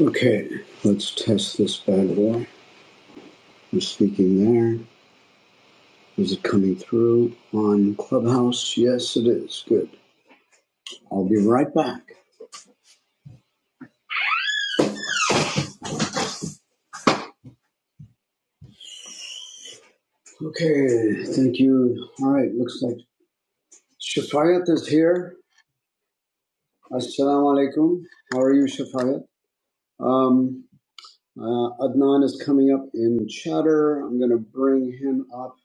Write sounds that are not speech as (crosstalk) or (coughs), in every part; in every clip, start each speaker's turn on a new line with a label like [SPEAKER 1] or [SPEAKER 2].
[SPEAKER 1] Okay, let's test this bad boy. I'm speaking there. Is it coming through on Clubhouse? Yes, it is. Good. I'll be right back. Okay, thank you. All right, looks like Shafayat is here. Assalamu alaikum. How are you, Shafayat? Um, uh, Adnan is coming up in chatter. I'm going to bring him up.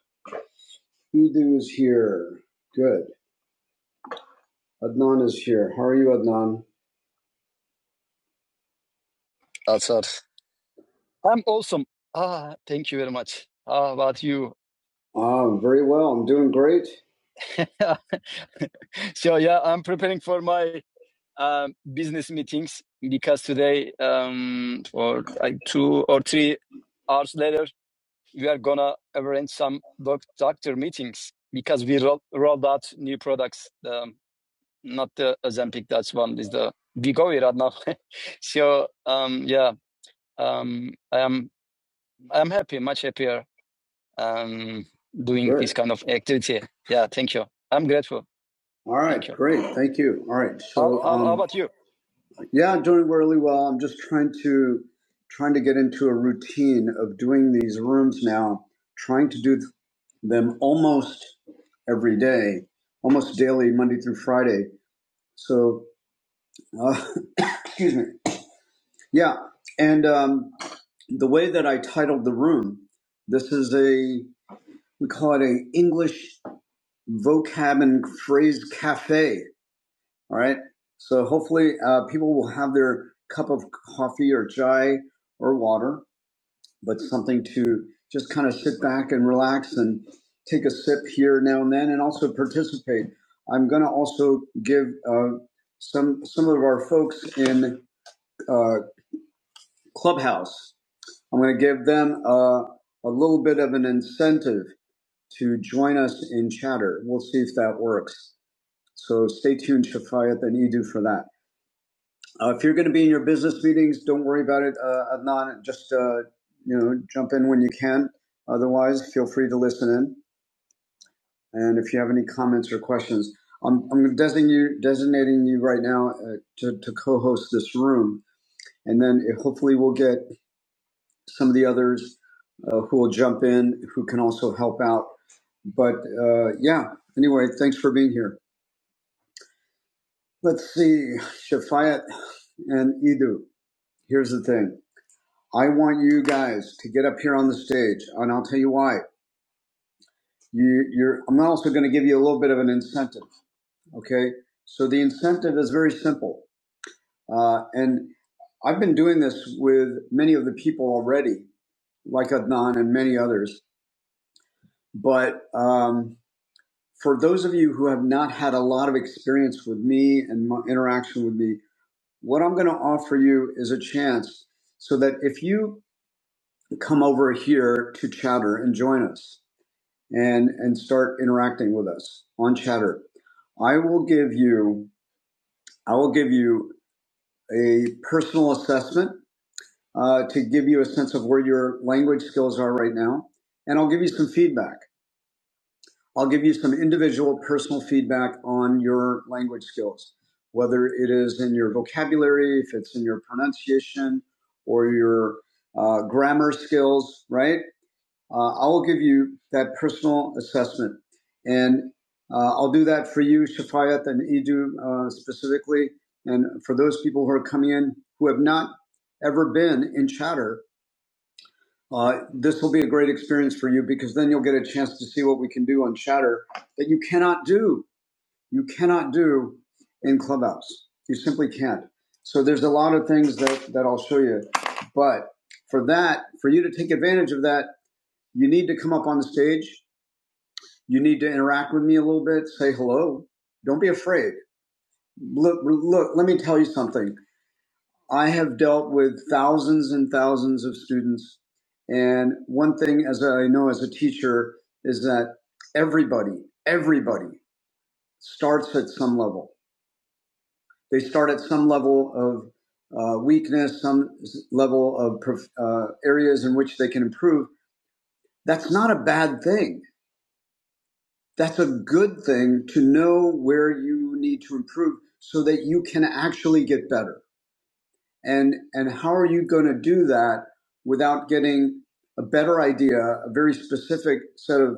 [SPEAKER 1] Idu is here. Good. Adnan is here. How are you, Adnan? outside. I'm awesome. Ah, thank you very much. How about you? Ah, very well. I'm doing great. Yeah. (laughs) So yeah, I'm preparing for my um, business meetings because today, um, for like two or three hours later, we are gonna arrange some doc- doctor meetings because we roll- rolled out new products. Um, not the Ozempic, that's one is the Vigovi right now. (laughs) so um, yeah, um, I am I am happy, much happier um, doing Good. this kind of activity. Yeah, thank you. I'm grateful. All right, Thank right. Great. Thank you. All right. So, how, how um, about you? Um, yeah, I'm doing really well. I'm just trying to trying to get into a routine of doing these rooms now. Trying to do them almost every day, almost daily, Monday through Friday. So, uh, (coughs) excuse me. Yeah, and um, the way that I titled the room, this is a we call it a English vocab and phrase cafe. All right. So hopefully uh, people will have their cup of coffee or chai or water, but something to just kind of sit back and relax and take a sip here now and then, and also participate. I'm going to also give uh, some some of our folks in uh, Clubhouse. I'm going to give them uh, a little bit of an incentive to join us in chatter. We'll see if that works. So stay tuned, Shafayat and Edu, for that. Uh, if you're going to be in your business meetings, don't worry about it, uh, Adnan. Just uh, you know, jump in when you can. Otherwise, feel free to listen in. And if you have any comments or questions, I'm, I'm designating you, designating you right now uh, to, to co-host this room, and then it, hopefully we'll get some of the others uh, who will jump in, who can also help out. But uh, yeah, anyway, thanks for being here. Let's see, Shafayat and Edu. here's the thing. I want you guys to get up here on the stage, and I'll tell you why. You, you're. I'm also going to give you a little bit of an incentive. Okay. So the incentive is very simple, uh, and I've been doing this with many of the people already, like Adnan and many others. But um, for those of you who have not had a lot of experience with me and my interaction with me, what I'm going to offer you is a chance so that if you come over here to Chatter and join us and and start interacting with us on Chatter. I will give you I will give you a personal assessment uh, to give you a sense of where your language skills are right now, and I'll give you some feedback. I'll give you some individual personal feedback on your language skills, whether it is in your vocabulary, if it's in your pronunciation or your uh, grammar skills, right? uh, I will give you that personal assessment. And uh, I'll do that for you, Shafayat, and Edu uh, specifically. And for those people who are coming in who have not ever been in Chatter, uh, this will be a great experience for you because then you'll get a chance to see what we can do on Chatter that you cannot do. You cannot do in Clubhouse. You simply can't. So there's a lot of things that, that I'll show you. But for that, for you to take advantage of that, you need to come up on the stage you need to interact with me a little bit, say hello. Don't be afraid. Look, look, let me tell you something. I have dealt with thousands and thousands of students. And one thing, as I know as a teacher, is that everybody, everybody starts at some level. They start at some level of uh, weakness, some s- level of prof- uh, areas in which they can improve. That's not a bad thing. that's a good thing to know where you need to improve so that you can actually get better and and how are you going to do that without getting a better idea a very specific set of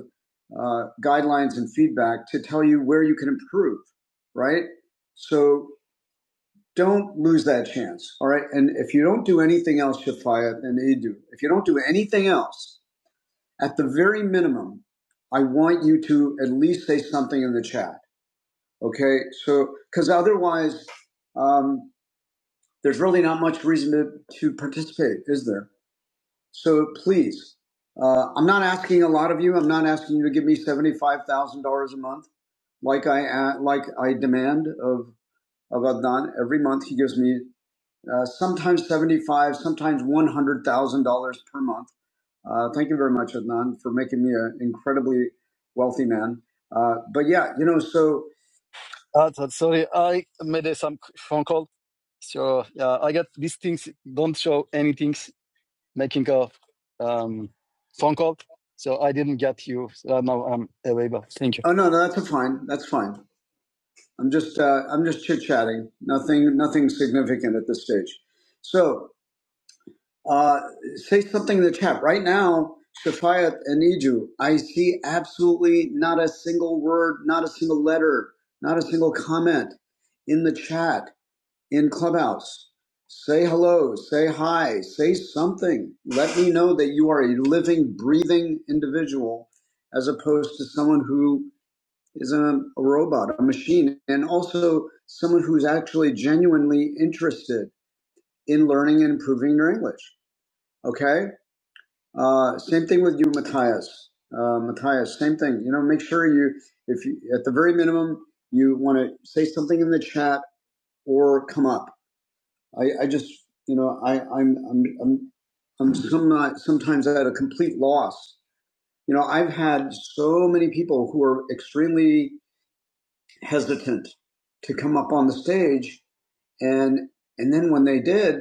[SPEAKER 1] uh, guidelines and feedback to tell you where you can improve right so don't lose that chance all right and if you don't do anything else shafaya and Edu, if you don't do anything else at the very minimum i want you to at least say something in the chat Okay, so because otherwise, um, there's really not much reason to, to participate, is there? So please, uh, I'm not asking a lot of you. I'm not asking you to give me seventy-five thousand dollars a month, like I a- like I demand of of Adnan every month. He gives me uh, sometimes seventy-five, sometimes one hundred thousand dollars per month. Uh, thank you very much, Adnan, for making me an incredibly wealthy man. Uh, but yeah, you know, so Ah, so- sorry, I made a some phone call. So yeah, I got these things don't show anything making a um, phone call. So I didn't get you. So right now I'm away, but thank you. Oh no, no, that's fine. That's fine. I'm just uh, I'm just chit chatting. Nothing nothing significant at this stage. So uh, say something in the chat. Right now, Shafayat and Iju, I see absolutely not a single word, not a single letter, not a single comment in the chat, in Clubhouse. Say hello, say hi, say something. Let me know that you are a living, breathing individual as opposed to someone who is a, a robot, a machine, and also someone who's actually genuinely interested in learning and improving your English. Okay? Uh, same thing with you, Matthias. Uh, Matthias, same thing. You know, make sure you, if you, at the very minimum, you want to say something in the chat or come up. I, I just, you know, I, I'm, I'm, I'm, I'm some not, sometimes at a complete loss. You know, I've had so many people who are extremely hesitant to come up on the stage, and and then when they did,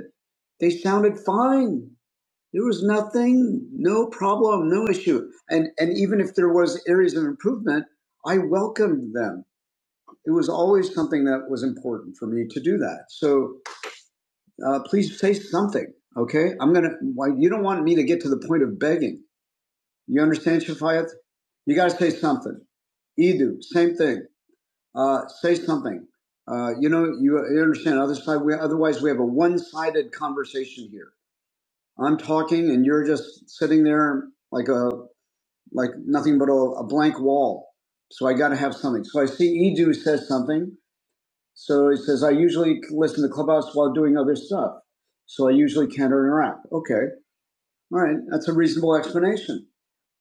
[SPEAKER 1] they sounded fine there was nothing, no problem, no issue. And and even if there was areas of improvement, I welcomed them. It was always something that was important for me to do that. So uh, please say something, okay? I'm gonna. Why you don't want me to get to the point of begging? You understand, Shafayat? You got to say something. Edu, same thing. Uh, say something. Uh, you know, you, you understand. Other side, we, otherwise we have a one-sided conversation here. I'm talking, and you're just sitting there like a like nothing but a, a blank wall. So I got to have something. So I see Edu says something. So he says, I usually listen to Clubhouse while doing other stuff. So I usually can't interact. Okay. All right. That's a reasonable explanation.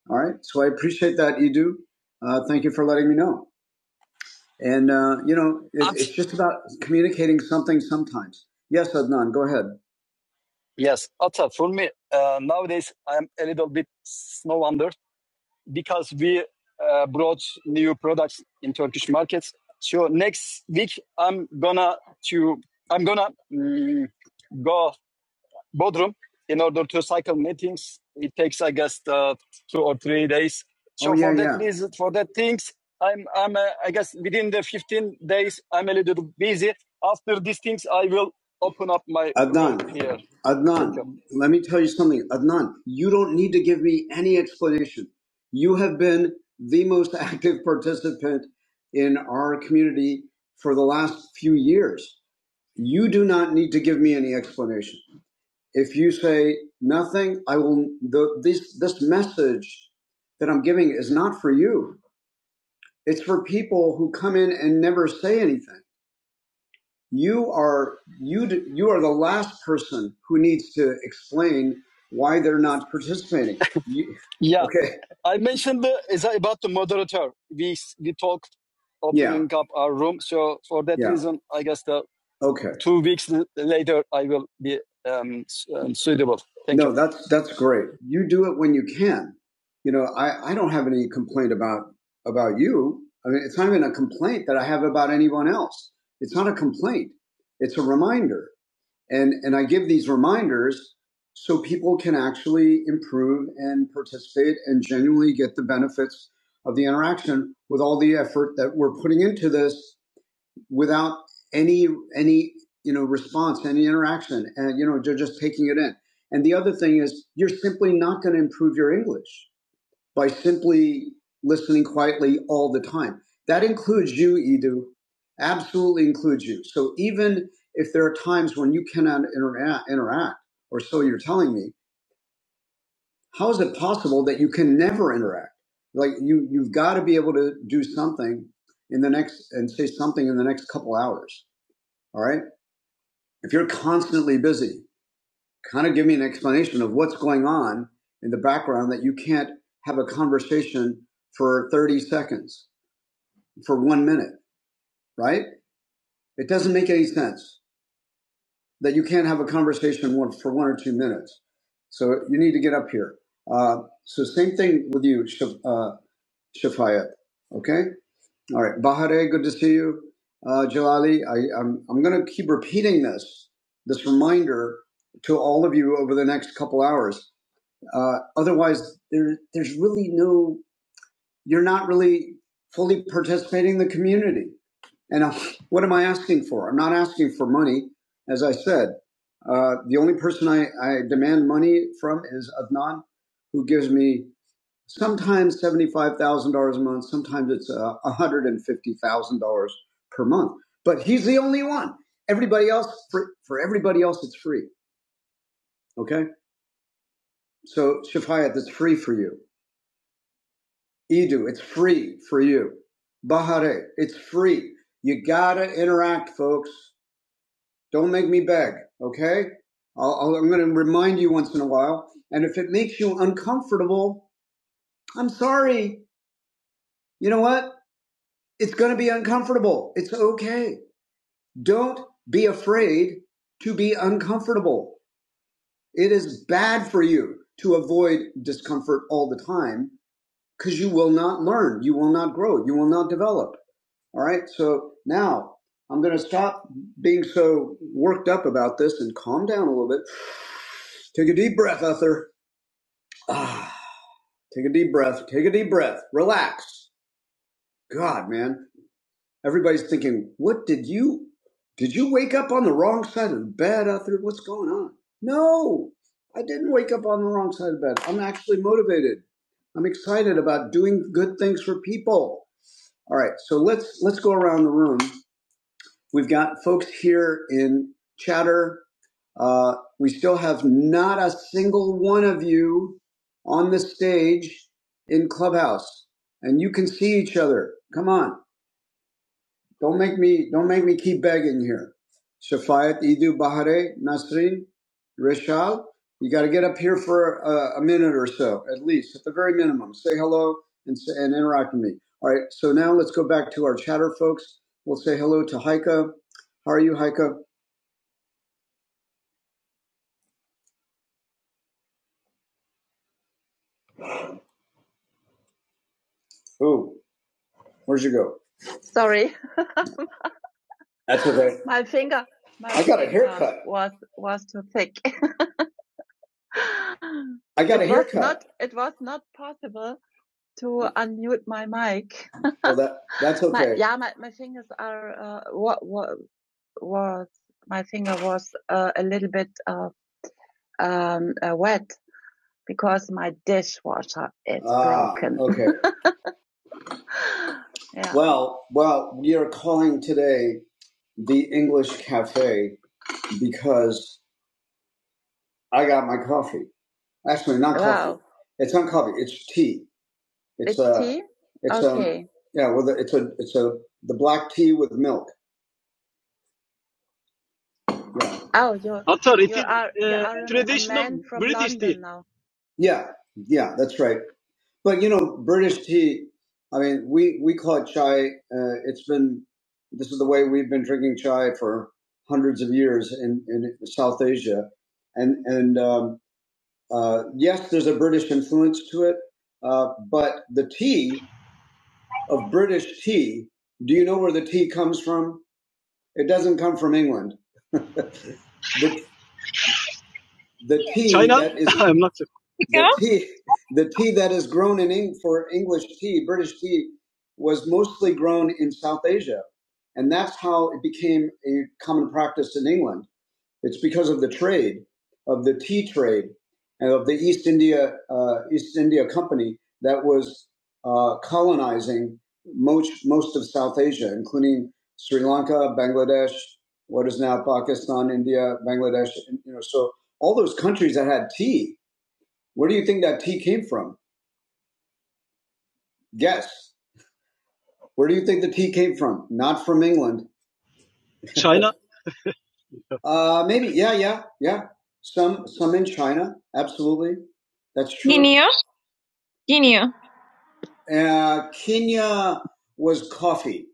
[SPEAKER 1] All right. So I appreciate that, Edu. Uh, thank you for letting me know. And, uh, you know, it, it's just about communicating something sometimes. Yes, Adnan, go ahead. Yes, Atta, for me, uh, nowadays I'm a little bit snow under. because we uh, brought new products in Turkish markets. So next week I'm gonna to I'm gonna mm, go Bodrum in order to cycle meetings. It takes, I guess, uh, two or three days. Oh So oh, yeah, for that yeah. reason, for that things, I'm, I'm, uh, I guess within the 15 days, I'm a little busy. After these things, I will open up my Adnan, here. Adnan, you. let me tell you something. Adnan, you don't need to give me any explanation. You have been the most (laughs) active participant in our community for the last few years. You do not need to give me any explanation. If you say nothing, I will. The, this this message that I'm giving is not for you. It's for people who come in and never say anything you are you you are the last person who needs to explain why they're not participating. You, (laughs) Yeah, okay, I mentioned the, is about the moderator. We we talked yeah, opening yeah. up our room. So for that yeah, reason, I guess the okay. two weeks later I will be um, um, suitable. Thank you. No, you. that's that's great. You do it when you can. You know, I, I don't have any complaint about about you. I mean, it's not even a complaint that I have about anyone else. It's not a complaint. It's a reminder. And, and I give these reminders so people can actually improve and participate and genuinely get the benefits of the interaction with all the effort that we're putting into this without any, any, you know, response, any interaction. And, you know, they're just taking it in. And the other thing is you're simply not going to improve your English by simply listening quietly all the time. That includes you, Edu. Absolutely includes you. So even if there are times when you cannot interact, interact, or so you're telling me, how is it possible that you can never interact? Like you, you've got to be able to do something in the next and say something in the next couple hours. All right. If you're constantly busy, kind of give me an explanation of what's going on in the background that you can't have a conversation for 30 seconds for one minute, right? It doesn't make any sense that you can't have a conversation for one or two minutes. So you need to get up here. Uh, so same thing with you, Shaf, uh, Shafayat. Okay. All right. Bahare, good to see you. Uh, Jalali, I, I'm, I'm going to keep repeating this, this reminder to all of you over the next couple hours. Uh, otherwise, there, there's really no you're not really fully participating in the community. And uh, what am I asking for? I'm not asking for money. As I said, uh, the only person I, I demand money from is Adnan, who gives me sometimes $75,000 a month, sometimes it's uh, $150,000 per month. But he's the only one. Everybody else, for, for everybody else, it's free. Okay? So, Shafayat, it's free for you. Edu, it's free for you. Bahare, it's free. You gotta interact, folks. Don't make me beg, okay? I'll, I'll, I'm gonna remind you once in a while. And if it makes you uncomfortable, I'm sorry. You know what? It's gonna be uncomfortable. It's okay. Don't be afraid to be uncomfortable. It is bad for you to avoid discomfort all the time because you will not learn. You will not grow. You will not develop. All right, so now I'm going to stop being so worked up about this and calm down a little bit. Take a deep breath, Uther. Ah, take a deep breath. Take a deep breath. Relax. God, man, everybody's thinking, what did you? Did you wake up on the wrong side of the bed, Uther? What's going on? No, I didn't wake up on the wrong side of the bed. I'm actually motivated. I'm excited about doing good things for people. All right, so let's let's go around the room We've got folks here in chatter. Uh, we still have not a single one of you on the stage in Clubhouse, and you can see each other. Come on. Don't make me don't make me keep begging here. Shafayat, Idu, Bahare, Nasrin, Rishal. You got to get up here for a, a minute or so, at least, at the very minimum. Say hello and say, and interact with me. All right. So now let's go back to our chatter, folks. We'll say hello to Haika. How are you, Haika? Oh, where'd you go? Sorry, That's okay. (laughs) my finger, my I got a haircut. was was too thick. (laughs) I got it a was haircut. Was not. It was not possible to unmute my mic. (laughs) Well, that that's My, okay. My, yeah, my, my fingers are, uh, what, what, was, my finger was uh, a little bit uh, um, uh, wet because my dishwasher is Ah, broken. (laughs) okay. yeah. Well, well, we are calling today the English Cafe because I got my coffee. Actually, not coffee. Wow. It's not coffee. It's tea. It's It's uh, tea? it's um, Okay. Um, yeah. Well, it's a it's a the black tea with milk. Oh, you're I'm sorry, you is are you uh, are a traditional man from British tea. London now. Yeah, yeah, that's right. But you know, British tea. I mean, we we call it chai. Uh, it's been this is the way we've been drinking chai for hundreds of years in in South Asia, and and um, uh, yes, there's a British influence to it. Uh, but the tea of British tea. Do you know where the tea comes from? It doesn't come from England. The tea China? that is (laughs) I'm not sure. the tea the tea that is grown in Eng- for English tea, British tea, was mostly grown in South Asia, and that's how it became a common practice in England. It's because of the trade, of the tea trade, and of the East India uh, East India Company that was uh, colonizing most most of South Asia, including Sri Lanka, Bangladesh, what is now Pakistan, India, Bangladesh. You know, so all those countries that had tea. Where do you think that tea came from? Guess. Where do you think the tea came from? Not from England. Uh, maybe. Yeah, yeah, yeah. Some some in China. Absolutely. That's true. Guinea? Guinea. Uh, Kenya was coffee,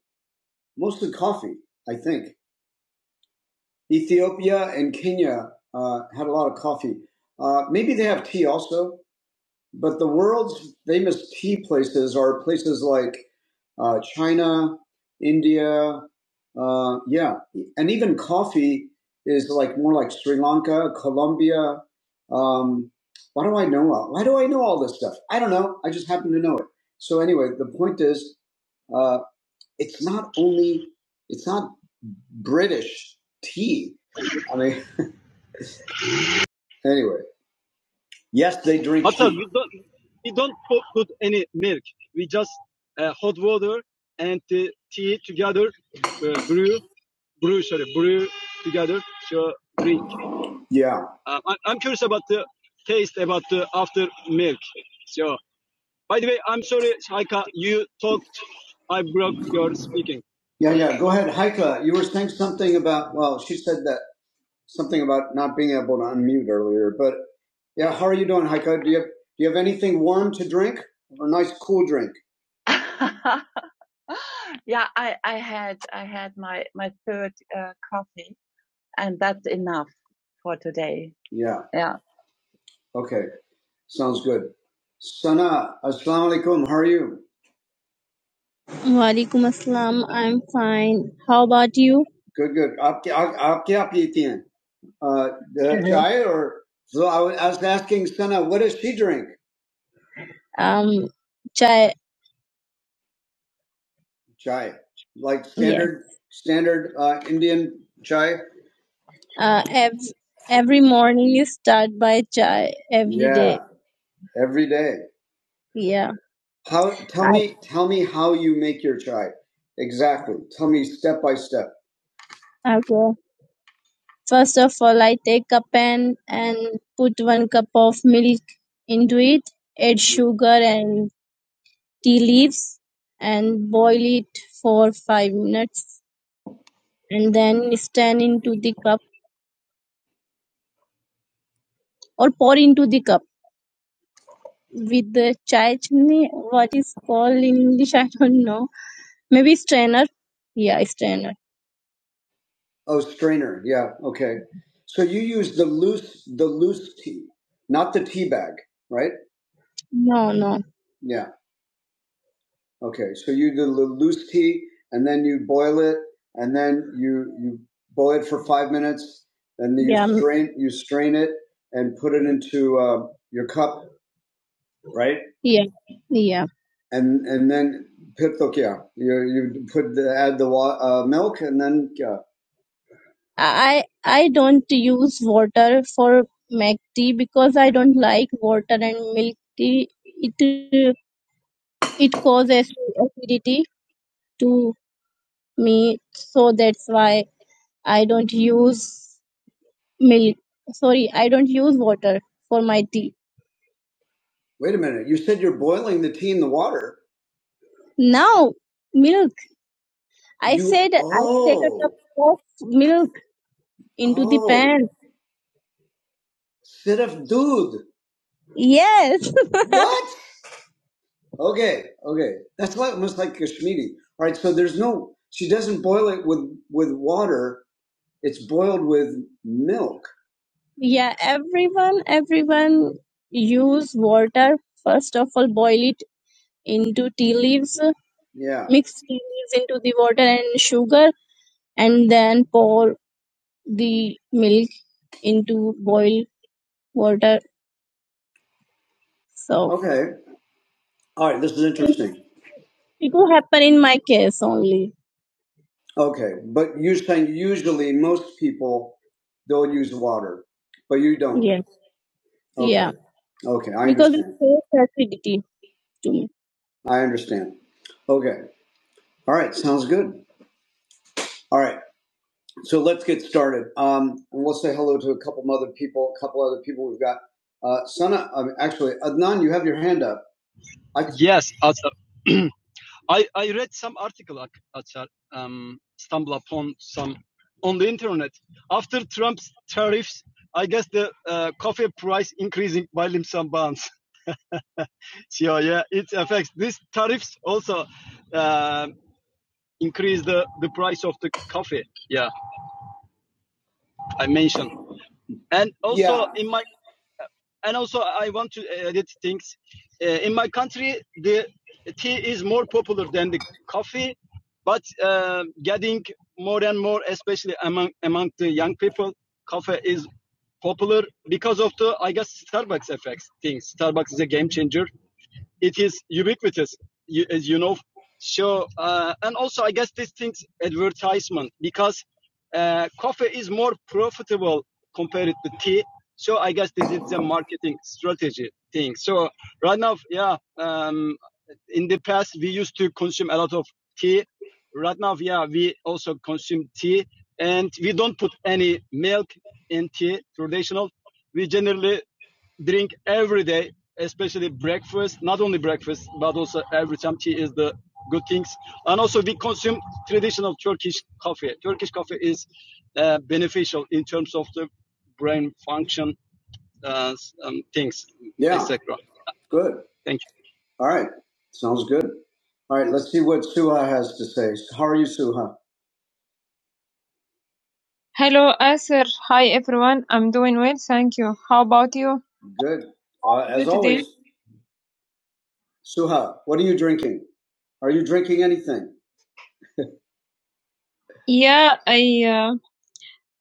[SPEAKER 1] mostly coffee, I think. Ethiopia and Kenya uh, had a lot of coffee. Uh, maybe they have tea also, but the world's famous tea places are places like uh, China, India, uh, yeah, and even coffee is like more like Sri Lanka, Colombia. Um, why do I know? all- Why do I know all this stuff? I don't know. I just happen to know it. So anyway, the point is. uh, it's not only it's not British tea. I mean, anyway, yes, they drink Matar, tea. Sir, you don't you don't put, any milk. We just uh, hot water and the tea together, uh, brew, brew, sorry, brew together. So drink. Yeah, Uh, I, I'm curious about the taste about the after milk. So. By the way, I'm sorry, Haika. you talked. I broke your speaking. Yeah, yeah. Go ahead, Haika. You were saying something about. Well, she said that something about not being able to unmute earlier. But yeah, how are you doing, Haika? Do you have, do you have anything warm to drink? or A nice cool drink. (laughs) yeah, I, I had I had my my third uh, coffee, and that's enough for today. Yeah. Yeah. Okay. Sounds good. Sana, assalamu alaikum. How are you? वालेकुम अस्सलाम I am fine how about you Good, good. आप क्या आप, आप क्या पीती हैं? Uh, the चाय or so I was, I was asking Sana, what does she drink? um चाय Chai, like yes standard standard uh, Indian chai. uh, ev- every morning you start by chai every day Yeah, every day. yeah How? Tell I, me, tell me how you make your chai. Exactly. Tell me step by step. Okay. First of all, I take a pan and put one cup of milk into it, add sugar and tea leaves, and boil it for five minutes, and then stand into the cup or pour into the cup with the chai chutney. What is called in English? (laughs) I don't know. Maybe strainer. Yeah, strainer. Oh, strainer. Yeah. Okay. So you use the loose the loose tea, not the tea bag, right? No, no. Yeah. Okay, so you do the loose tea, and then you boil it, and then you you boil it for five minutes, and then you Yeah. strain you strain it and put it into uh, your cup, right? Yeah. Yeah. And and then put yeah, you you put the, add the wa- uh, milk, and then yeah. I I don't use water for make tea because I don't like water and milk tea. It uh, it causes acidity to. me so that's why i don't use milk sorry i don't use water for my tea Wait a minute. You said you're boiling the tea in the water. No milk i You said i take a cup oh of milk into the oh pan Siraf dude. yes (laughs) What? Okay, okay. That's like almost like Kashmiri. All right, so there's no she doesn't boil it with with water. It's boiled with milk. Yeah, everyone, everyone use water. First of all, boil it into tea leaves, Yeah, mix tea leaves into the water and sugar, and then pour the milk into boiled water. So okay. All right, this is interesting. it will happen in my case only. Okay, but you're saying usually most people don't use water, but you don't. Yeah, Okay, yeah, okay, I because it understand. saves acidity to me. I understand. Okay. All right. Sounds good. All right. So let's get started. Um, and we'll say hello to a couple other people. A couple other people we've got. Uh, Sana, um, actually, Adnan, you have your hand up. I can, Yes, Atar. (clears throat) I, I read some article, Ak- Atar, um, stumble upon some on the internet. After Trump's tariffs, I guess the uh, coffee price increasing by leaps and bounds. (laughs) so yeah, it affects these tariffs also. Um, increase the the price of the coffee. Yeah, I mentioned. And also yeah. in my and also I want to edit things. Uh, in my country, the tea is more popular than the coffee, but uh, getting more and more, especially among among the young people, coffee is popular because of the I guess Starbucks effects things. Starbucks is a game changer. it is ubiquitous, you, as you know. So uh, and also I guess this thing's advertisement because uh, coffee is more profitable compared to tea. So I guess this is a marketing strategy thing. So right now, yeah, um, in the past we used to consume a lot of tea. Right now, yeah, we also consume tea, and we don't put any milk in tea. Traditional, we generally drink every day especially breakfast, not only breakfast, but also every time tea is the good things. And also we consume traditional Turkish coffee. Turkish coffee is uh, beneficial in terms of the brain function uh, um, things, Yeah. etc. Good. Thank you. All right. Sounds good. All right. Let's see what Suha has to say. How are you, Suha? Hello, Asir. Hi, everyone. I'm doing well, thank you. How about you? Good. Uh, as Good day. always. today. Suha, what are you drinking? Are you drinking anything? Yeah, I uh,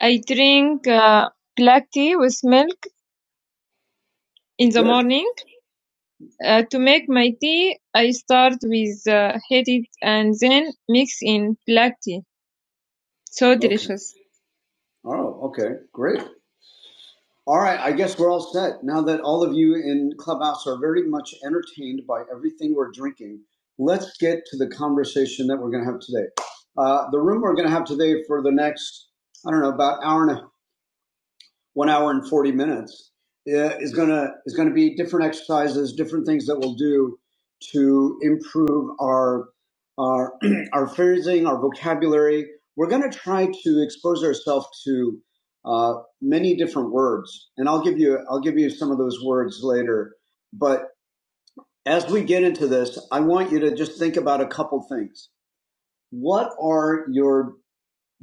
[SPEAKER 1] I drink uh, black tea with milk in the Good. morning. Uh, to make my tea, I start with uh, heat it and then mix in black tea. So Okay. delicious. Oh, okay. Great. All right, I guess we're all set. Now that all of you in Clubhouse are very much entertained by everything we're drinking, let's get to the conversation that we're going to have today. Uh, the room we're going to have today for the next, I don't know, about hour and a one hour and 40 minutes uh, is going to is going to be different exercises different things that we'll do to improve our our (clears throat) our phrasing our vocabulary we're going to try to expose ourselves to uh, many different words and i'll give you i'll give you some of those words later but as we get into this i want you to just think about a couple things what are your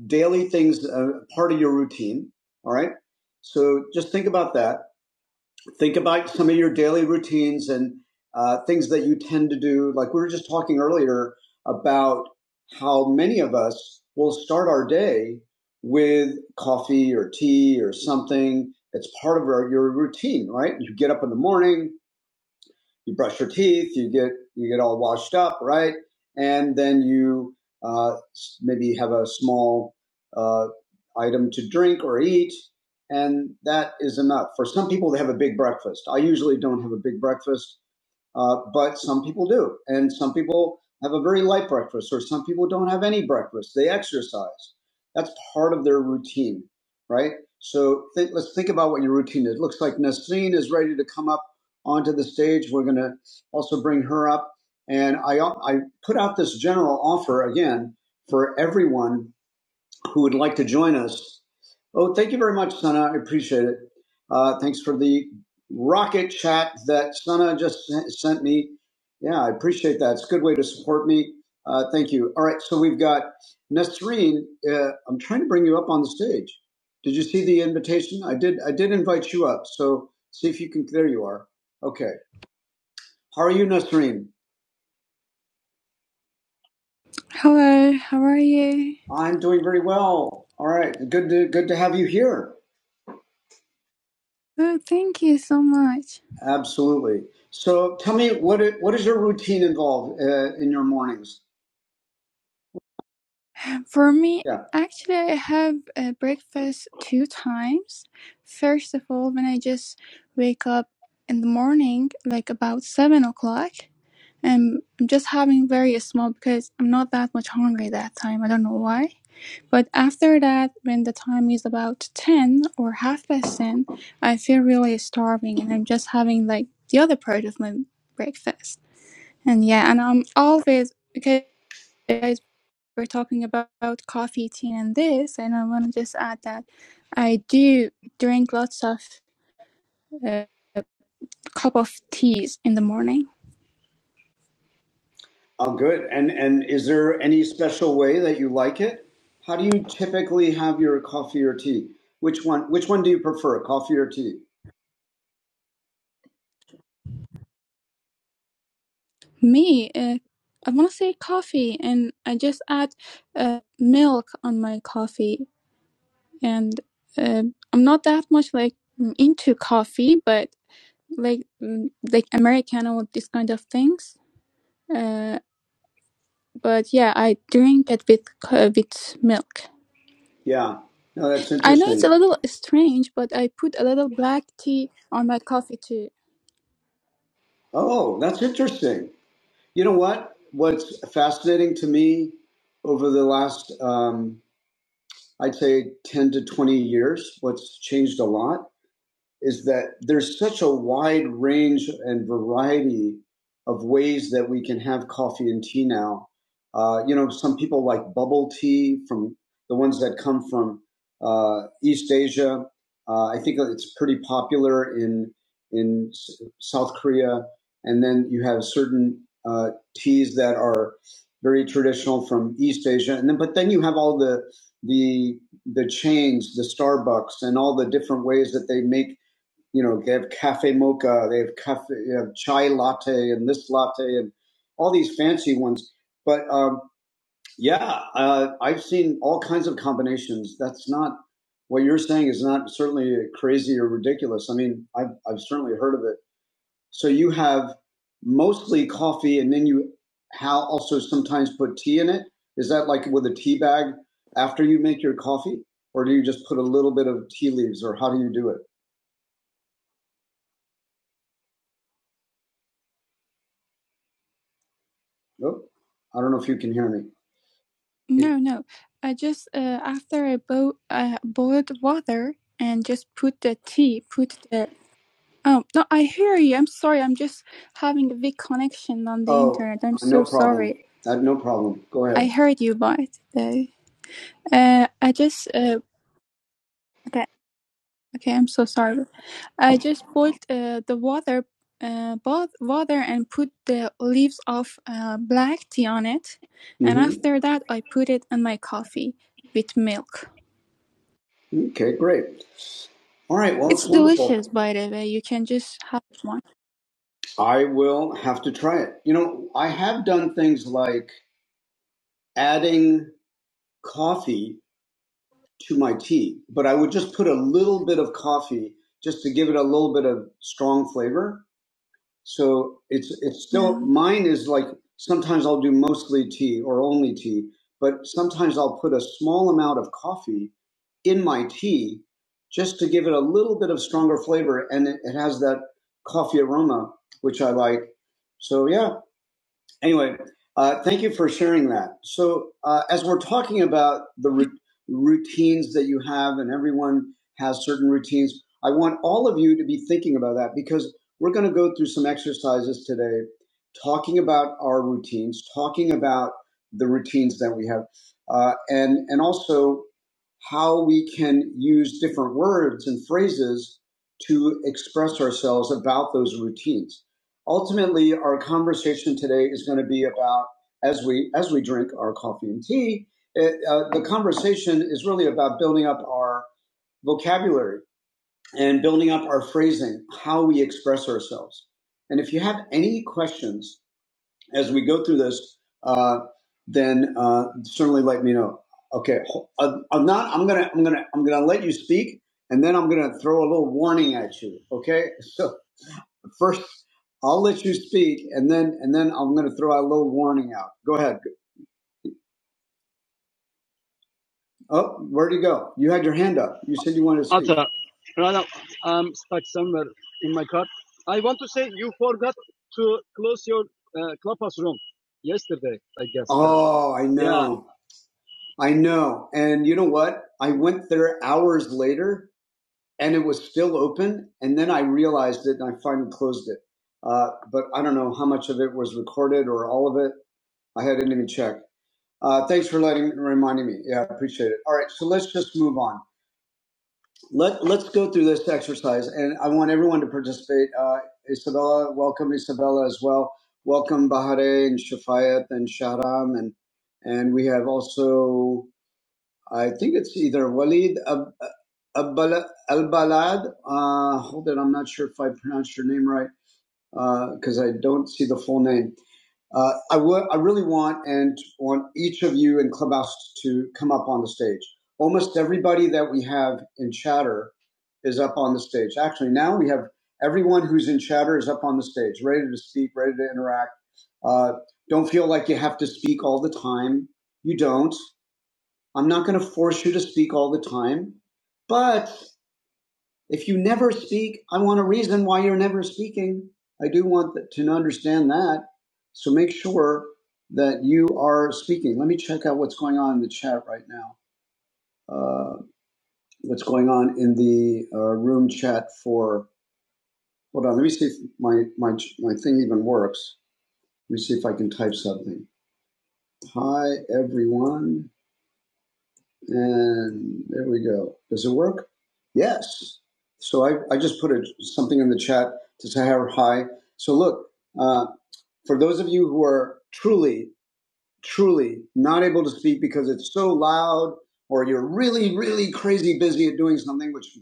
[SPEAKER 1] daily things uh, part of your routine all right so just think about that think about some of your daily routines and uh, things that you tend to do. Like we were just talking earlier about how many of us will start our day with coffee or tea or something that's part of our, your routine, right? You get up in the morning, you brush your teeth, you get you get all washed up, right? And then you uh, maybe have a small uh, item to drink or eat, and that is enough. For some people, they have a big breakfast. I usually don't have a big breakfast. Uh, but some people do. And some people have a very light breakfast, or some people don't have any breakfast. They exercise. That's part of their routine, right? So think, let's think about what your routine is. It looks like Nasreen is ready to come up onto the stage. We're going to also bring her up. And I, I put out this general offer again for everyone who would like to join us. Oh, thank you very much, Sana. I appreciate it. Uh, thanks for the rocket chat that Sana just sent me. Yeah, I appreciate that. It's a good way to support me. Uh, thank you. All right, so we've got Nasreen. Uh, I'm trying to bring you up on the stage. Did you see the invitation? I did. I did invite you up. So see if you can. There you are. Okay. How are you, Nasreen?
[SPEAKER 2] Hello, how are you?
[SPEAKER 1] I'm doing very well. All right. Good to good to have you here.
[SPEAKER 2] Oh, thank you so much.
[SPEAKER 1] Absolutely. So tell me, what i- what does your routine involve uh, in your mornings?
[SPEAKER 2] For me,
[SPEAKER 1] Yeah.
[SPEAKER 2] actually, I have a breakfast two times. First of all, when I just wake up in the morning, like about seven o'clock, and I'm just having very small because I'm not that much hungry that time. I don't know why. But after that, when the time is about ten or half past ten, I feel really starving, and I'm just having like the other part of my breakfast. And yeah, and I'm always because you guys were talking about, about coffee, tea, and this, and I want to just add that I do drink lots of uh, cup of teas in the morning.
[SPEAKER 1] Oh, good. And and is there any special way that you like it? How do you typically have your coffee or tea? Which one? Which one do you prefer, coffee or tea?
[SPEAKER 2] Me, uh, I want to say coffee, and I just add uh, milk on my coffee, and uh, I'm not that much like into coffee, but like mm, like Americano, this kind of things. Uh, but yeah, I drink it with co- with milk.
[SPEAKER 1] Yeah. No, that's
[SPEAKER 2] I know it's a
[SPEAKER 1] interesting.
[SPEAKER 2] little strange, but I put a little black tea on my coffee too.
[SPEAKER 1] Oh, that's interesting. You know what? What's fascinating to me over the last, um, I'd say, ten to twenty years, what's changed a lot is that there's such a wide range and variety of ways that we can have coffee and tea now. Uh, you know, some people like bubble tea from the ones that come from uh, East Asia. Uh, I think it's pretty popular in in South Korea, and then you have certain uh, teas that are very traditional from East Asia, and then but then you have all the the the chains, the Starbucks, and all the different ways that they make you know, they have cafe mocha, they have cafe, they have chai latte, and this latte, and all these fancy ones. But um, yeah, uh, I've seen all kinds of combinations. That's not what you're saying is not certainly crazy or ridiculous. I mean, I've I've certainly heard of it. So you have mostly coffee, and then you how also sometimes put tea in it. Is that like with a tea bag after you make your coffee, or do you just put a little bit of tea leaves, or how do you do it? Oh, I don't know if you can hear me. It,
[SPEAKER 2] No, no, I just uh, after I bo- uh, boiled water and just put the tea, put the oh no, I hear you. I'm sorry. I'm just having a weak connection on the
[SPEAKER 1] oh,
[SPEAKER 2] internet. I'm
[SPEAKER 1] uh,
[SPEAKER 2] so
[SPEAKER 1] no problem.
[SPEAKER 2] sorry.
[SPEAKER 1] Uh, no problem. Go
[SPEAKER 2] I
[SPEAKER 1] ahead.
[SPEAKER 2] heard you, but uh, uh, I just uh, okay. Okay, I'm so sorry. I just boiled uh, the water, uh, both water and put the leaves of uh, black tea on it, and
[SPEAKER 1] Mm-hmm.
[SPEAKER 2] after that I put it in my coffee with milk.
[SPEAKER 1] Okay, great. All right. Well,
[SPEAKER 2] It's
[SPEAKER 1] it's wonderful.
[SPEAKER 2] delicious, by the way. You can just have one.
[SPEAKER 1] I will have to try it. You know, I have done things like adding coffee to my tea, but I would just put a little bit of coffee just to give it a little bit of strong flavor. So it's it's
[SPEAKER 2] Yeah.
[SPEAKER 1] still mine is like sometimes I'll do mostly tea or only tea, but sometimes I'll put a small amount of coffee in my tea just to give it a little bit of stronger flavor and it, it has that coffee aroma which I like. So yeah, Anyway, uh, thank you for sharing that. So, uh, as we're talking about the ru- routines that you have, and everyone has certain routines, I want all of you to be thinking about that because we're going to go through some exercises today talking about our routines, talking about the routines that we have, uh, and, and also how we can use different words and phrases to express ourselves about those routines. Ultimately, our conversation today is going to be about as we as we drink our coffee and tea. It, uh, the conversation is really about building up our vocabulary and building up our phrasing, how we express ourselves. And if you have any questions as we go through this, uh, then uh, certainly let me know. Okay, ho- uh, I'm not. I'm gonna. I'm gonna. I'm gonna let you speak, and then I'm gonna throw a little warning at you. Okay, (laughs) so. First, I'll let you speak, and then and then I'm going to throw a little warning out. Go ahead. Oh, where'd you go? You had your hand up. You said you wanted to speak. Arthur, rather, I'm stuck somewhere in my car. I want to say you forgot to close your uh, clubhouse room yesterday, I guess. Oh, I Yeah. know. Yeah. I know. And you know what? I went there hours later and it was still open. And then I realized it and I finally closed it. Uh, but I don't know how much of it was recorded or all of it. I hadn't even checked. Uh, thanks for letting reminding me. Yeah, I appreciate it. All right, so let's just move on. Let Let's go through this exercise, and I want everyone to participate. Uh, Isabella, welcome Isabella as well. Welcome Bahare and Shafayat and Shahram, and and we have also I think it's either Walid Ab, Abbala- Albalad. Uh, hold it, I'm not sure if I pronounced your name right because uh, I don't see the full name. Uh, I w- I really want and want each of you in Clubhouse to come up on the stage. Almost everybody that we have in Chatter is up on the stage. Actually, now we have everyone who's in Chatter is up on the stage, ready to speak, ready to interact. Uh, don't feel like you have to speak all the time. You don't. I'm not going to force you to speak all the time, but if you never speak, I want a reason why you're never speaking. I do want to understand that. So make sure that you are speaking. Let me check out what's going on in the chat right now. Uh, what's going on in the uh, room chat for? Hold on. Let me see if my my my thing even works. Let me see if I can type something. Hi everyone. And there we go. Does it work? Yes. So I, I just put a, something in the chat to say hi. So look, uh, for those of you who are truly, truly not able to speak because it's so loud or you're really, really crazy busy at doing something, which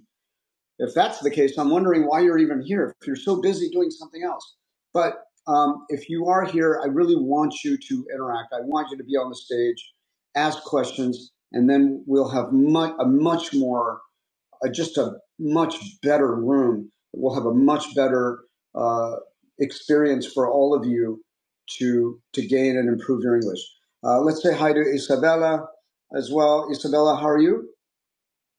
[SPEAKER 1] if that's the case, I'm wondering why you're even here. If you're so busy doing something else, but um, if you are here, I really want you to interact. I want you to be on the stage, ask questions, and then we'll have much a much more, uh, just a much better room. We'll have a much better uh, experience for all of you to to gain and improve your English. Uh, let's say hi to Isabella as well. Isabella, how are you?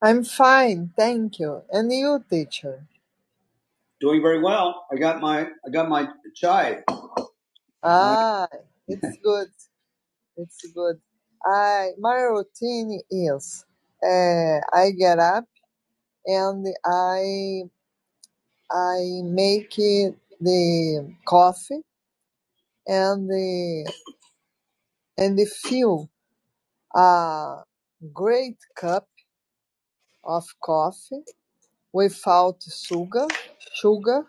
[SPEAKER 1] I'm fine, thank you. And you, teacher? Doing very well. I got my I got my chai. Ah, (laughs) it's good. It's good. I my routine is uh, I get up and I I make the coffee and the and the fill a great cup of coffee without sugar, sugar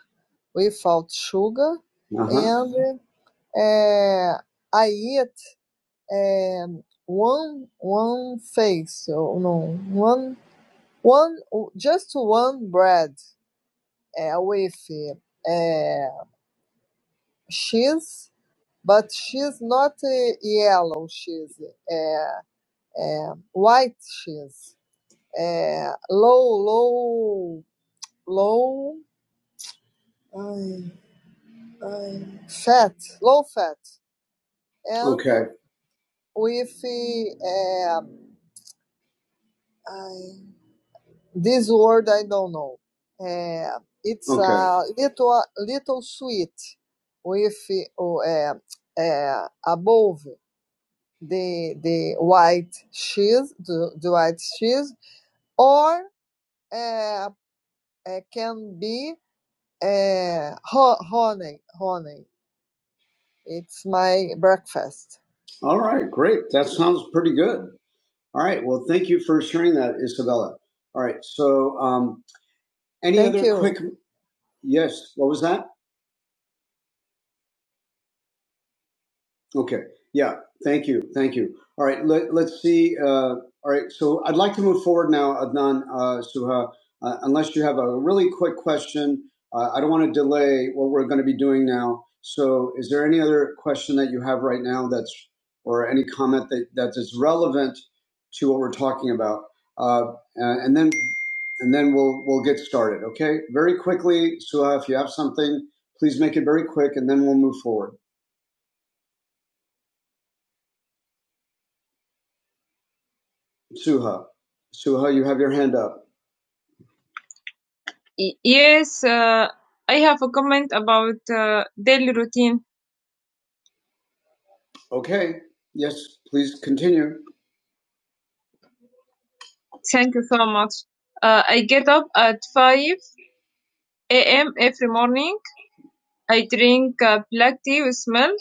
[SPEAKER 1] without sugar, uh huh. and uh, I eat eh, one one face, or no, one one just one bread uh, with uh, cheese, but she's not uh, yellow cheese, uh, uh, white cheese, uh, low low low ai, ai, fat, low fat, and Okay. with uh, um, I. This word I don't know. Uh, it's Okay. a little little sweet with uh, uh, above the the white cheese, the, the white cheese, or uh, uh, can be uh, honey. Honey. It's my breakfast. All right, great. That sounds pretty good. All right. Well, thank you for sharing that, Isabella. All right. So, um, any Thank other you. quick? Yes. What was that? Okay. Yeah. Thank you. Thank you. All right. Let, let's see. Uh, all right. So I'd like to move forward now, Adnan uh, Suha. Uh, unless you have a really quick question, uh, I don't want to delay what we're going to be doing now. So, is there any other question that you have right now that's, or any comment that, that is relevant to what we're talking about? Uh, uh, and then, and then we'll we'll get started. Okay. Very quickly, Suha. If you have something, please make it very quick, and then we'll move forward. Suha. Suha, you have your hand up. Y- yes, uh, I have a comment about uh, daily routine. Okay. Yes, please continue. Thank you so much. Uh, I get up at 5 a.m. every morning. I drink uh, black tea with milk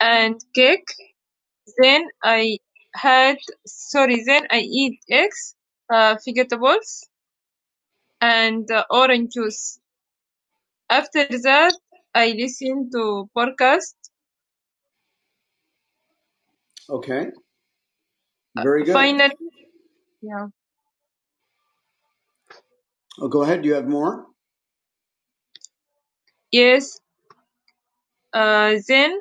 [SPEAKER 1] and cake. Then I had, sorry, then I eat eggs, uh, vegetables, and uh, orange juice. After that, I listen to podcast. Okay. Very good. Finally, yeah. Oh, go ahead. Do you have more? Yes. Uh, then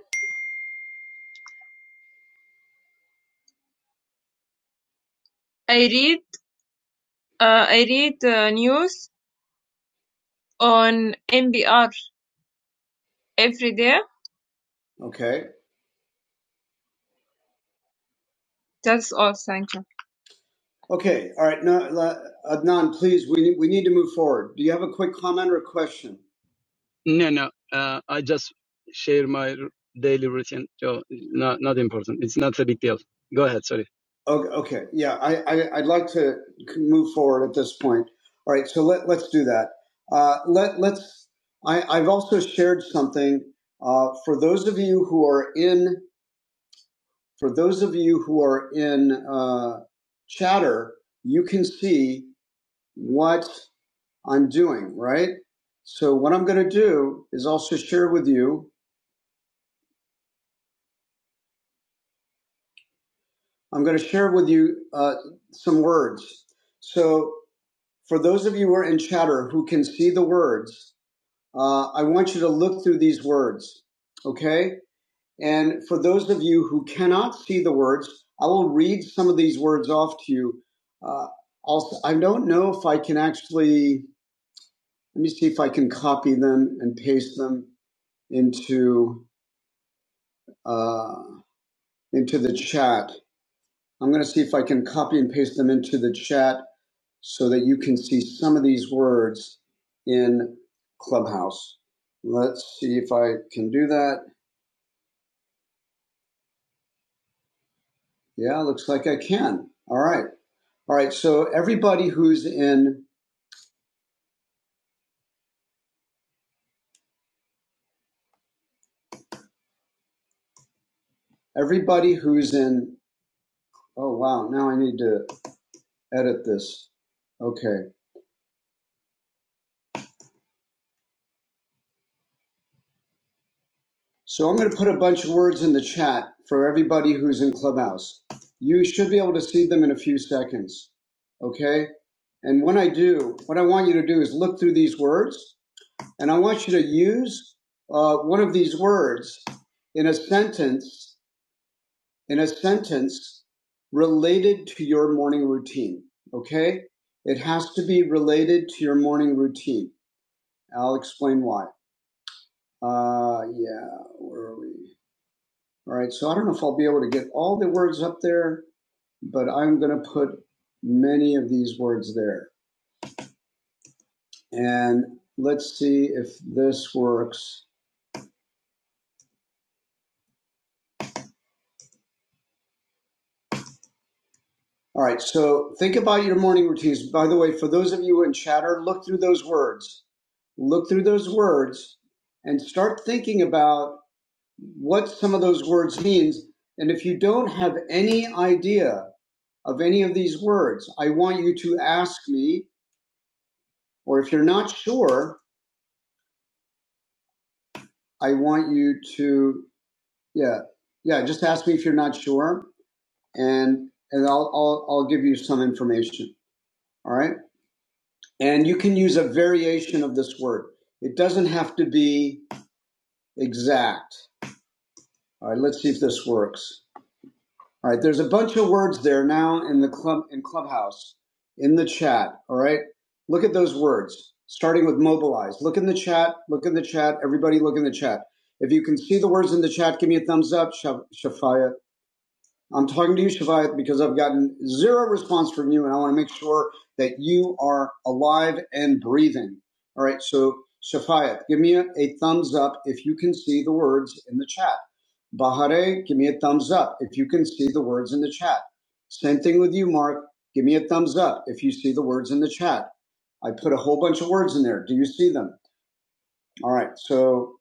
[SPEAKER 1] I read uh, I read uh, news on NPR every day. Okay. That's all. Thank you. Okay. All right. Now, Adnan, please, we, we need to move forward. Do you have a quick comment or a question? No, no. Uh, I just share my daily routine. So not not important. It's not a big deal. Go ahead. Sorry. Okay, okay. yeah, I, I, I'd like to move forward at this point. All right, so let, let's do that. Uh, let, let's. I, I've also shared something uh, for those of you who are in. For those of you who are in uh, Chatter, you can see what. I'm doing, right? So what I'm going to do is also share with you, I'm going to share with you uh, some words. So for those of you who are in chatter who can see the words, uh, I want you to look through these words, okay? And for those of you who cannot see the words, I will read some of these words off to you. Uh, also, I don't know if I can actually, let me see if I can copy them and paste them into, uh, into the chat. I'm going to see if I can copy and paste them into the chat so that you can see some of these words in Clubhouse. Let's see if I can do that. Yeah, looks like I can. All right. All right. So everybody who's in, everybody who's in, oh, wow. Now I need to edit this. Okay. So I'm going to put a bunch of words in the chat for everybody who's in Clubhouse. You should be able to see them in a few seconds. Okay? And when I do, what I want you to do is look through these words, and I want you to use uh, one of these words in a sentence, in a sentence related to your morning routine. Okay? It has to be related to your morning routine. I'll explain why. Uh, yeah, where are we? All right, so I don't know if I'll be able to get all the words up there, but I'm going to put many of these words there. And let's see if this works. All right, so think about your morning routines. By the way, for those of you in chatter, look through those words. Look through those words and start thinking about what some of those words means. And if you don't have any idea of any of these words, I want you to ask me, or if you're not sure, I want you to, yeah, yeah. Just ask me if you're not sure, and and I'll I'll, I'll give you some information. All right, and you can use a variation of this word. It doesn't have to be exact. All right, let's see if this works. All right, there's a bunch of words there now in the club in Clubhouse in the chat. All right, look at those words starting with mobilize. Look in the chat. Look in the chat. Everybody, look in the chat. If you can see the words in the chat, give me a thumbs up. Shaf- Shafaya I'm talking to you, Shavayat, because I've gotten zero response from you, and I want to make sure that you are alive and breathing. All right, so Shafayat, give me a, a thumbs up if you can see the words in the chat. Bahare, give me a thumbs up if you can see the words in the chat. Same thing with you, Mark. Give me a thumbs up if you see the words in the chat. I put a whole bunch of words in there. Do you see them? All right, so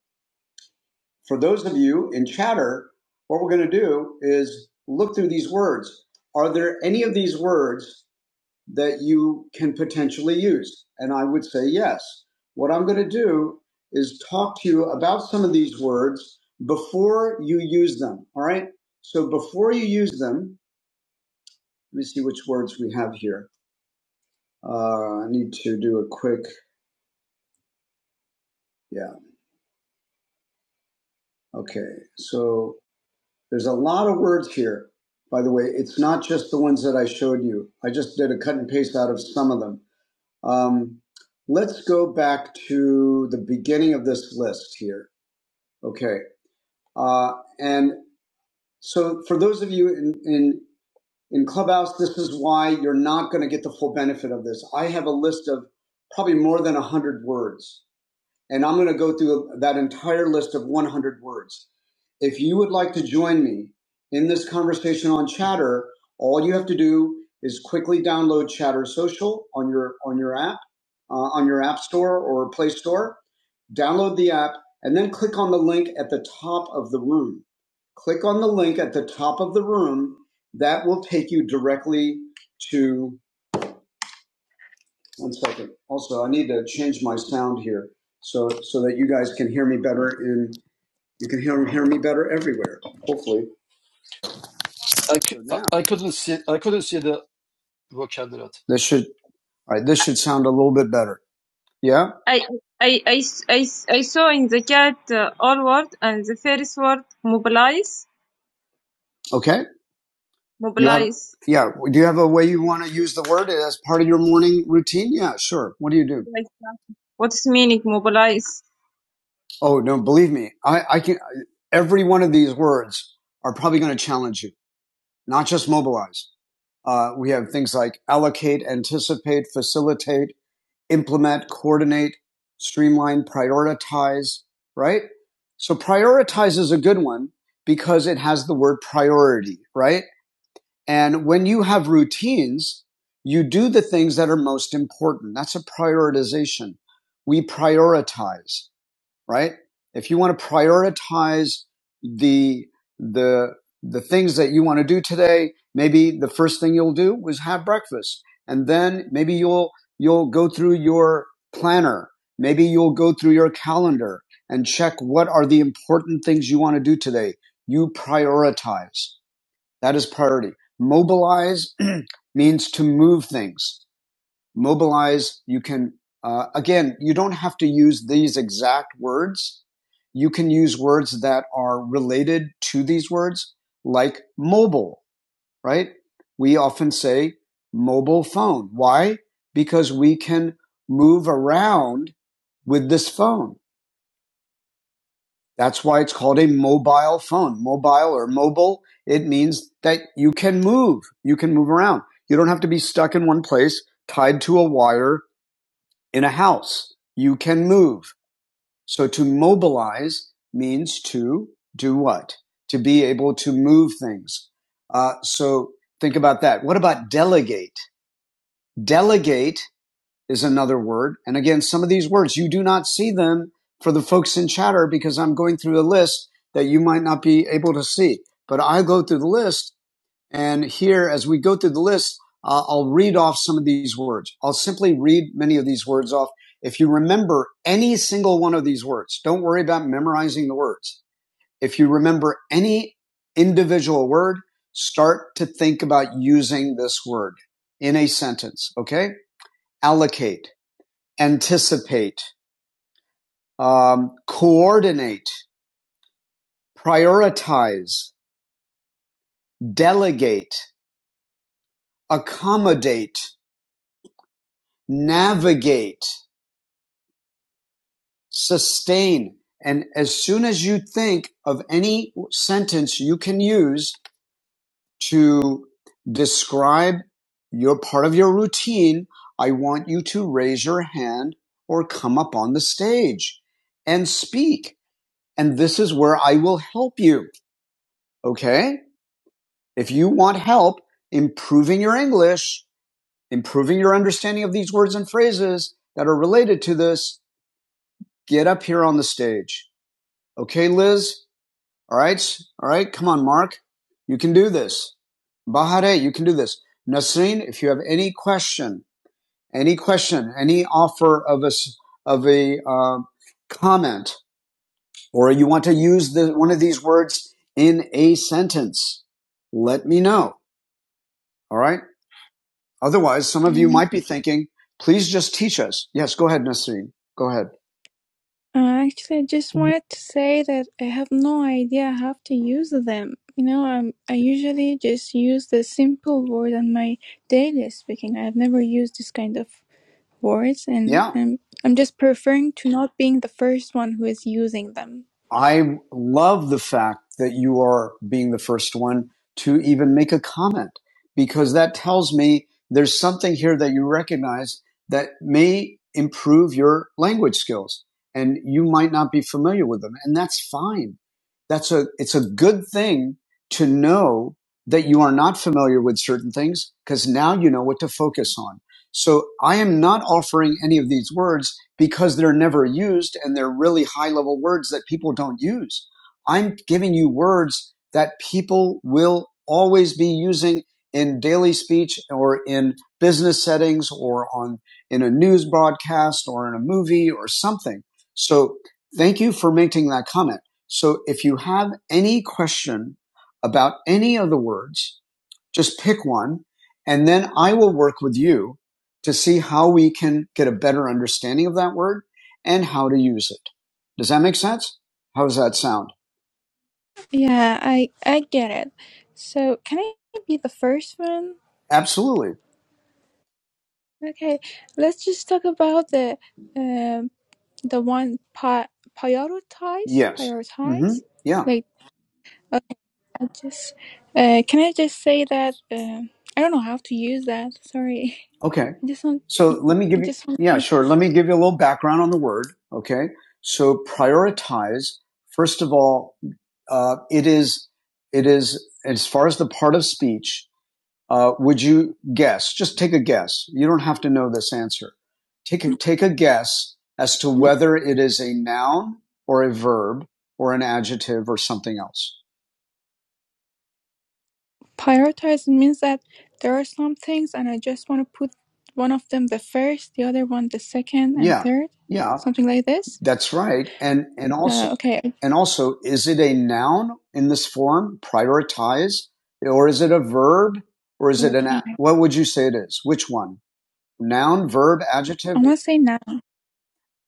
[SPEAKER 1] for those of you in chatter, what we're going to do is look through these words. Are there any of these words that you can potentially use? And I would say yes. What I'm going to do is talk to you about some of these words before you use them. All right. So before you use them, let me see which words we have here. Uh, I need to do a quick, yeah. Okay. So There's a lot of words here. By the way, it's not just the ones that I showed you. I just did a cut and paste out of some of them. Um, let's go back to the beginning of this list here. Okay. Uh, and so for those of you in, in, in Clubhouse, this is why you're not going to get the full benefit of this. I have a list of probably more than 100 words and I'm going to go through that entire list of 100 words. If you would like to join me in this conversation on Chatter, all you have to do is quickly download Chatter Social on your on your app, uh, on your app store or Play Store. Download the app and then click on the link at the top of the room. Click on the link at the top of the room. That will take you directly to one second. Also, I need to change my sound here so so that you guys can hear me better and you can hear, hear me better everywhere. Hopefully. I, c- So I, now I I couldn't see I couldn't see the vocabulary. this should all right, this should sound a little bit better. Yeah? I, I, I, I, I saw in the chat uh, all word and the first word mobilize, Okay. You have mobilize. yeah, do you have a way you want to use the word as part of your morning routine? Yeah, sure. What do you do? Like, uh, what's meaning mobilize? Oh, no, believe me, I, I can, every one of these words are probably going to challenge you, not just mobilize. Uh, we have things like allocate, anticipate, facilitate, implement, coordinate, streamline, prioritize, right? So prioritize is a good one because it has the word priority, right? And when you have routines, you do the things that are most important. That's a prioritization. We prioritize right? If you want to prioritize the, the, the things that you want to do today, maybe the first thing you'll do was have breakfast. And then maybe you'll, you'll go through your planner. Maybe you'll go through your calendar and check what are the important things you want to do today. You prioritize. That is priority. Mobilize (clears throat) means to move things mobilize. You can, uh, again, you don't have to use these exact words. You can use words that are related to these words, like mobile, right? We often say mobile phone. Why? Because we can move around with this phone. That's why it's called a mobile phone. Mobile or mobile, it means that you can move. You can move around. You don't have to be stuck in one place, tied to a wire, in a house. You can move. So to mobilize means to do what? To be able to move things. Uh, so think about that. What about delegate? Delegate is another word. And again, some of these words, you do not see them for the folks in chatter because I'm going through a list that you might not be able to see. But I go through the list and here, as we go through the list, uh, I'll read off some of these words. I'll simply read many of these words off. If you remember any single one of these words, don't worry about memorizing the words. If you remember any individual word, start to think about using this word in a sentence. Okay. Allocate, anticipate, um, coordinate, prioritize, delegate, accommodate, navigate, sustain. And as soon as you think of any sentence you can use to describe your part of your routine, I want you to raise your hand or come up on the stage and speak. And this is where I will help you. Okay. If you want help improving your English, improving your understanding of these words and phrases that are related to this, get up here on the stage. Okay, Liz? All right. All right. Come on, Mark. You can do this. Bahare, you can do this. Nasreen, if you have any question, any question, any offer of a of a uh, comment, or you want to use the, one of these words in a sentence, let me know. All right. Otherwise, some of you
[SPEAKER 2] Um,
[SPEAKER 1] might be thinking, please just teach us. Yes, go ahead, Nasreen. Go ahead.
[SPEAKER 2] I actually, I just wanted to say that I have no idea how to use them. You know, um, I usually just use the simple word in my daily speaking. I've never used this kind of words and
[SPEAKER 1] Yeah.
[SPEAKER 2] um, I'm just preferring to not being the first one who is using them.
[SPEAKER 1] I love the fact that you are being the first one to even make a comment because that tells me there's something here that you recognize that may improve your language skills and you might not be familiar with them and that's fine. That's a, it's a good thing to know that you are not familiar with certain things because now you know what to focus on. So I am not offering any of these words because they're never used and they're really high level words that people don't use. I'm giving you words that people will always be using in daily speech or in business settings or on in a news broadcast or in a movie or something. So thank you for making that comment. So if you have any question about any of the words, just pick one and then I will work with you to see how we can get a better understanding of that word and how to use it. Does that make sense? How does that sound?
[SPEAKER 2] Yeah, I I get it. So can I be the first one?
[SPEAKER 1] Absolutely.
[SPEAKER 2] Okay, let's just talk about the um the one pi- prioritize
[SPEAKER 1] Yes. Mm-hmm.
[SPEAKER 2] prioritize.
[SPEAKER 1] Yeah.
[SPEAKER 2] Like okay, I just uh can I just say that um I don't know how to use that. Sorry,
[SPEAKER 1] Okay.
[SPEAKER 2] (laughs) I just want
[SPEAKER 1] So let me
[SPEAKER 2] I
[SPEAKER 1] give you,
[SPEAKER 2] just want to
[SPEAKER 1] yeah,
[SPEAKER 2] do
[SPEAKER 1] sure.
[SPEAKER 2] this.
[SPEAKER 1] Let me give you a little background on the word. Okay. So prioritize. First of all, uh, it is, it is, as far as the part of speech, Uh, would you guess? Just take a guess. You don't have to know this answer. Take a, take a guess as to whether it is a noun or a verb or an adjective or something else.
[SPEAKER 2] Prioritize means that there are some things and I just want to put one of them the first, the other one the second and
[SPEAKER 1] Yeah,
[SPEAKER 2] third,
[SPEAKER 1] yeah,
[SPEAKER 2] something like this.
[SPEAKER 1] that's right. And and also
[SPEAKER 2] Uh, okay,
[SPEAKER 1] and also, is it a noun in this form? Prioritize, or is it a verb, or
[SPEAKER 2] I
[SPEAKER 1] is it an?
[SPEAKER 2] prioritize.
[SPEAKER 1] What would you say it is? Which one? Noun, verb,
[SPEAKER 2] I
[SPEAKER 1] adjective,
[SPEAKER 2] want to say now.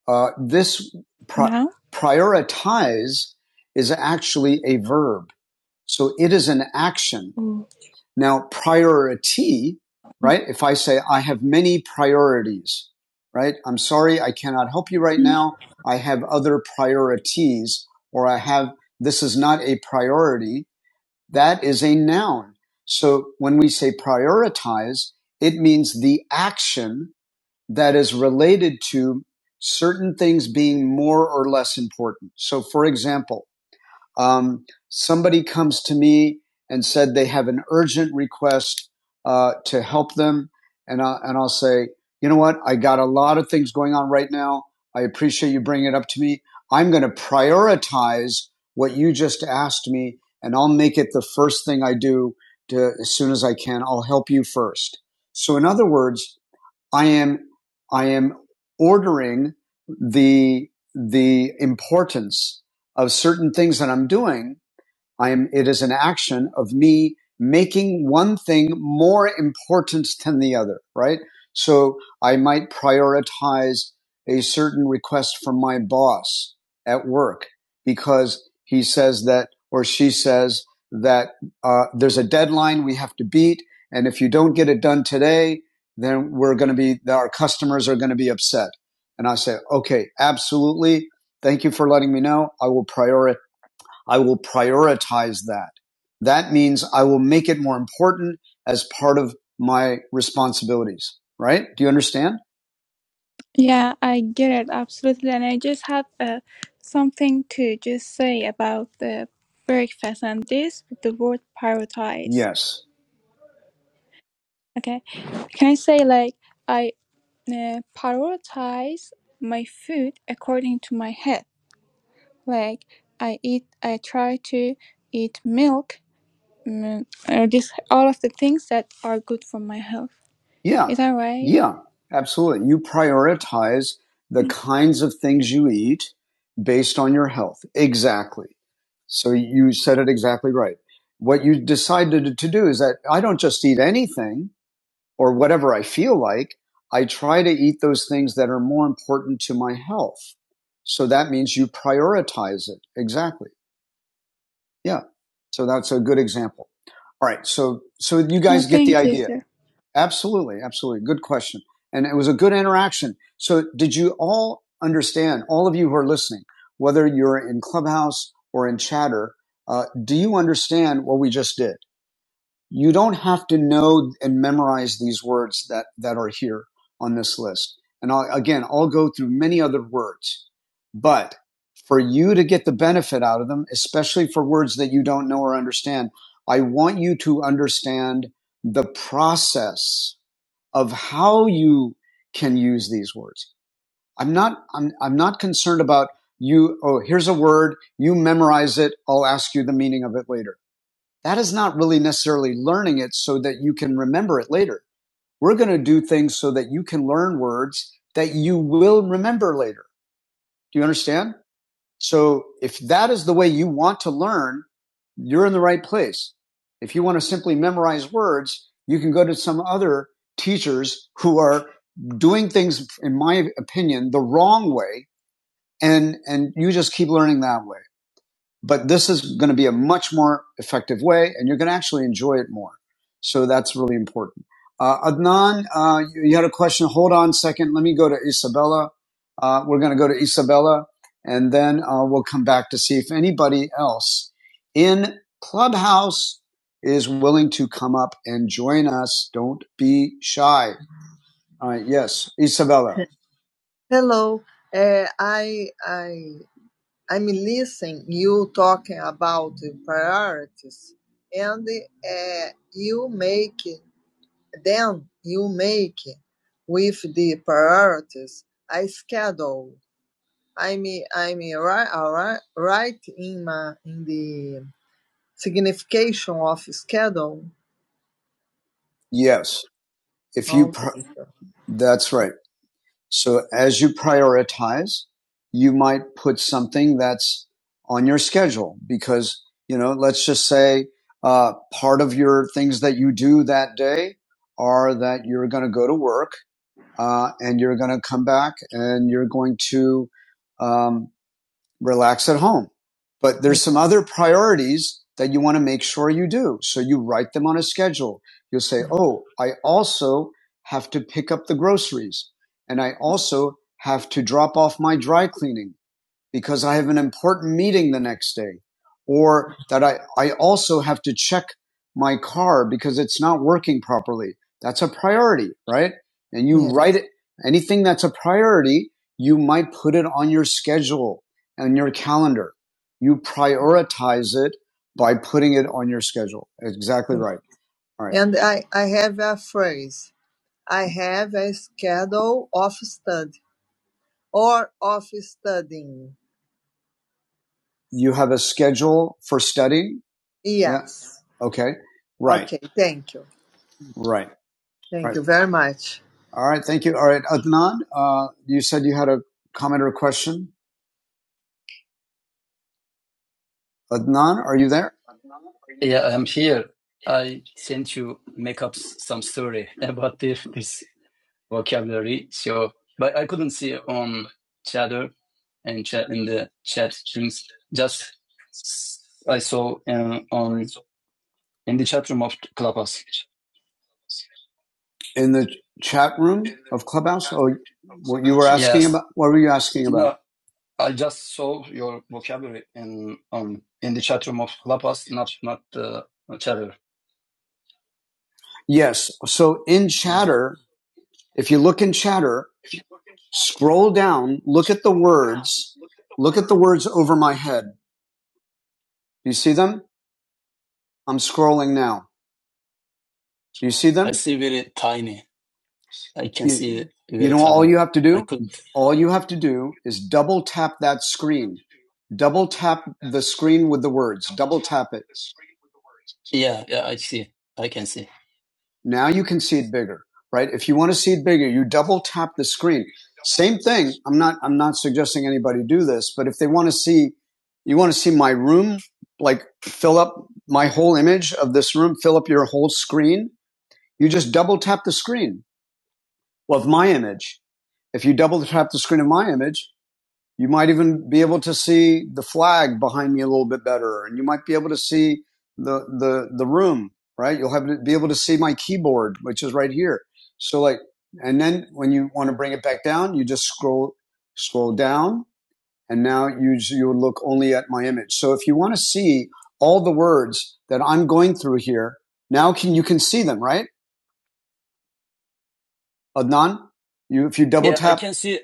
[SPEAKER 1] Uh, this pri-
[SPEAKER 2] Now?
[SPEAKER 1] prioritize is actually a verb. So it is an action.
[SPEAKER 2] Or-
[SPEAKER 1] Now, priority, right? If I say, I have many priorities, right? I'm sorry, I cannot help you right
[SPEAKER 2] Mm,
[SPEAKER 1] now. I have other priorities, or I have, this is not a priority. That is a noun. So when we say prioritize, it means the action that is related to certain things being more or less important. So, for example, um, somebody comes to me and said they have an urgent request uh, to help them, and I, and I'll say, you know what, I got a lot of things going on right now. I appreciate you bringing it up to me. I'm going to prioritize what you just asked me, and I'll make it the first thing I do to, as soon as I can. I'll help you first. So, in other words, I am I am ordering the the importance of certain things that I'm doing I am, it is an action of me making one thing more important than the other, right? So I might prioritize a certain request from my boss at work because he says that, or she says that uh, there's a deadline we have to beat. And if you don't get it done today, then we're going to be, our customers are going to be upset. And I say, okay, absolutely. Thank you for letting me know. I will prioritize I will prioritize that. That means I will make it more important as part of my responsibilities, right? Do you understand?
[SPEAKER 2] Yeah, I get it absolutely, and I just have uh, something to just say about the breakfast and this with the word prioritize.
[SPEAKER 1] Yes.
[SPEAKER 2] Okay, can I say like I uh, prioritize my food according to my health? like I eat I try to eat milk mm, or just all of the things that are good for my health.
[SPEAKER 1] Yeah.
[SPEAKER 2] Is that right?
[SPEAKER 1] Yeah. Absolutely. You prioritize the kinds of things you eat based on your health. Exactly. So you said it exactly right. What you decided to do is that I don't just eat anything. or whatever I feel like, I try to eat those things that are more important to my health. So that means you prioritize it. Exactly. Yeah. So that's a good example. All right. So, so you
[SPEAKER 2] Oh,
[SPEAKER 1] guys get the
[SPEAKER 2] thank you,
[SPEAKER 1] idea.
[SPEAKER 2] sir.
[SPEAKER 1] Absolutely. Absolutely. Good question. And it was a good interaction. So did you all understand, all of you who are listening, whether you're in Clubhouse or in Chatter, uh, do you understand what we just did? you don't have to know and memorize these words that, that are here on this list. And I'll, again, I'll go through many other words, but for you to get the benefit out of them, especially for words that you don't know or understand, I want you to understand the process of how you can use these words. I'm not, I'm, I'm not concerned about you. Oh, here's a word. You memorize it. I'll ask you the meaning of it later that is not really necessarily learning it so that you can remember it later. We're going to do things so that you can learn words that you will remember later. Do you understand? So if that is the way you want to learn, you're in the right place. If you want to simply memorize words, you can go to some other teachers who are doing things, in my opinion, the wrong way. And, and you just keep learning that way. But this is going to be a much more effective way, and you're going to actually enjoy it more. So that's really important. Uh, Adnan, uh, you had a question. Hold on a second. Let me go to Isabella. Uh, we're going to go to Isabella, and then uh, we'll come back to see if anybody else in Clubhouse is willing to come up and join us. Don't be shy. All right. Yes, Isabella. Hello. Uh, I I I'm listening you talking about the priorities, and uh, you make then you make with the priorities. I schedule. I'm I'm right, right in my in the signification of schedule. Yes, if you Oh, that's right. So as you prioritize, you might put something that's on your schedule because, you know, let's just say, uh, part of your things that you do that day are that you're going to go to work, uh, and you're going to come back and you're going to, um, relax at home. But there's some other priorities that you want to make sure you do. So you write them on a schedule. You'll say, Oh, I also have to pick up the groceries and I also have to drop off my dry cleaning because I have an important meeting the next day, or that I, I also have to check my car because it's not working properly. That's a priority, right? And you Yes. write it, anything that's a priority, you might put it on your schedule and your calendar. You prioritize it by putting it on your schedule. Exactly right. All right. And I, I have a phrase. I have a schedule of study or of studying you have a schedule for study? Yes. Yeah? Okay. Right. Okay. Thank you. Right. Thank Right. you very much. All right. Thank you. All right. Adnan, uh, you said you had a comment or a question. Adnan, are you there? Yeah, I'm here. I sent you make up some story (laughs) about this, this vocabulary. So, but I couldn't see it on chatter and chat in the chat streams. Just I saw uh, on in the chat room of Clubhouse. in the chat room of Clubhouse? Or what you were asking Yes. about? What were you asking No, about? No, I just saw your vocabulary in um in the chat room of Clubhouse, not not uh, Chatter. Yes. So in Mm. chatter, if you look in chatter, scroll down, look at the words, look at the words over my head. Do you see them? I'm scrolling now. Do you see I them? see very tiny. I can You, see it. you know, all you have to do, all you have to do is double tap that screen. Double tap the screen with the words. Double tap it. Yeah, yeah. I see. I can see. Now you can see it bigger, right? If you want to see it bigger, you double tap the screen. Same thing. I'm not, I'm not suggesting anybody do this, but if they want to see, you want to see my room, like fill up my whole image of this room, fill up your whole screen. You just double tap the screen of my image if you double tap the screen of my image, you might even be able to see the flag behind me a little bit better, and you might be able to see the the the room. Right, you'll have to be able to see my keyboard, which is right here. So like, and then when you want to bring it back down, you just scroll scroll down, and now you you look only at my image. So if you want to see all the words that I'm going through here, now can you can see them, right? Adnan, you if you double Yeah, tap, I can see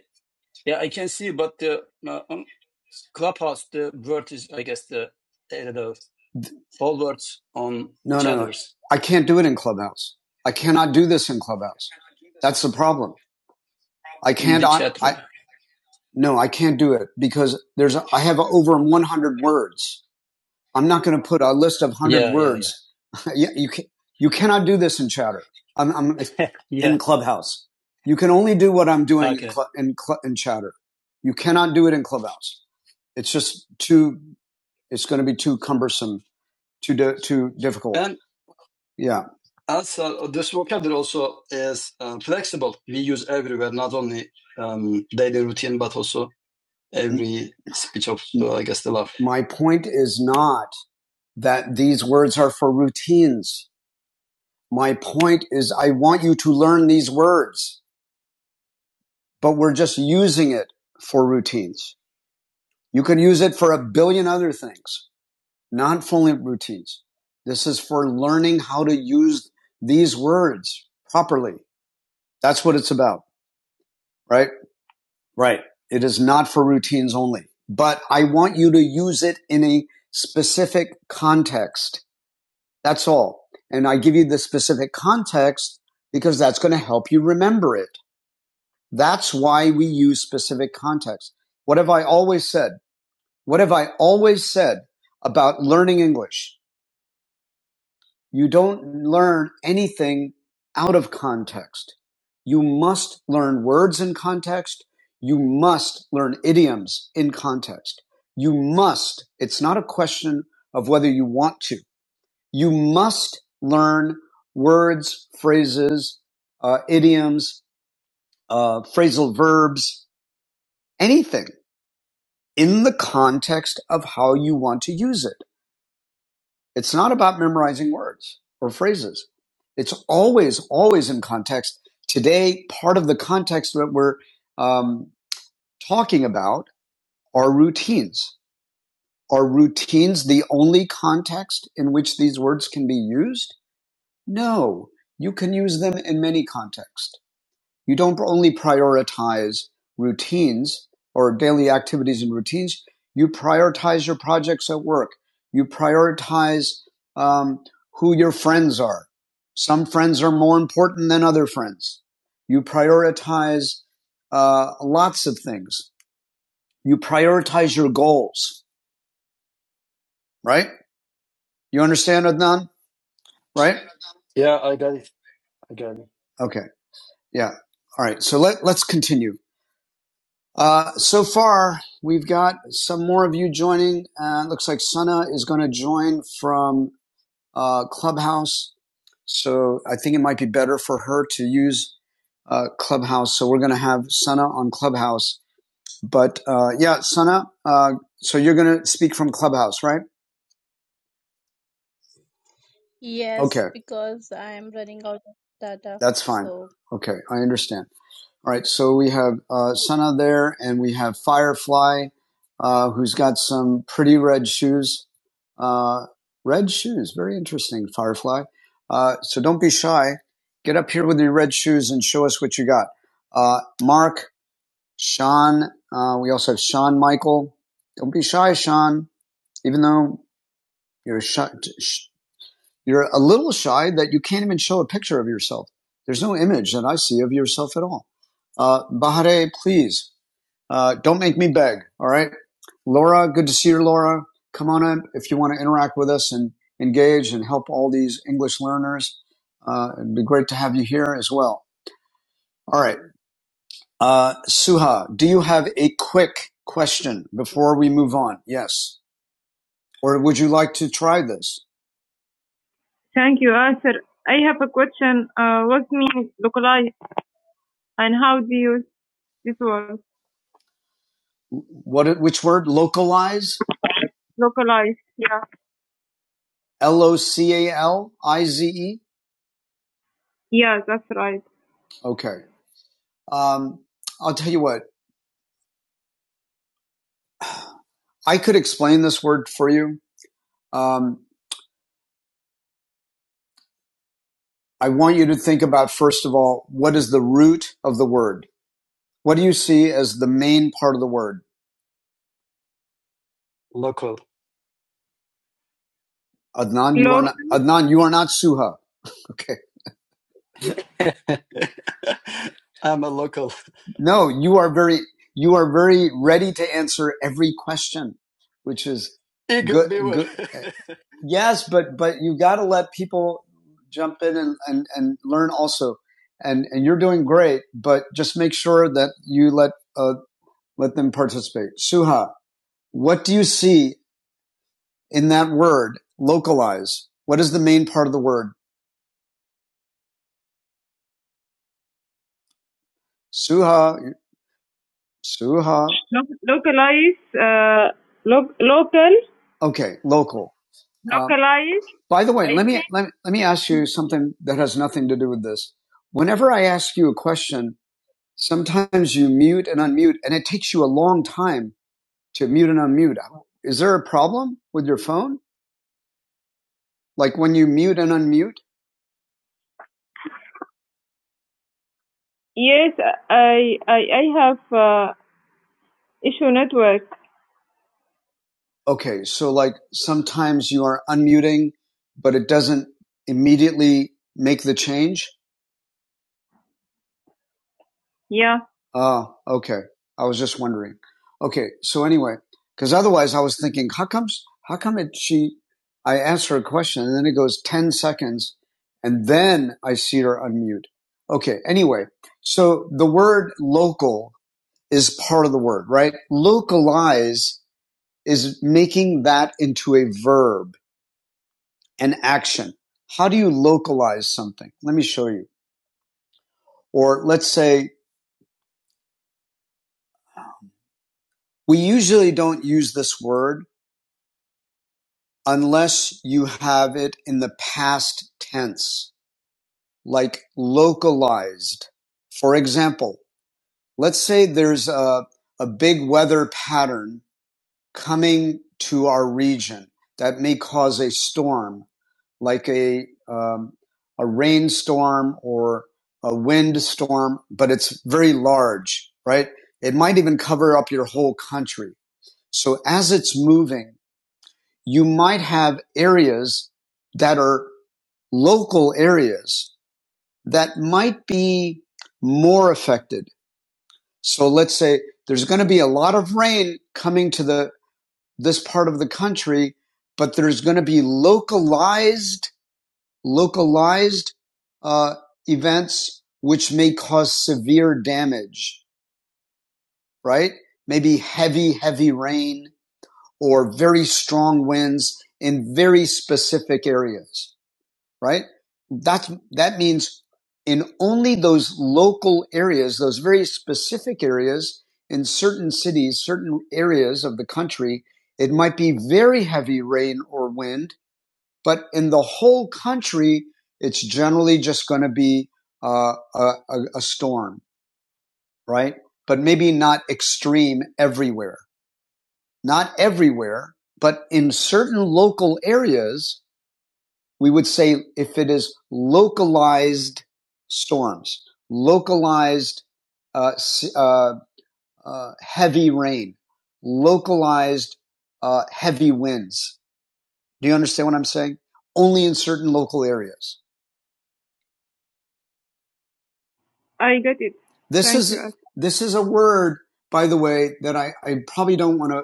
[SPEAKER 1] Yeah, I can see, but the uh, on Clubhouse, the word is, I guess, the I don't know, all words on No, each no, no. others. I can't do it in Clubhouse. I cannot do this in Clubhouse. That's the problem. I in can't. the I, chat room. I no, I can't do it because there's. I have over 100 words. I'm not going to put a list of hundred Yeah, yeah, words. Yeah, yeah. (laughs) you you can, you cannot do this in chatter. I'm, I'm (laughs) yeah. in Clubhouse. You can only do what I'm doing Okay. in, cl- in, cl- in chatter. You cannot do it in Clubhouse. It's just too. It's going to be too cumbersome, too di- too difficult. And yeah, also, this vocabulary also is uh, flexible. We use everywhere, not only um, daily routine, but also every speech of, so I guess, the love. my point is not that these words are for routines. My point is I want you to learn these words, but we're just using it for routines. You could use it for a billion other things, not only routines. This is for learning how to use these words properly. That's what it's about, right? Right. It is not for routines only, but I want you to use it in a specific context That's all. And I give you the specific context because that's going to help you remember it. That's why we use specific context. What have I always said? What have I always said about learning English? You don't learn anything out of context. You must learn words in context. You must learn idioms in context. You must. It's not a question of whether you want to. You must learn words, phrases, uh, idioms, uh, phrasal verbs, anything in the context of how you want to use it. It's not about memorizing words or phrases. It's always, always in context. Today, part of the context that we're um, talking about are routines. Are routines the only context in which these words can be used? No, you can use them in many contexts. You don't only prioritize routines or daily activities and routines. You prioritize your projects at work. You prioritize um, who your friends are. Some friends are more important than other friends. You prioritize uh, lots of things. You prioritize your goals, right? You understand, Adnan? Right? Yeah, I got it. I got it. Okay. Yeah. All right. So let, let's continue. Uh, so far, we've got some more of you joining. Uh, looks like Sana is going to join from uh, Clubhouse. So I think it might be better for her to use uh, Clubhouse. So we're going to have Sana on Clubhouse. But uh, yeah, Sana, uh, so you're going to speak from Clubhouse, right?
[SPEAKER 3] Yes,
[SPEAKER 1] Okay,
[SPEAKER 3] because I'm running out of data.
[SPEAKER 1] that's fine.
[SPEAKER 3] So,
[SPEAKER 1] Okay, I understand. All right, so we have uh, Sana there, and we have Firefly, uh, who's got some pretty red shoes. Uh, red shoes, very interesting, Firefly. Uh, so don't be shy. Get up here with your red shoes and show us what you got. Uh, Mark, Sean, uh, we also have Sean Michael. Don't be shy, Sean, even though you're shy. You're a little shy that you can't even show a picture of yourself. There's no image that I see of yourself at all. Uh, Bahare, please, uh, don't make me beg. All right. Laura, good to see you, Laura. Come on up if you want to interact with us and engage and help all these English learners. Uh, it'd be great to have you here as well. All right. Uh, Suha, do you have a quick question before we move on? Yes. Or would you like to try this? Thank you, Arthur. I have a question. Uh, what means localize and how do you use this word? What? Which word? Localize. Localize, yeah. L o c a l i z e. Yeah, that's right. Okay. Um, I'll tell you what. I could explain this word for you. Um, I want you to think about first of all, what is the root of the word? What do you see as the main part of the word? Adnan, you no. are not. Adnan, you are not Suha. Okay. (laughs) I'm a local. No, you are very you are very ready to answer every question, which is good good (laughs) yes, but but you got to let people jump in and and, and learn also. And and you're doing great, but just make sure that you let uh, let them participate. Suha, what do you see in that word localize? What is the main part of the word? Suha, Suha. Lo- localize, uh, lo- local, Okay, local. Localize. Uh, by the way, let me, let me let me ask you something that has nothing to do with this. Whenever I ask you a question, sometimes you mute and unmute, and it takes you a long time to mute and unmute. Is there a problem with your phone? Like when you mute and unmute? yes. I I I have uh, issue network. Okay, so like sometimes you are unmuting, but it doesn't immediately make the change? Yeah. Oh, okay. I was just wondering. Okay, so anyway, because otherwise I was thinking, how comes, how come it, she, I asked her a question and then it goes 10 seconds and then I see her unmute. Okay, anyway, so the word local is part of the word, right? Localize is making that into a verb. an action. How do you localize something? Let me show you. Or let's say we usually don't use this word unless you have it in the past tense, like localized. For example, let's say there's a, a big weather pattern coming to our region that may cause a storm like a um, a rainstorm or a wind storm, but it's very large, right? It might even cover up your whole country. So as it's moving, you might have areas that are local areas that might be more affected. So let's say there's going to be a lot of rain coming to the this part of the country, but there's going to be localized localized uh, events which may cause severe damage, right? Maybe heavy, heavy rain or very strong winds in very specific areas, right? That's, that means in only those local areas, those very specific areas in certain cities, certain areas of the country, it might be very heavy rain or wind but in the whole country, it's generally just going to be uh, a, a, storm, right? But maybe not extreme everywhere. Not everywhere, but in certain local areas, we would say if it is localized storms, localized uh, uh, uh, heavy rain, localized uh, heavy winds. Do you understand what I'm saying? Only in certain local areas I got it. This Thank is you. this is a word, by the way, that I, I probably don't want to.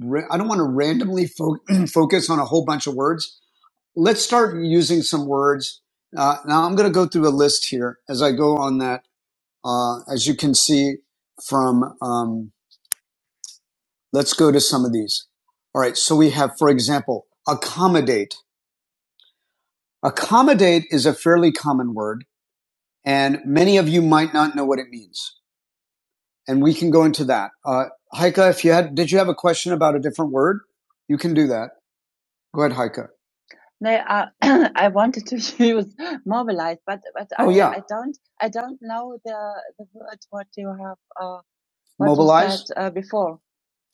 [SPEAKER 1] Ra- I don't want to randomly fo- (clears throat) focus on a whole bunch of words. Let's start using some words. Uh, now I'm going to go through a list here as I go on that. Uh, as you can see from, um, let's go to some of these. All right. So we have, for example, accommodate. Accommodate is a fairly common word, and many of you might not know what it means. and we can go into that. Uh, Heike, if you had, did you have a question about a different word? You can do that. Go ahead, Heike. No, uh, (clears throat) I wanted to (laughs) use mobilize, but but oh, I, Oh yeah, I don't I don't know the the word what you have uh, what mobilized? you said uh, before.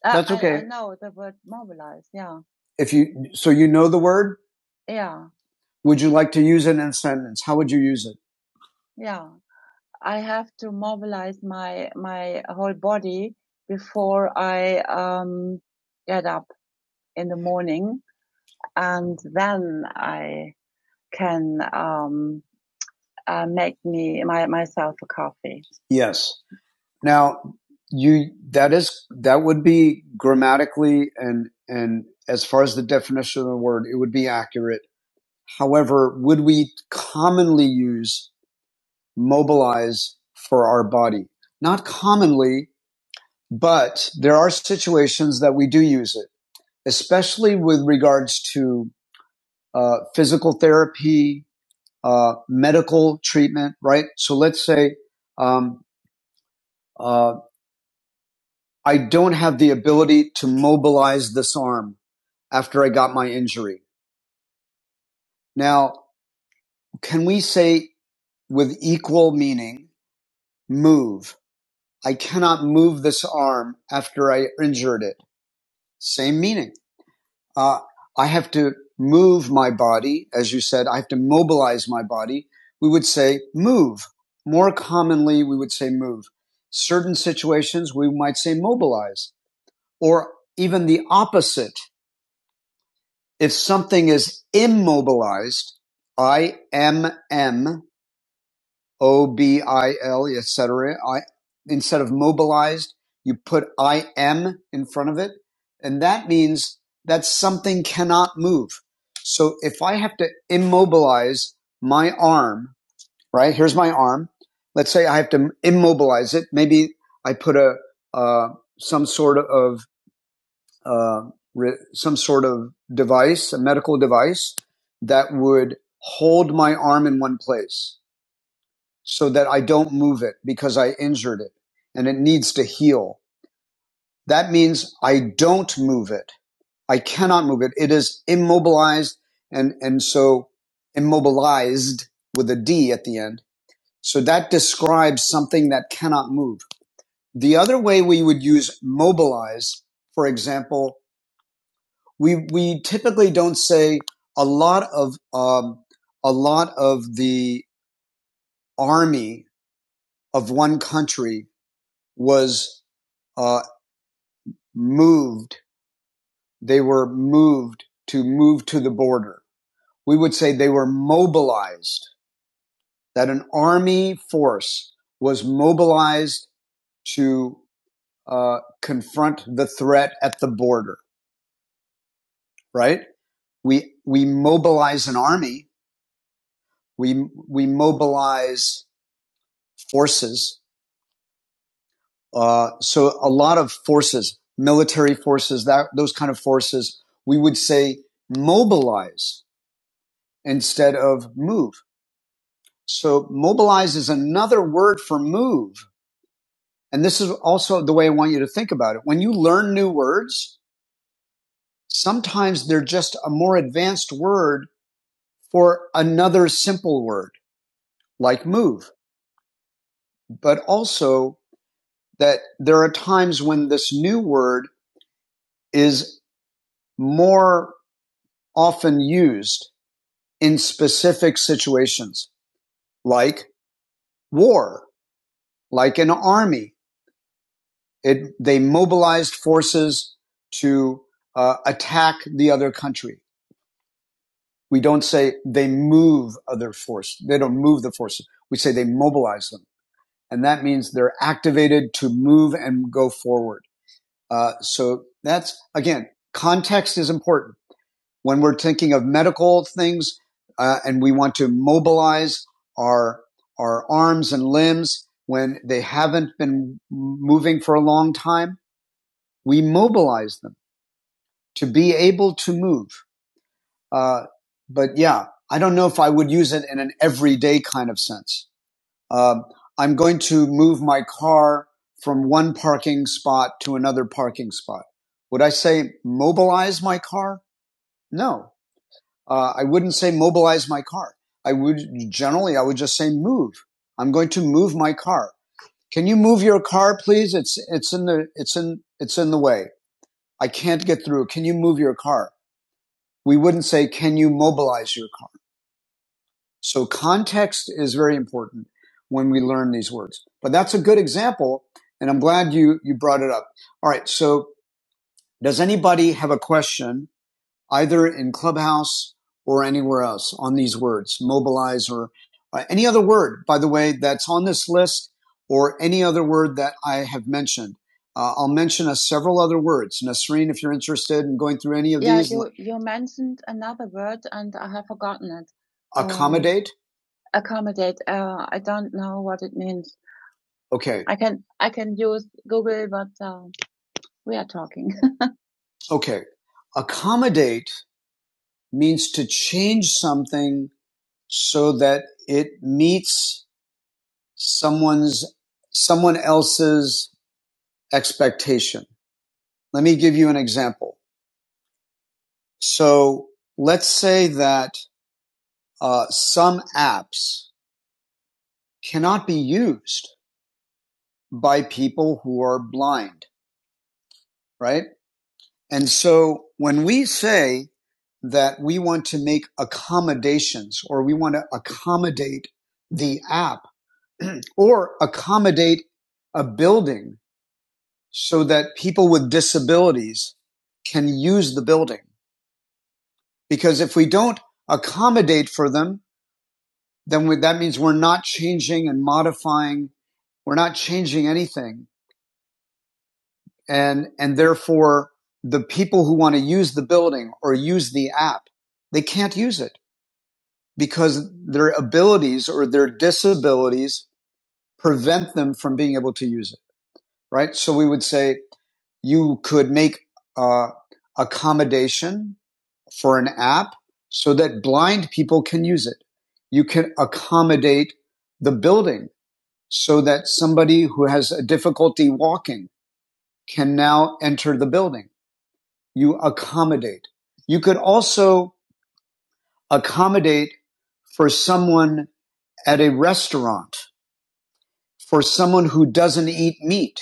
[SPEAKER 1] Uh, That's okay. I I okay. know the word mobilize. Yeah, If you, so you know the word, yeah, would you like to use it in a sentence? How would you use it? yeah. I have to mobilize my my whole body before I um, get up in the morning, and then I can um, uh, make me my myself a coffee. Yes. Now you that is that would be grammatically and and as far as the definition of the word, it would be accurate. However, would we commonly use mobilize for our body? Not commonly, But there are situations that we do use it, especially with regards to uh, physical therapy, uh, medical treatment, right? So let's say um, uh, I don't have the ability to mobilize this arm after I got my injury. Now, can we say with equal meaning, move? I cannot move this arm after I injured it. Same meaning Uh, I have to move my body. As you said, I have to mobilize my body. We would say move. More commonly, we would say move. Certain situations, we might say mobilize or even the opposite. If something is immobilized, I M M O-B-I-L, et cetera. I, instead of mobilized, you put I-M in front of it. And that means that something cannot move. So if I have to immobilize my arm, right? Here's my arm. Let's say I have to immobilize it. Maybe I put a, uh, some sort of, uh, re- some sort of device, a medical device that would hold my arm in one place so that I don't move it because I injured it and it needs to heal. That means I don't move it. I cannot move it. It is immobilized and, and so immobilized with a D at the end. So that describes something that cannot move. The other way we would use mobilize, for example, we, we typically don't say a lot of, um, a lot of the army of one country was uh, moved. They were moved to move to the border. We would say they were mobilized, that an army force was mobilized to uh, confront the threat at the border, right? We, we mobilize an army. We, we mobilize forces. Uh, so a lot of forces, military forces, that, those kind of forces, we would say mobilize instead of move So mobilize is another word for move. And this is also the way I want you to think about it. When you learn new words, sometimes they're just a more advanced word for another simple word like move, but also that there are times when this new word is more often used in specific situations like war, like an army, It, they mobilized forces to uh, attack the other country. We don't say they move other force. They don't move the forces. We say they mobilize them. And that means they're activated to move and go forward. Uh, so that's, again, context is important. When we're thinking of medical things uh, and we want to mobilize our, our arms and limbs when they haven't been moving for a long time, we mobilize them. to be able to move. Uh, but yeah, I don't know if I would use it in an everyday kind of sense. Um, I'm going to move my car from one parking spot to another parking spot. Would I say mobilize my car? No, uh, I wouldn't say mobilize my car. I would generally, I would just say move. I'm going to move my car. Can you move your car, please? It's, it's in the, it's in, it's in the way. I can't get through. Can you move your car? We wouldn't say, can you mobilize your car? So context is very important when we learn these words. But that's a good example. And I'm glad you, you brought it up. All right. So does anybody have a question either in Clubhouse or anywhere else on these words, mobilize or uh, any other word, by the way, that's on this list or any other word that I have mentioned. Uh, I'll mention a several other words. Nasreen, if you're interested in going through any of Yeah, these, Yeah, you you mentioned another word and I have forgotten it. Um, accommodate. Um, accommodate. Uh, I don't know what it means. Okay. I can I can use Google, but uh, we are talking. (laughs) Okay. Accommodate means to change something so that it meets someone's someone else's expectation. Let me give you an example. So let's say that uh, some apps cannot be used by people who are blind, right? And so when we say that we want to make accommodations or we want to accommodate the app (clears throat) or accommodate a building so that people with disabilities can use the building. Because if we don't accommodate for them, then we, that means we're not changing and modifying. We're not changing anything. And, and therefore the people who want to use the building or use the app, they can't use it because their abilities or their disabilities prevent them from being able to use it. Right. So we would say you could make uh, accommodation for an app so that blind people can use it. You can accommodate the building so that somebody who has a difficulty walking can now enter the building. You accommodate. You could also accommodate for someone at a restaurant, for someone who doesn't eat meat.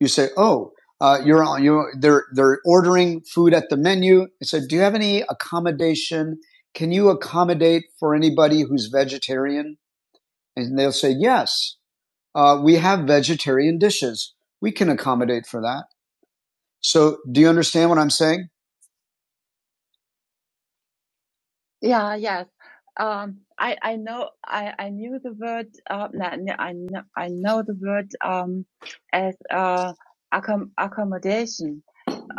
[SPEAKER 1] you say, "Oh, uh, you're on. You they're they're ordering food at the menu." I said, "Do you have any accommodation? Can you accommodate for anybody who's vegetarian?" And they'll say, "Yes, uh, we have vegetarian dishes. We can accommodate for that." So, do you understand what I'm saying? Yeah, yes. Um, I I know I I knew the word uh no, no, I know I know the word um as uh accom- accommodation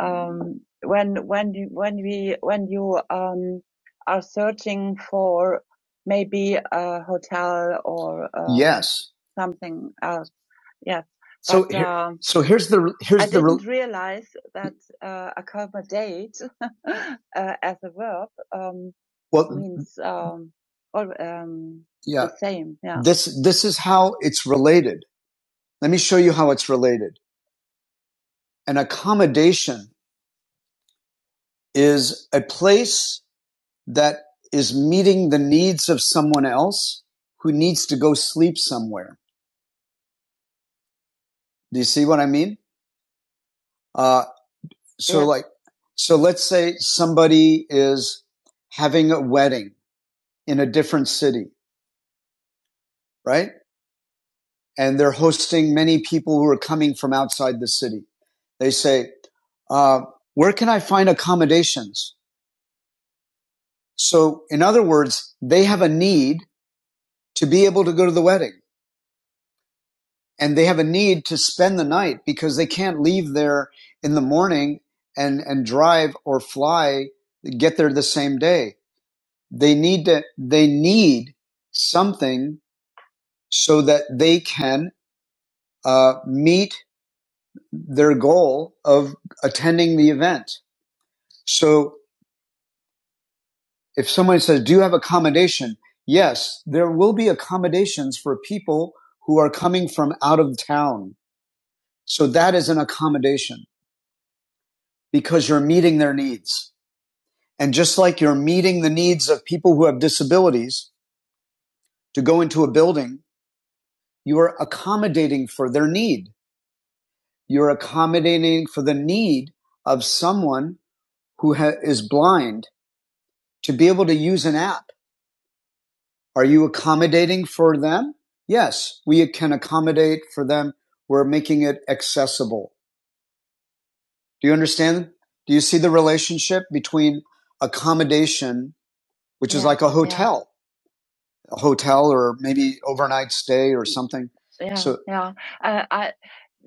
[SPEAKER 1] um, when when you- when we when you um, are searching for maybe a hotel or uh, Yes. something else. Yes, So but here, um, so here's the I here's I the I didn't re realize that uh, accommodate (laughs) uh, as a verb um, well, means um, all, um, yeah. the same. Yeah. This this is how it's related. Let me show you how it's related. An accommodation is a place that is meeting the needs of someone else who needs to go sleep somewhere. Do you see what I mean? Uh, so Yeah. like, so let's say somebody is having a wedding in a different city, right? And they're hosting many people who are coming from outside the city. They say, uh, where can I find accommodations? So in other words, they have a need to be able to go to the wedding. and they have a need to spend the night because they can't leave there in the morning and and drive or fly get there the same day they need to they need something so that they can uh, meet their goal of attending the event so if somebody says do you have accommodation yes there will be accommodations for people who are coming from out of town so that is an accommodation because you're meeting their needs And just like you're meeting the needs of people who have disabilities to go into a building, you are accommodating for their need. You're accommodating for the need of someone who ha- is blind to be able to use an app. Are you accommodating for them? Yes, we can accommodate for them. We're making it accessible. Do you understand? Do you see the relationship between accommodation, which yeah, is Yeah, like a yeah. hotel? a hotel or maybe overnight stay or something. Yeah, So yeah. Uh, I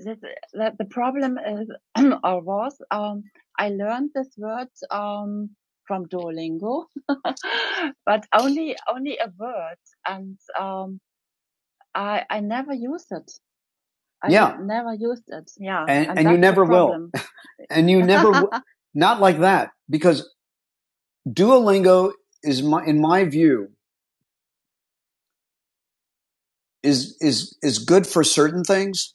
[SPEAKER 1] that that the problem is (clears throat) or was um I learned this word um from Duolingo, (laughs) but only only a word, and um I I never used it. I yeah, never used it. Yeah, and and and you never will, (laughs) and you never w- (laughs) not like that because Duolingo is my in my view is is is good for certain things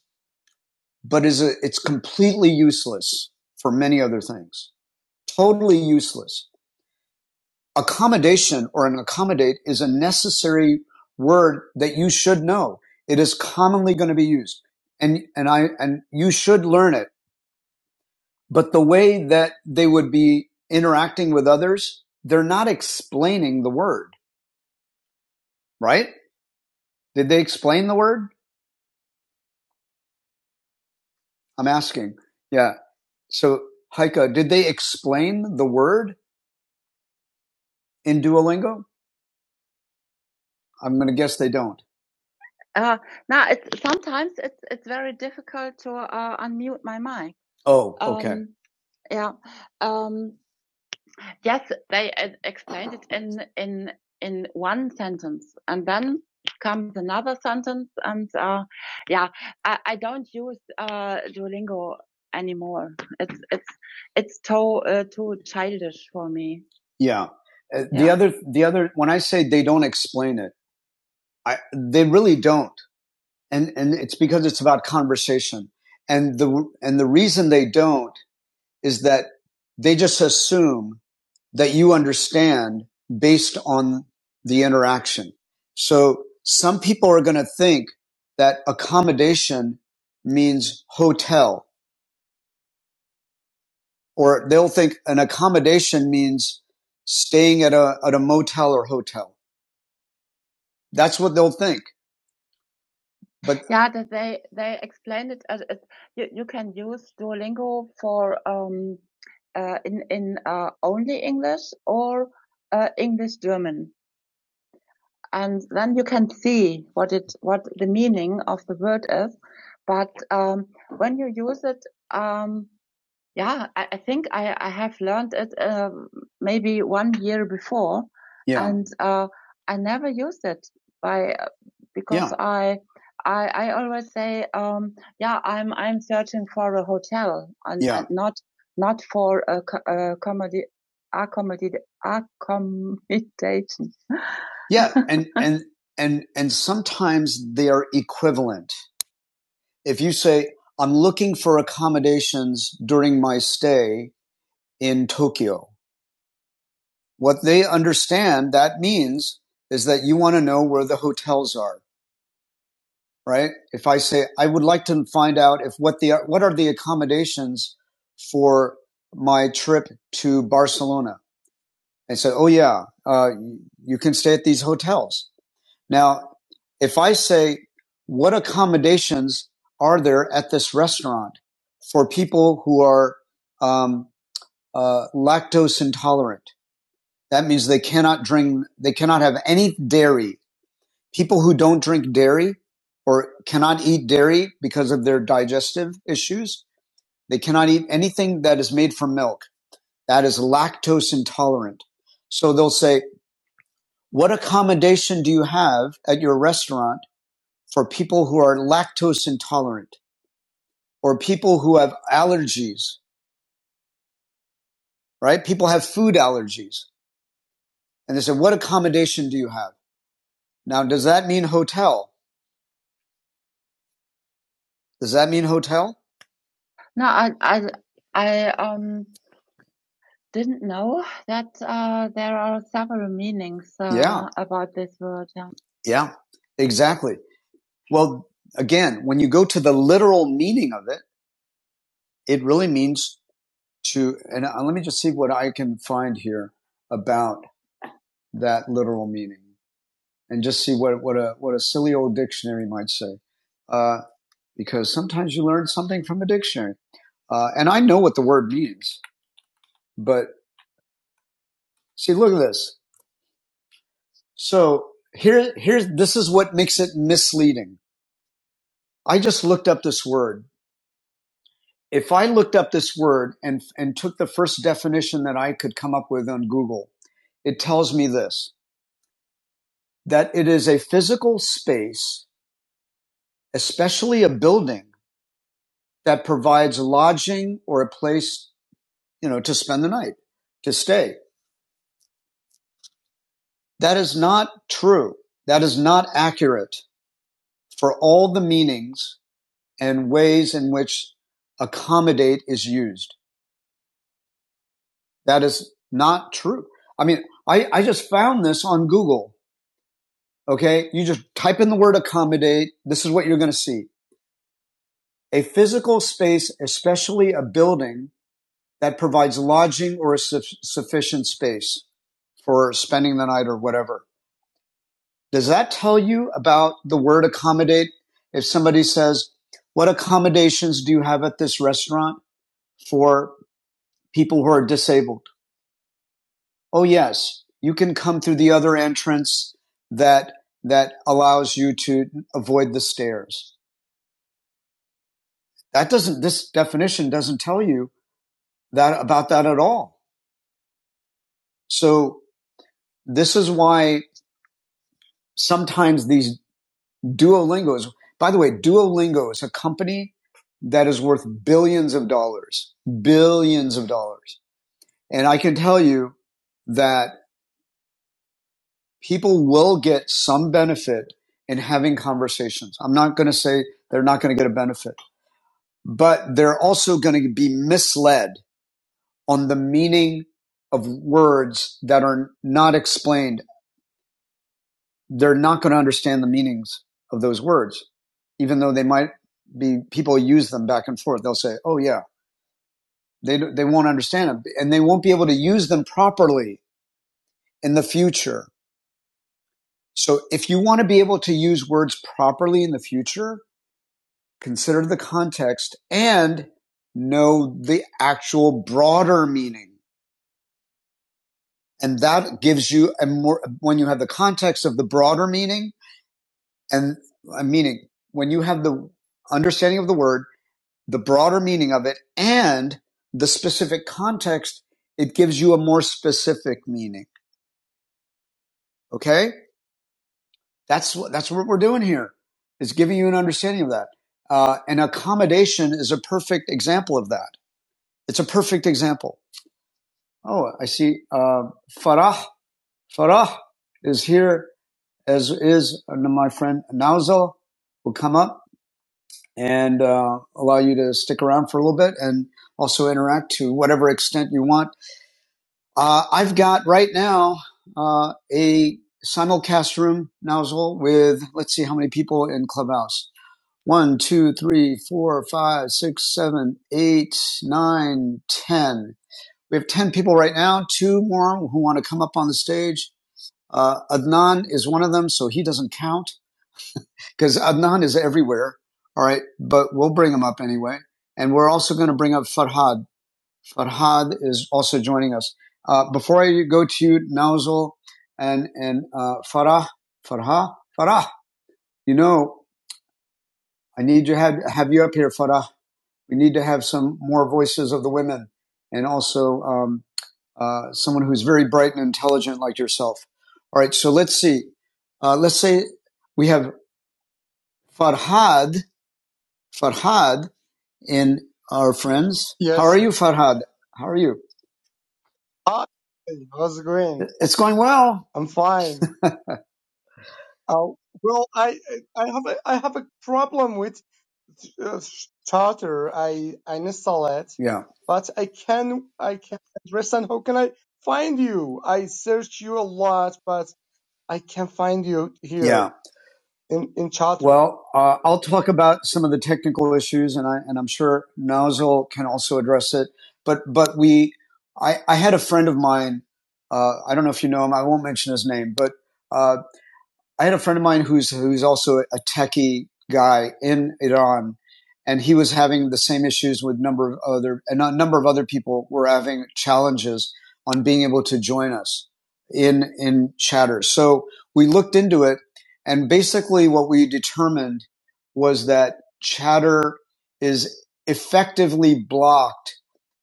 [SPEAKER 1] but is a, it's completely useless for many other things. Totally useless. Accommodation or an accommodate is a necessary word that you should know. It is commonly going to be used and, and I, and you should learn it. But the way that they would be interacting with others, they're not explaining the word, right? Did they explain the word? I'm asking. Yeah. So Heike, did they explain the word in Duolingo? I'm going to guess they don't. Uh, now, it's, sometimes it's it's very difficult to uh, unmute my mic. Oh, okay. Um, yeah. Um, yes, they uh, explained it in in in one sentence, and then comes another sentence, and uh, yeah, I, I don't use uh, Duolingo anymore. It's it's it's too uh, too childish for me. Yeah. Uh, yeah. the Yeah. other, the other, when I say they don't explain it, I, they really don't. and and it's because it's about conversation. And the and the reason they don't is that they just assume that you understand based on the interaction. So some people are going to think that accommodation means hotel or they'll think an accommodation means staying at a, at a motel or hotel. That's what they'll think. But Yeah, that they they explained it as, as you, you can use Duolingo for um uh, in in uh, only English or uh, English German, and then you can see what it what the meaning of the word is. But um, when you use it, um, yeah, I, I think I, I have learned it uh, maybe one year before, Yeah. and uh, I never used it by uh, because yeah. I I, I always say um, yeah I'm I'm searching for a hotel and, Yeah. and not not for a, co- a comedy accommodate accommodation. (laughs) Yeah. And, and, and, and sometimes they are equivalent if you say, I'm looking for accommodations during my stay in Tokyo, what they understand that means is that you want to know where the hotels are, right? If I say, I would like to find out if what the, what are the accommodations for my trip to Barcelona? And say, oh yeah, uh, you can stay at these hotels. Now, if I say, what accommodations are there at this restaurant for people who are um, uh, lactose intolerant? That means they cannot drink, they cannot have any dairy. People who don't drink dairy or cannot eat dairy because of their digestive issues, they cannot eat anything that is made from milk. That is lactose intolerant. So they'll say, what accommodation do you have at your restaurant for people who are lactose intolerant or people who have allergies, right? People have food allergies. And they said, what accommodation do you have? Now, does that mean hotel? Does that mean hotel? No, I, I, I um, didn't know that uh, there are several meanings uh, Yeah. uh, about this word. Yeah. Yeah, exactly. Well, again, when you go to the literal meaning of it, it really means to, and uh, let me just see what I can find here about that literal meaning and just see what, what a what a silly old dictionary might say. Uh, because sometimes you learn something from a dictionary. Uh, and I know what the word means, but see, look at this. So here, here's, this is what makes it misleading. I just looked up this word. If I looked up this word and, and took the first definition that I could come up with on Google, it tells me this, that it is a physical space, especially a building that provides lodging or a place, you know, to spend the night, to stay. That is not true. That is not accurate for all the meanings and ways in which accommodate is used. That is not true. I mean, I, I just found this on Google. Okay. You just type in the word accommodate. This is what you're going to see. A physical space, especially a building that provides lodging or a su- sufficient space for spending the night or whatever. Does that tell you about the word accommodate? If somebody says, What accommodations do you have at this restaurant for people who are disabled? Oh, yes, you can come through the other entrance that that allows you to avoid the stairs. That doesn't this definition doesn't tell you that about that at all. So this is why sometimes these Duolingo is, by the way, Duolingo is a company that is worth billions of dollars, billions of dollars. And I can tell you that people will get some benefit in having conversations. I'm not going to say they're not going to get a benefit, but they're also going to be misled on the meaning of words that are not explained they're not going to understand the meanings of those words, even though they might be people use them back and forth. They'll say, "Oh yeah," they they won't understand them, and they won't be able to use them properly in the future. So if you want to be able to use words properly in the future, consider the context and know the actual broader meaning. And that gives you a more, when you have the context of the broader meaning and a meaning, when you have the understanding of the word the broader meaning of it and the specific context, it gives you a more specific meaning. Okay. That's what, that's what we're doing here is giving you an understanding of that. Uh, and accommodation is a perfect example of that. It's a perfect example. Oh, I see. Uh, Farah, Farah is here as is uh, my friend Nauzal will come up and uh, allow you to stick around for a little bit and also interact to whatever extent you want Uh, I've got right now uh, a simulcast room nozzle with, let's see how many people in Clubhouse. One, two, three, four, five, six, seven, eight, nine, ten. We have ten people right now, two more who want to come up on the stage. Uh, Adnan is one of them, so he doesn't count because Adnan is everywhere. All right, but we'll bring him up anyway. And we're also going to bring up Farhad. Farhad is also joining us. Uh, before I go to you, Nauzal and, and, uh, Farah, Farha, Farah, you know, I need to have, have you up here, Farah. We need to have some more voices of the women and also, um, uh, someone who's very bright and intelligent like yourself. All right. So let's see. Uh, let's say we have Farhad, Farhad in our friends. How are
[SPEAKER 4] Yes, yes.
[SPEAKER 1] you, Farhad? How are you?
[SPEAKER 4] Hi, how's it going?
[SPEAKER 1] It's going well.
[SPEAKER 4] I'm fine. Uh, well, I I I have a, I have a problem with uh, Starter. I I install it,
[SPEAKER 1] Yeah.
[SPEAKER 4] but I can I can understand how can I find you? I search you a lot, but I can't find you
[SPEAKER 1] Yeah.
[SPEAKER 4] here in in Charter.
[SPEAKER 1] Well, uh, I'll talk about some of the technical issues, and I and I'm sure Nozzle can also address it. But but we, I, I had a friend of mine. Uh, I don't know if you know him. I won't mention his name, but uh, I had a friend of mine who's who's also a techie guy in Iran, and he was having the same issues with number of other and a number of other people were having challenges on being able to join us in in chatter. So we looked into it, and basically what we determined was that chatter is effectively blocked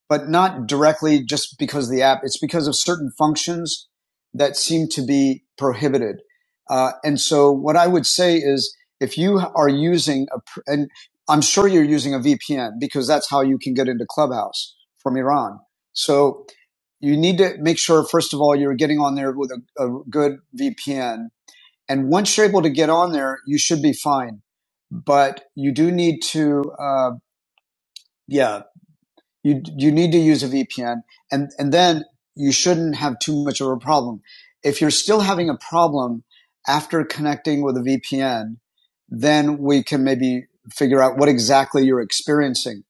[SPEAKER 1] but not directly just because of the app. It's because of certain functions that seem to be prohibited. Uh, and so what I would say is if you are using a, and I'm sure you're using a VPN because that's how you can get into Clubhouse from Iran. So you need to make sure, first of all, you're getting on there with a, a good VPN. And once you're able to get on there, you should be fine. But you do need to, uh, yeah. You you need to use a VPN, and and then you shouldn't have too much of a problem. If you're still having a problem after connecting with a VPN, then we can maybe figure out what exactly you're experiencing.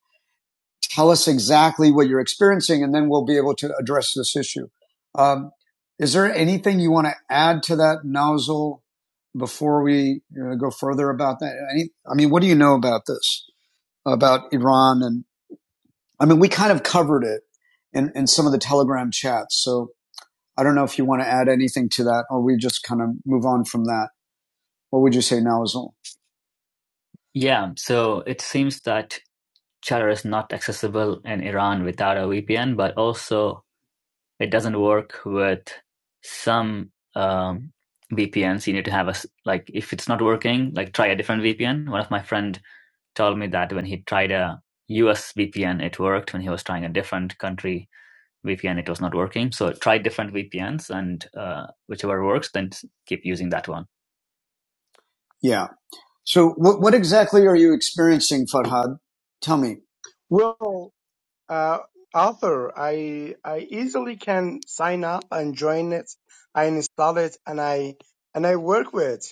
[SPEAKER 1] Tell us exactly what you're experiencing, and then we'll be able to address this issue. Um, is there anything you want to add to that nozzle before we uh, go further about that? Any, I mean, what do you know about this, about Iran and I mean, we kind of covered it in, in some of the Telegram chats. So I don't know if you want to add anything to that or we just kind of move on from that. What would you say, Nawazul? Yeah, so it seems that Chatter is not accessible in Iran without a VPN, but also it doesn't work with some um, VPNs. You need to have a like if it's not working, like try a different VPN. One of my friend told me that when he tried a US VPN, it worked. When he was trying a different country VPN, it was not working. So try different VPNs and uh, whichever works, then keep using that one. Yeah. So what, what exactly are you experiencing, Farhad? Tell me.
[SPEAKER 4] Well, uh, Arthur, I I easily can sign up and join it. I install it and I and I work with.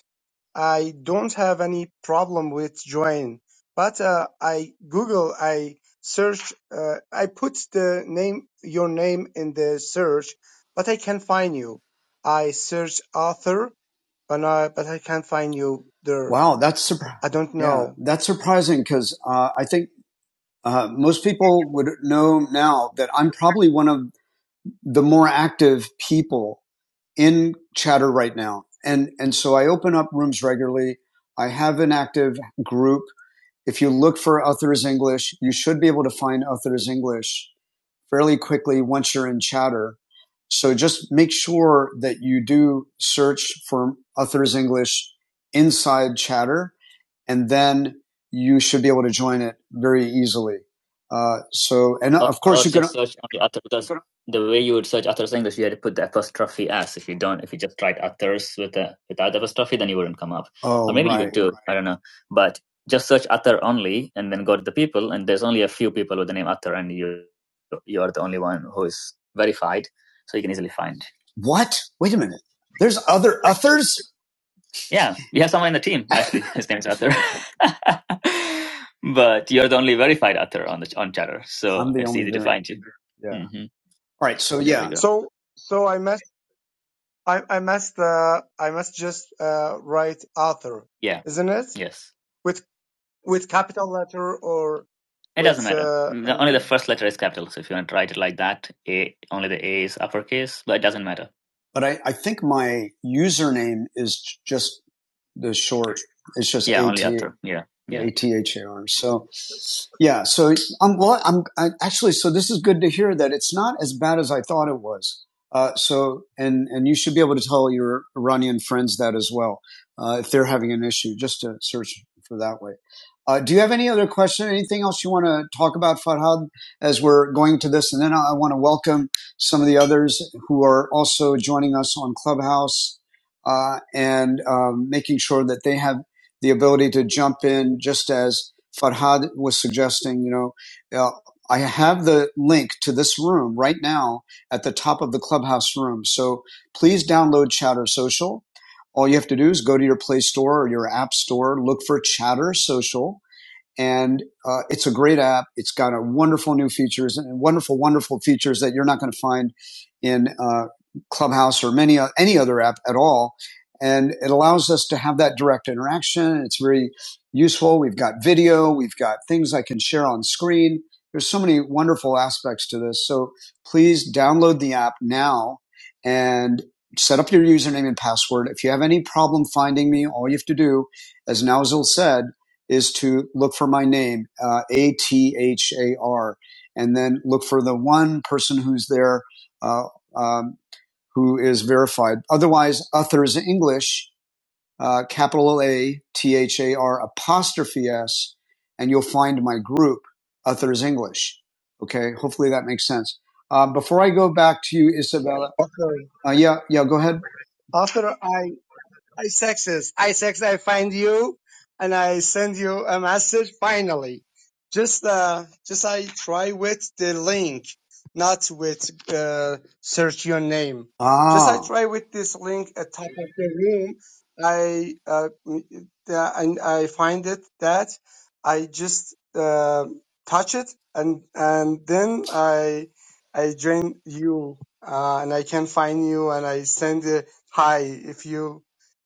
[SPEAKER 4] I don't have any problem with join, but uh, I Google, I search, uh, I put the name, your name in the search, but I can't find you. I search author, but I, but I can't find you there.
[SPEAKER 1] Wow, that's surprising.
[SPEAKER 4] I don't
[SPEAKER 1] Yeah,
[SPEAKER 4] know.
[SPEAKER 1] that's surprising because uh, I think uh, most people would know now that I'm probably one of the more active people in chatter right now. And, and so I open up rooms regularly. I have an active group If you look for Others English, you should be able to find Others English fairly quickly once you're in Chatter. So just make sure that you do search for Authors English inside Chatter, and then you should be able to join it very easily. Uh, so, and of course, you can. search only authors, the way you would search authors English, you had to put the apostrophe s. If you don't, if you just write authors with a without the apostrophe, then you wouldn't come up. Or Oh, or maybe right, you would do. Right. I don't know. But just search author only, and then go to the people, and there's only a few people with the name author, and you you are the only one who is verified, so you can easily find. What? Wait a minute. There's other authors? Yeah, we have someone in the team. Actually, (laughs) his name is Arthur. (laughs) but you're the only verified author on the on Chatter, so it's easy to find you. Yeah. hmm All right. So yeah.
[SPEAKER 4] So, so I must, I, I must, uh, I must just uh, write author,
[SPEAKER 1] Yeah.
[SPEAKER 4] isn't it?
[SPEAKER 1] Yes.
[SPEAKER 4] With with capital letter or
[SPEAKER 1] It doesn't
[SPEAKER 4] with
[SPEAKER 1] matter.
[SPEAKER 4] uh,
[SPEAKER 1] The- Only the
[SPEAKER 4] um,
[SPEAKER 1] first letter is capital. So if you want to write it like that, A, only the A is uppercase, but it doesn't matter. But I, I think my username is j- just the short. It's just Yeah, only AT, after. Yeah, yeah. ATHAR. So yeah, so I'm glad. I'm I, actually so this is good to hear that it's not as bad as I thought it was. Uh, so and and you should be able to tell your Iranian friends that as well uh, if they're having an issue, just to search for that way. Uh, do you have any other question? Anything else you want to talk about, Farhad, as we're going to this? And then I, I want to welcome some of the others who are also joining us on Clubhouse uh, and um, making sure that they have the ability to jump in, just as Farhad was suggesting. You know, uh, I have the link to this room right now at the top of the Clubhouse room. So please download Chatter Social. All you have to do is go to your Play Store or your App Store, look for Chatter Social and uh, it's a great app. It's got a wonderful new features and wonderful, wonderful features that you're not going to find in uh, Clubhouse or many o- any other app at all. And it allows us to have that direct interaction. It's very useful. We've got video. We've got things I can share on screen. There's so many wonderful aspects to this. So please download the app now and set up your username and password. If you have any problem finding me, all you have to do, as Nowzil said is to look for my name, uh, A T H A R, and then look for the one person who's there uh, um, who is verified. Otherwise, Uthers English, uh, capital A T H A R apostrophe S, and you'll find my group, Uthers English. Okay, hopefully that makes sense. Uh, before I go back to you, Isabella,
[SPEAKER 4] author.
[SPEAKER 1] uh, yeah, yeah, go ahead.
[SPEAKER 4] Author, I I sexist. I sex. I find you, and I send you a message. Finally, just uh, just I try with the link, not with uh, search your name. Just I
[SPEAKER 1] Ah,
[SPEAKER 4] try with this link at top of the room. I uh, uh, and I find it that I just uh, touch it and and then I I join you uh, and I can find you and I send a hi if you.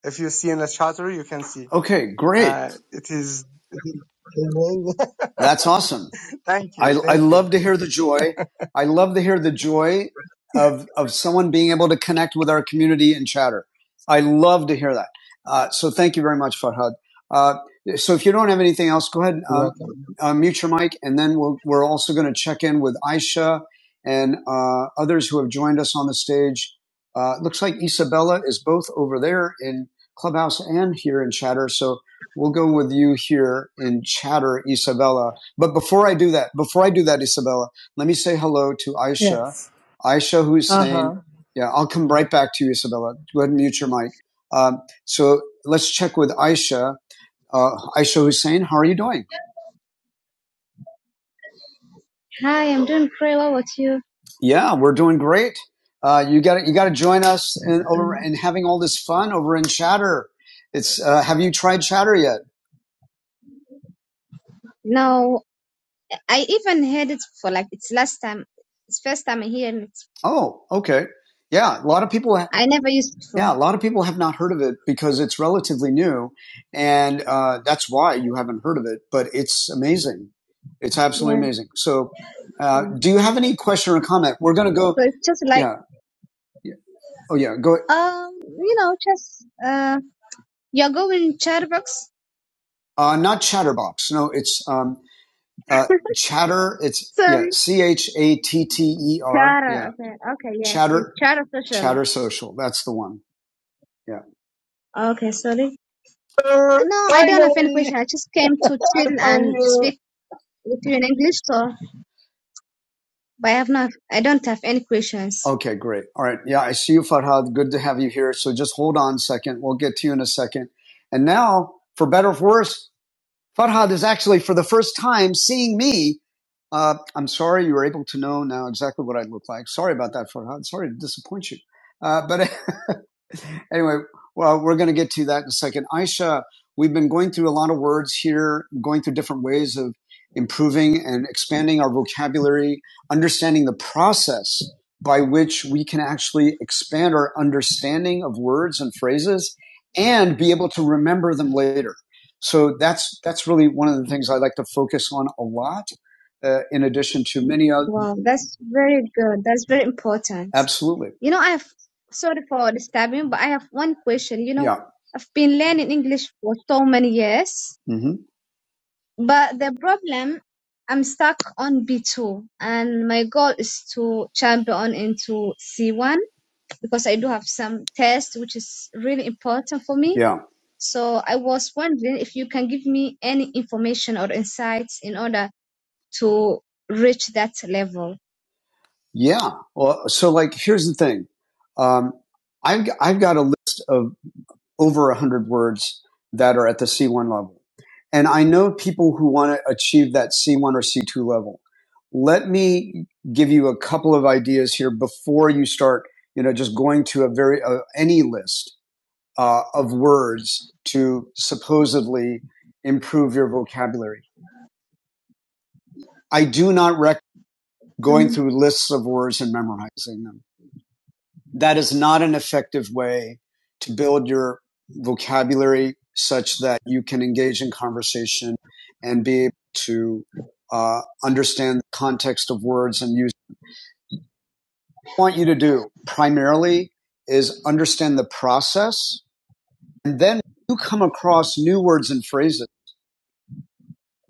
[SPEAKER 4] If you see in the charter, you can see.
[SPEAKER 1] okay, great.
[SPEAKER 4] Uh, it is. (laughs)
[SPEAKER 1] That's awesome.
[SPEAKER 4] Thank
[SPEAKER 1] I,
[SPEAKER 4] you,
[SPEAKER 1] I
[SPEAKER 4] thank you.
[SPEAKER 1] love to hear the joy. I love to hear the joy of, of someone being able to connect with our community and chatter. I love to hear that. Uh, so thank you very much, Farhad. Uh, so if you don't have anything else, go ahead, and
[SPEAKER 4] You're welcome.
[SPEAKER 1] uh, uh, mute your mic, and then we'll, we're also going to check in with Aisha and uh, others who have joined us on the stage. Uh, looks like Isabella is both over there in Clubhouse and here in Chatter. So we'll go with you here in Chatter, Isabella but before I do that, before I do that, Isabella, let me say hello to Aisha. Yes. Aisha who's Uh-huh. saying, yeah, I'll come right back to you, Isabella. Go ahead and mute your mic. Um, so let's check with Aisha. Uh, Aisha Hussein, how are you doing?
[SPEAKER 5] Hi, I'm doing great. What about you?
[SPEAKER 1] Yeah, we're doing great. Uh, you got you got to join us in over and having all this fun over in Chatter. It's uh, have you tried Chatter yet?
[SPEAKER 5] No, I even heard it for like it's last time. It's first time I hear it.
[SPEAKER 1] Oh, okay. Yeah, a lot of people
[SPEAKER 5] I never used it before.
[SPEAKER 1] Yeah, a lot of people have not heard of it because it's relatively new, and uh, that's why you haven't heard of it. But it's amazing. It's absolutely
[SPEAKER 5] Yeah.
[SPEAKER 1] amazing. So, uh,
[SPEAKER 5] So
[SPEAKER 1] do you have any question or comment? We're going to go.
[SPEAKER 5] so it's just like
[SPEAKER 1] Yeah. yeah. Oh, yeah. Go.
[SPEAKER 5] um, you know, just uh, you're going Charbox.
[SPEAKER 1] Uh, not Chatterbox. No, it's um, uh,
[SPEAKER 5] (laughs)
[SPEAKER 1] Chatter. It's yeah.
[SPEAKER 5] Sorry,
[SPEAKER 1] C H A T T E R.
[SPEAKER 5] Chara.
[SPEAKER 1] Yeah.
[SPEAKER 5] Okay, okay, yes, yes,
[SPEAKER 1] Chatter.
[SPEAKER 5] Chara social.
[SPEAKER 1] Chatter Social. That's the one. Yeah.
[SPEAKER 5] Okay, sorry.
[SPEAKER 1] Uh,
[SPEAKER 5] Uh, No, I don't have any
[SPEAKER 1] Finally,
[SPEAKER 5] question. I just came to
[SPEAKER 1] I
[SPEAKER 5] chill and
[SPEAKER 1] found you.
[SPEAKER 5] speak with you in English, so but I have not. I don't have any questions.
[SPEAKER 1] Okay, great. All right. Yeah, I see you, Farhad. Good to have you here. So just hold on a second. We'll get to you in a second. And now, for better or for worse, Farhad is actually, for the first time, seeing me. Uh, I'm sorry you were able to know now exactly what I look like. Sorry about that, Farhad. Sorry to disappoint you. Uh, but (laughs) anyway, well, we're going to get to that in a second. Aisha, we've been going through a lot of words here, going through different ways of improving and expanding our vocabulary, understanding the process by which we can actually expand our understanding of words and phrases and be able to remember them later. So that's that's really one of the things I like to focus on a lot. Uh, in addition to many other,
[SPEAKER 5] Wow, that's very good. That's very important.
[SPEAKER 1] absolutely,
[SPEAKER 5] You know, I have, sorry for disturbing, but I have one question. You know,
[SPEAKER 1] yeah,
[SPEAKER 5] I've been learning English for so many years,
[SPEAKER 1] hmm
[SPEAKER 5] but the problem, I'm stuck on B2, and my goal is to champion into C1 because I do have some tests, which is really important for me.
[SPEAKER 1] yeah,
[SPEAKER 5] So I was wondering if you can give me any information or insights in order to reach that level.
[SPEAKER 1] yeah. Well, so like, here's the thing. Um, I've i I've got a list of over a hundred words that are at the C1 level, and I know people who want to achieve that C1 or C2 level. Let me give you a couple of ideas here before you start, you know, just going to a very uh, any list uh, of words to supposedly improve your vocabulary. I do not recommend going through lists of words and memorizing them. That is not an effective way to build your vocabulary such that you can engage in conversation and be able to uh, understand the context of words and use. What I want you to do primarily is understand the process and then you come across new words and phrases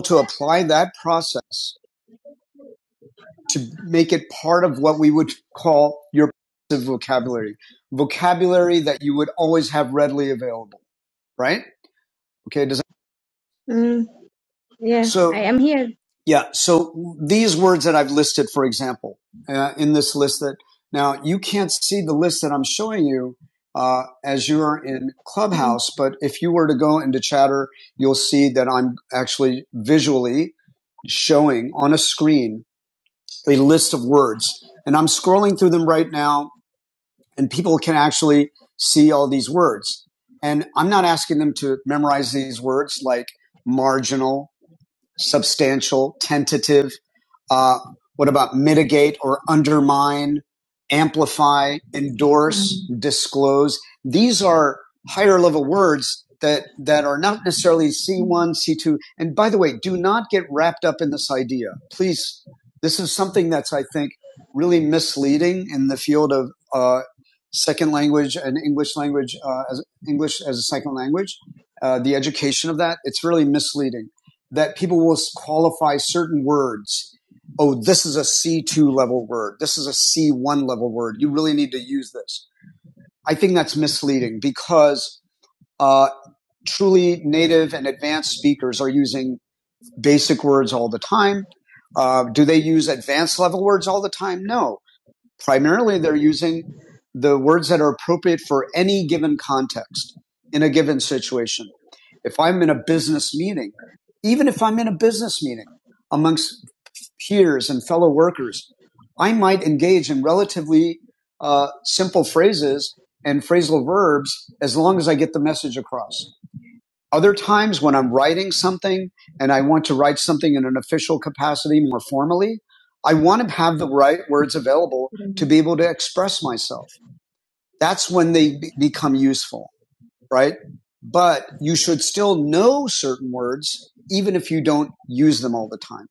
[SPEAKER 1] to apply that process, make it part of what we would call your vocabulary, vocabulary that you would always have readily available, right? Okay. Does that,
[SPEAKER 5] Mhm. Yeah, I
[SPEAKER 1] so
[SPEAKER 5] am here.
[SPEAKER 1] yeah. So these words that I've listed, for example, uh, in this list that now you can't see the list that I'm showing you uh, as you're in
[SPEAKER 5] Mm.
[SPEAKER 1] Clubhouse, but if you were to go into Chatter, you'll see that I'm actually visually showing on a screen a list of words. And I'm scrolling through them right now, and people can actually see all these words. And I'm not asking them to memorize these words like marginal substantial, tentative? Uh, what about mitigate or undermine, amplify, endorse,
[SPEAKER 5] Um,
[SPEAKER 1] disclose? These are higher level words that, that are not necessarily C1, C2. And by the way, do not get wrapped up in this idea. Please, this is something that's, I think, really misleading in the field of uh, second language and English language, uh, as English as a second language, uh, the education of that. It's really misleading that people will qualify certain words. Oh, this is a C2 level word. This is a C1 level word. You really need to use this. I think that's misleading because uh, truly native and advanced speakers are using basic words all the time. Uh, do they use advanced level words all the time? No Primarily, they're using the words that are appropriate for any given context in a given situation. If I'm in a business meeting, even if I'm in a business meeting amongst peers and fellow workers, I might engage in relatively uh, simple phrases and phrasal verbs as long as I get the message across. Other times when I'm writing something and I want to write something in an official capacity more formally, I want to have the right words available to be able to express myself. That's when they be- become useful, right? But you should still know certain words even if you don't use them all the time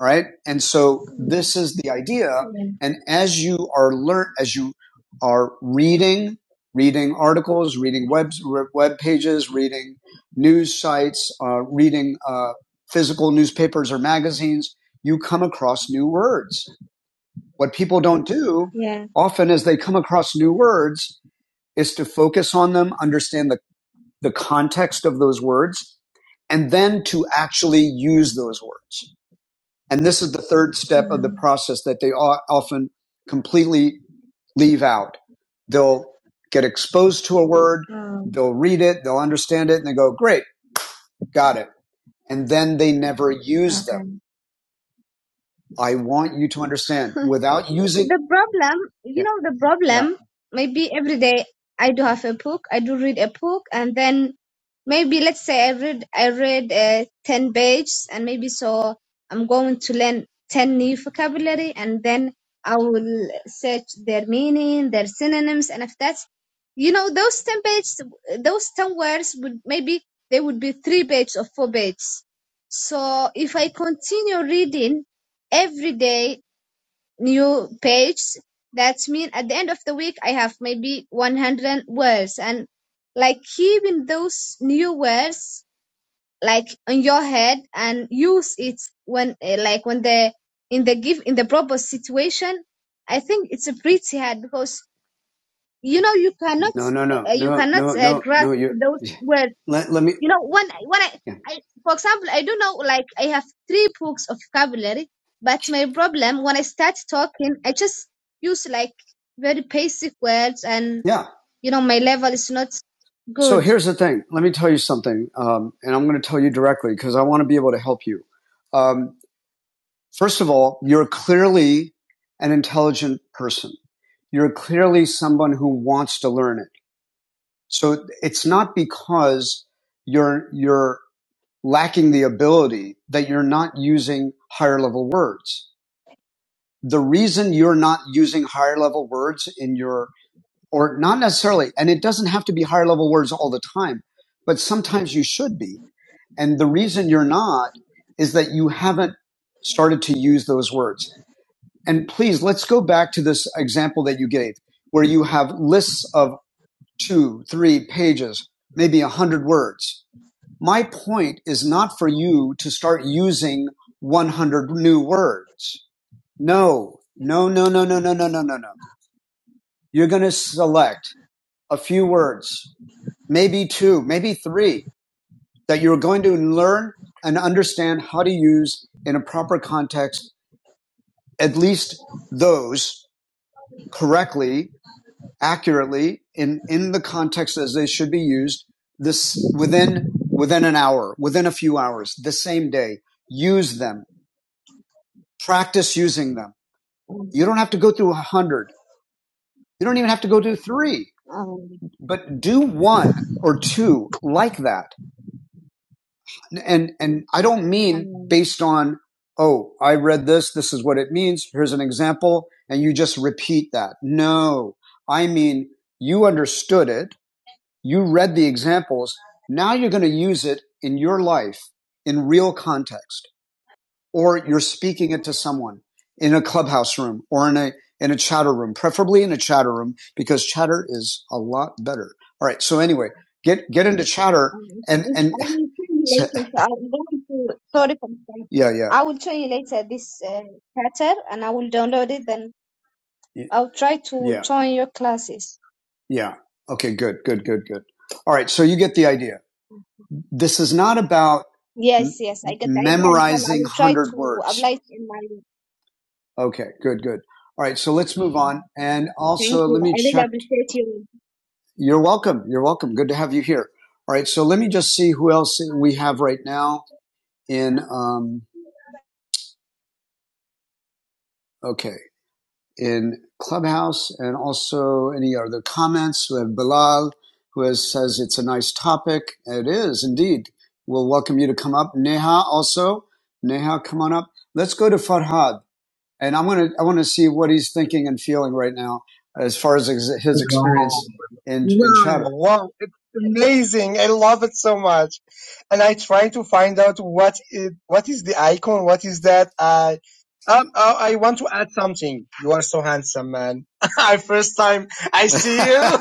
[SPEAKER 1] right? And so this is the idea.
[SPEAKER 5] yeah.
[SPEAKER 1] And as you are learn, as you are reading, reading articles, reading web web pages, reading news sites, uh, reading uh, physical newspapers or magazines, you come across new words. What people don't do
[SPEAKER 5] Yeah.
[SPEAKER 1] often as they come across new words is to focus on them, understand the, the context of those words, and then to actually use those words and this is the third step of the
[SPEAKER 5] Um,
[SPEAKER 1] process that they often completely leave out. They'll get exposed to a word,
[SPEAKER 5] Um.
[SPEAKER 1] they'll read it, they'll understand it, and they go, great, got it. And then they never use them.
[SPEAKER 5] Okay.
[SPEAKER 1] I want you to understand without using.
[SPEAKER 5] the problem, you
[SPEAKER 1] Yeah.
[SPEAKER 5] know, the
[SPEAKER 1] Yeah.
[SPEAKER 5] problem, maybe every day I do have a book, I do read a book, and then maybe let's say I read, I read uh, 10 pages, and maybe so I'm going to learn 10 new vocabulary, and then I will search their meaning, their synonyms, and if that's, you know, those 10 pages, those 10 words would maybe they would be three pages or four pages. So if I continue reading every day new pages. That means at the end of the week I have maybe 100 words and like keeping those new words like on your head and use it when eh, like when the in the give in the proper situation. I think it's a pretty hard because you know you cannot
[SPEAKER 1] No, no, no,
[SPEAKER 5] uh, you
[SPEAKER 1] no,
[SPEAKER 5] cannot
[SPEAKER 1] no,
[SPEAKER 5] uh,
[SPEAKER 1] no,
[SPEAKER 5] grasp
[SPEAKER 1] no. You
[SPEAKER 5] those
[SPEAKER 1] (laughs)
[SPEAKER 5] words
[SPEAKER 1] let, let me.
[SPEAKER 5] you know, when I- when I,
[SPEAKER 1] Yeah.
[SPEAKER 5] I for example, I do know like I have three books of vocabulary, but my problem when I start talking, I just use like very basic words, and
[SPEAKER 1] Yeah.
[SPEAKER 5] you know my level is not
[SPEAKER 1] So
[SPEAKER 5] good.
[SPEAKER 1] here's the thing. Let me tell you something. Um, and I'm going to tell you directly because I want to be able to help you. Um, First of all, you're clearly an intelligent person. You're clearly someone who wants to learn it. So it's not because you're, you're lacking the ability that you're not using higher level words. The reason you're not using higher level words in your, or not necessarily, and it doesn't have to be higher level words all the time, but sometimes you should be. And the reason you're not is that you haven't started to use those words. And please, let's go back to this example that you gave, where you have lists of two, three pages, maybe a hundred words. My point is not for you to start using 100 new words. No, no, no, no, no, no, no, no, no, no. You're going to select a few words, maybe two, maybe three that you're going to learn and understand how to use in a proper context, at least those correctly accurately in, in the context as they should be used this within, within an hour, within a few hours, the same day. Use them. Practice using them. You don't have to go through a hundred. You don't even have to go do three, but do one or two like that. And, and I don't mean based on, oh, I read this. This is what it means. Here's an example. And you just repeat that. No, I mean, you understood it You read the examples. Now you're going to use it in your life in real context, or you're speaking it to someone in a clubhouse room or in a, in a chatter room, preferably in a chatter room because chatter is a lot better. All right. So anyway, get, get into chatter
[SPEAKER 5] Um,
[SPEAKER 1] and,
[SPEAKER 5] It, I
[SPEAKER 1] and
[SPEAKER 5] will tell you
[SPEAKER 1] (laughs)
[SPEAKER 5] later. So I'm going to sorry for myself.
[SPEAKER 1] yeah,
[SPEAKER 5] I
[SPEAKER 1] yeah,
[SPEAKER 5] will show you later this uh, pattern, and I will download it. Then I'll try to
[SPEAKER 1] yeah,
[SPEAKER 5] join your classes.
[SPEAKER 1] yeah. Okay. Good, good, good, good. All right. So you get the idea. This is not about m-
[SPEAKER 5] Yes, yes, I get the idea, and so I
[SPEAKER 1] memorizing
[SPEAKER 5] will
[SPEAKER 1] one
[SPEAKER 5] try
[SPEAKER 1] hundred
[SPEAKER 5] to
[SPEAKER 1] words.
[SPEAKER 5] apply it in my
[SPEAKER 1] Okay, good, good. All right, so let's move on. And
[SPEAKER 5] Thank
[SPEAKER 1] also,
[SPEAKER 5] you.
[SPEAKER 1] let me
[SPEAKER 5] I really
[SPEAKER 1] check.
[SPEAKER 5] appreciate you.
[SPEAKER 1] You're welcome. You're welcome. Good to have you here. All right, so let me just see who else we have right now in, um, okay, in Clubhouse and also any other comments. We have Bilal, who has, says it's a nice topic. It is indeed. We'll welcome you to come up. Neha also. Neha, come on up. Let's go to Farhad. and I'm gonna I want to see what he's thinking and feeling right now as far as ex- his experience wow. in, in Wow, shadow. wow, amazing! I love it so much, and I try to find out what is what is the icon, what is that? I um, I, I want to add something. You are so handsome, man. (laughs) first time I see you. (laughs)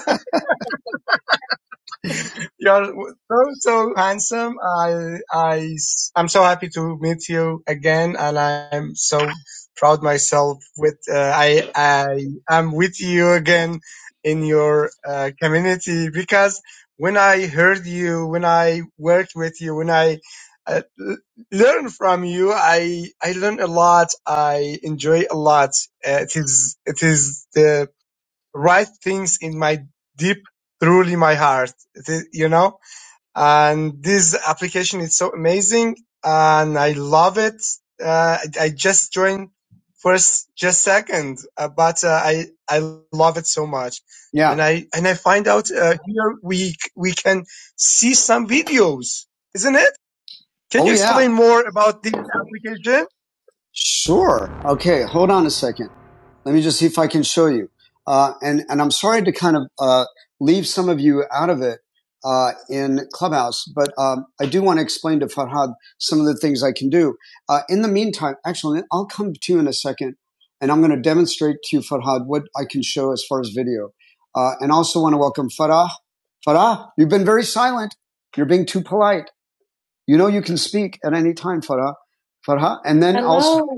[SPEAKER 1] You're so so handsome. I I am so happy to meet you again, and I'm so proud myself with uh, I I am with you again in your uh, community because when I heard you, when I worked with you, when I uh, l- learn from you, I I learn a lot. I enjoy a lot. Uh, it is it is the right things in my deep, truly my heart. It is, you know and this application is so amazing and I love it. Uh, I, I just joined first, just second, uh, but uh, I I love it so much, Yeah. and I and I find out uh, here we we can see some videos, isn't it? Can Oh, you Oh, yeah. explain more about this application? Sure. Okay. Hold on a second. Let me just see if I can show you. Uh, and and I'm sorry to kind of uh, leave some of you out of it uh, in Clubhouse, but um, I do want to explain to Farhad some of the things I can do. Uh, in the meantime, actually, I'll come to you in a second, and I'm going to demonstrate to you, Farhad, what I can show as far as video. Uh, and also want to welcome Farah. Farah, you've been very silent. You're being too polite. You know you can speak at any time, Farah. Farah, and then hello, also, (laughs)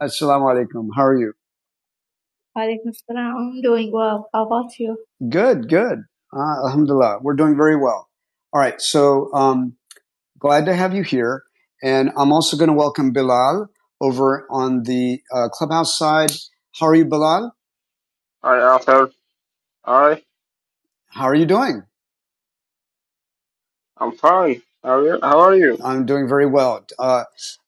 [SPEAKER 1] Assalamu alaikum. How are you? Alaikum salam. I'm doing well. How about you? Good, good. Uh, alhamdulillah, we're doing very well. All right, so um, glad to have you here, and I'm also going to welcome Bilal over on the uh, clubhouse side. How are you, Bilal?
[SPEAKER 6] Hi, Arthur. Hi,
[SPEAKER 1] How are you doing?
[SPEAKER 6] I'm fine. How are you? How are you?
[SPEAKER 1] I'm doing very well. Uh,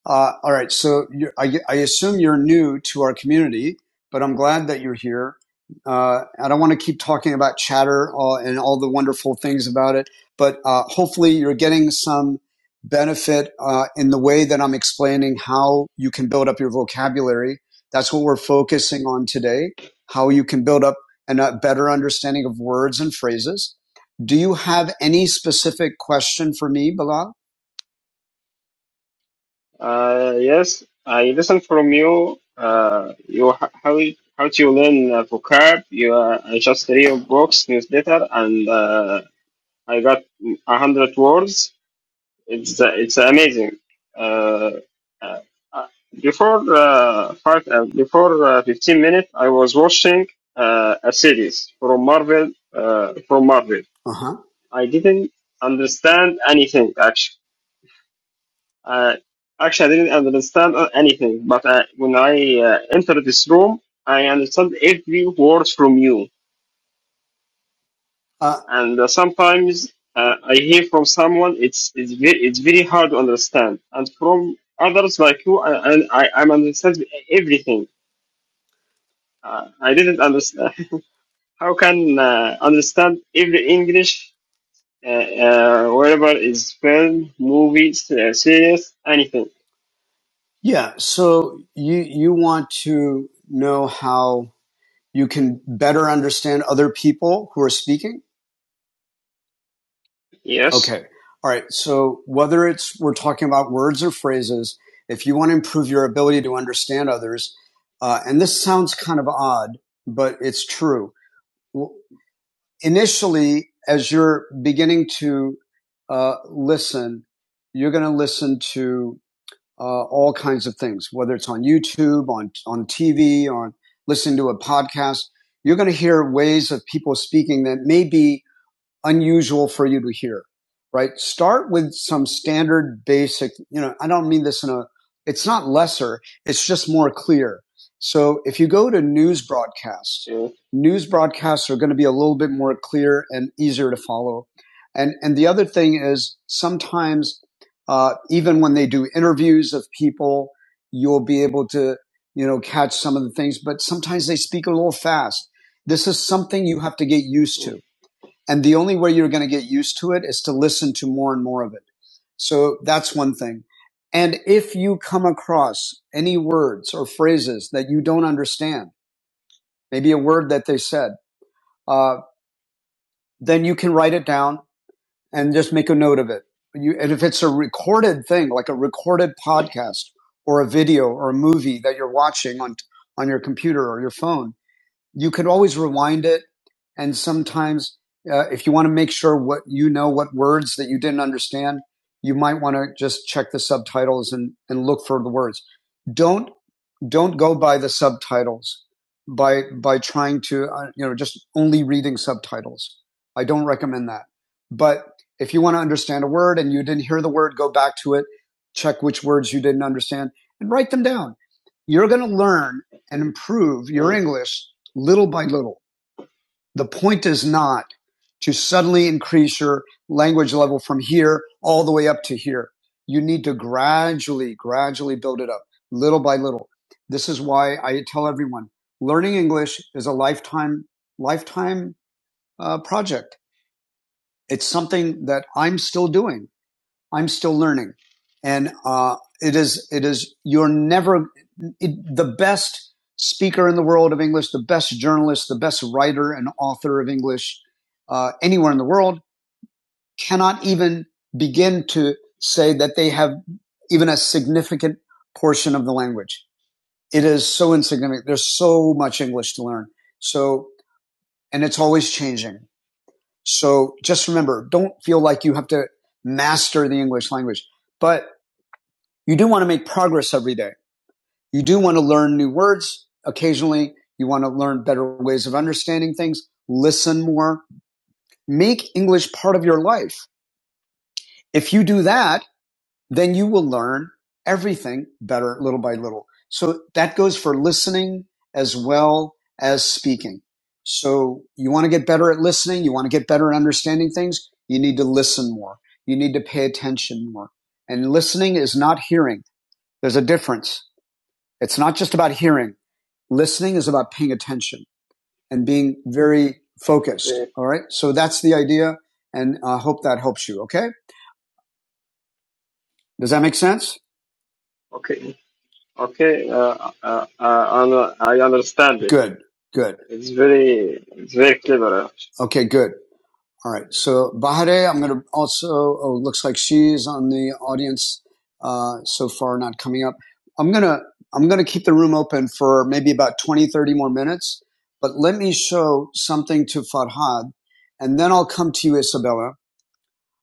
[SPEAKER 1] uh, all right. So you I, I assume you're new to our community, but I'm glad that you're here. Uh, I don't want to keep talking about chatter uh, and all the wonderful things about it, but uh, hopefully you're getting some benefit uh, in the way that I'm explaining how you can build up your vocabulary. That's what we're focusing on today, how you can build up an- a better understanding of words and phrases. Do you have any specific question for me, Bilal?
[SPEAKER 6] Uh, yes, I listened from you. Uh, you h- how you- how to learn uh, vocab? You uh, I just read your books newsletter, and uh, I got a hundred words. It's uh, it's amazing. Uh, uh, uh, before uh, five, uh, before uh, fifteen minutes, I was watching uh, a series from Marvel. Uh, from Marvel,
[SPEAKER 1] Uh-huh.
[SPEAKER 6] I didn't understand anything actually Uh, actually, I didn't understand uh, anything, but uh, when I uh, entered this room, I understand every word from you.
[SPEAKER 1] Uh,
[SPEAKER 6] And uh, sometimes uh, I hear from someone, it's it's very it's very hard to understand. And from others like you, I I, I am understand everything. Uh, I didn't understand. (laughs) How can uh, understand every English? Uh, uh, whatever is film, movies, uh, series, anything.
[SPEAKER 1] yeah. So you you want to know how you can better understand other people who are speaking.
[SPEAKER 6] Yes.
[SPEAKER 1] Okay. All right. So whether it's we're talking about words or phrases, if you want to improve your ability to understand others, uh, and this sounds kind of odd, but it's true. Initially, as you're beginning to uh, listen, you're going to listen to uh, all kinds of things, whether it's on YouTube, on on TV, on listening to a podcast. You're going to hear ways of people speaking that may be unusual for you to hear, right? Start with some standard basic, you know, I don't mean this in a, it's not lesser, it's just more clear. So if you go to news broadcasts,
[SPEAKER 6] Yeah.
[SPEAKER 1] news broadcasts are going to be a little bit more clear and easier to follow. And, and the other thing is sometimes, uh, even when they do interviews of people, you'll be able to, you know, catch some of the things, but sometimes they speak a little fast. This is something you have to get used to and the only way you're going to get used to it is to listen to more and more of it. So that's one thing. And if you come across any words or phrases that you don't understand, maybe a word that they said, uh, then you can write it down and just make a note of it. You, and if it's a recorded thing, like a recorded podcast or a video or a movie that you're watching on on your computer or your phone, you could always rewind it. And sometimes, uh, if you want to make sure what you know, what words that you didn't understand, you might want to just check the subtitles and, and look for the words. Don't don't go by the subtitles by by trying to uh, you know just only reading subtitles. I don't recommend that. But if you want to understand a word and you didn't hear the word, go back to it, check which words you didn't understand, and write them down. You're going to learn and improve your
[SPEAKER 6] Mm-hmm.
[SPEAKER 1] English little by little. The point is not to suddenly increase your language level from here all the way up to here. You need to gradually, gradually build it up, little by little. This is why I tell everyone learning English is a lifetime, lifetime uh, project. It's something that I'm still doing. I'm still learning, and uh, it is it is you're never it, the best speaker in the world of English, the best journalist, the best writer and author of English uh, anywhere in the world cannot even begin to say that they have even a significant portion of the language. It is so insignificant. There's so much English to learn. So, and it's always changing. So just remember, don't feel like you have to master the English language, but you do want to make progress every day. You do want to learn new words occasionally. You want to learn better ways of understanding things, listen more, make English part of your life. If you do that, then you will learn everything better little by little. So that goes for listening as well as speaking. So you want to get better at listening. You want to get better at understanding things. You need to listen more. You need to pay attention more. And listening is not hearing. There's a difference. It's not just about hearing. Listening is about paying attention and being very
[SPEAKER 6] Okay.
[SPEAKER 1] focused. All right. So that's the idea. And I uh, hope that helps you. Okay. Does that make sense?
[SPEAKER 6] Okay, okay, uh, uh, uh, I I understand it.
[SPEAKER 1] Good. Good.
[SPEAKER 6] It's very, it's very clever. actually.
[SPEAKER 1] Okay. Good. All right. So Bahare, I'm going to also, oh, looks like she's on the audience, uh, so far not coming up. I'm going to, I'm going to keep the room open for maybe about 20, 30 more minutes, but let me show something to Farhad and then I'll come to you, Isabella.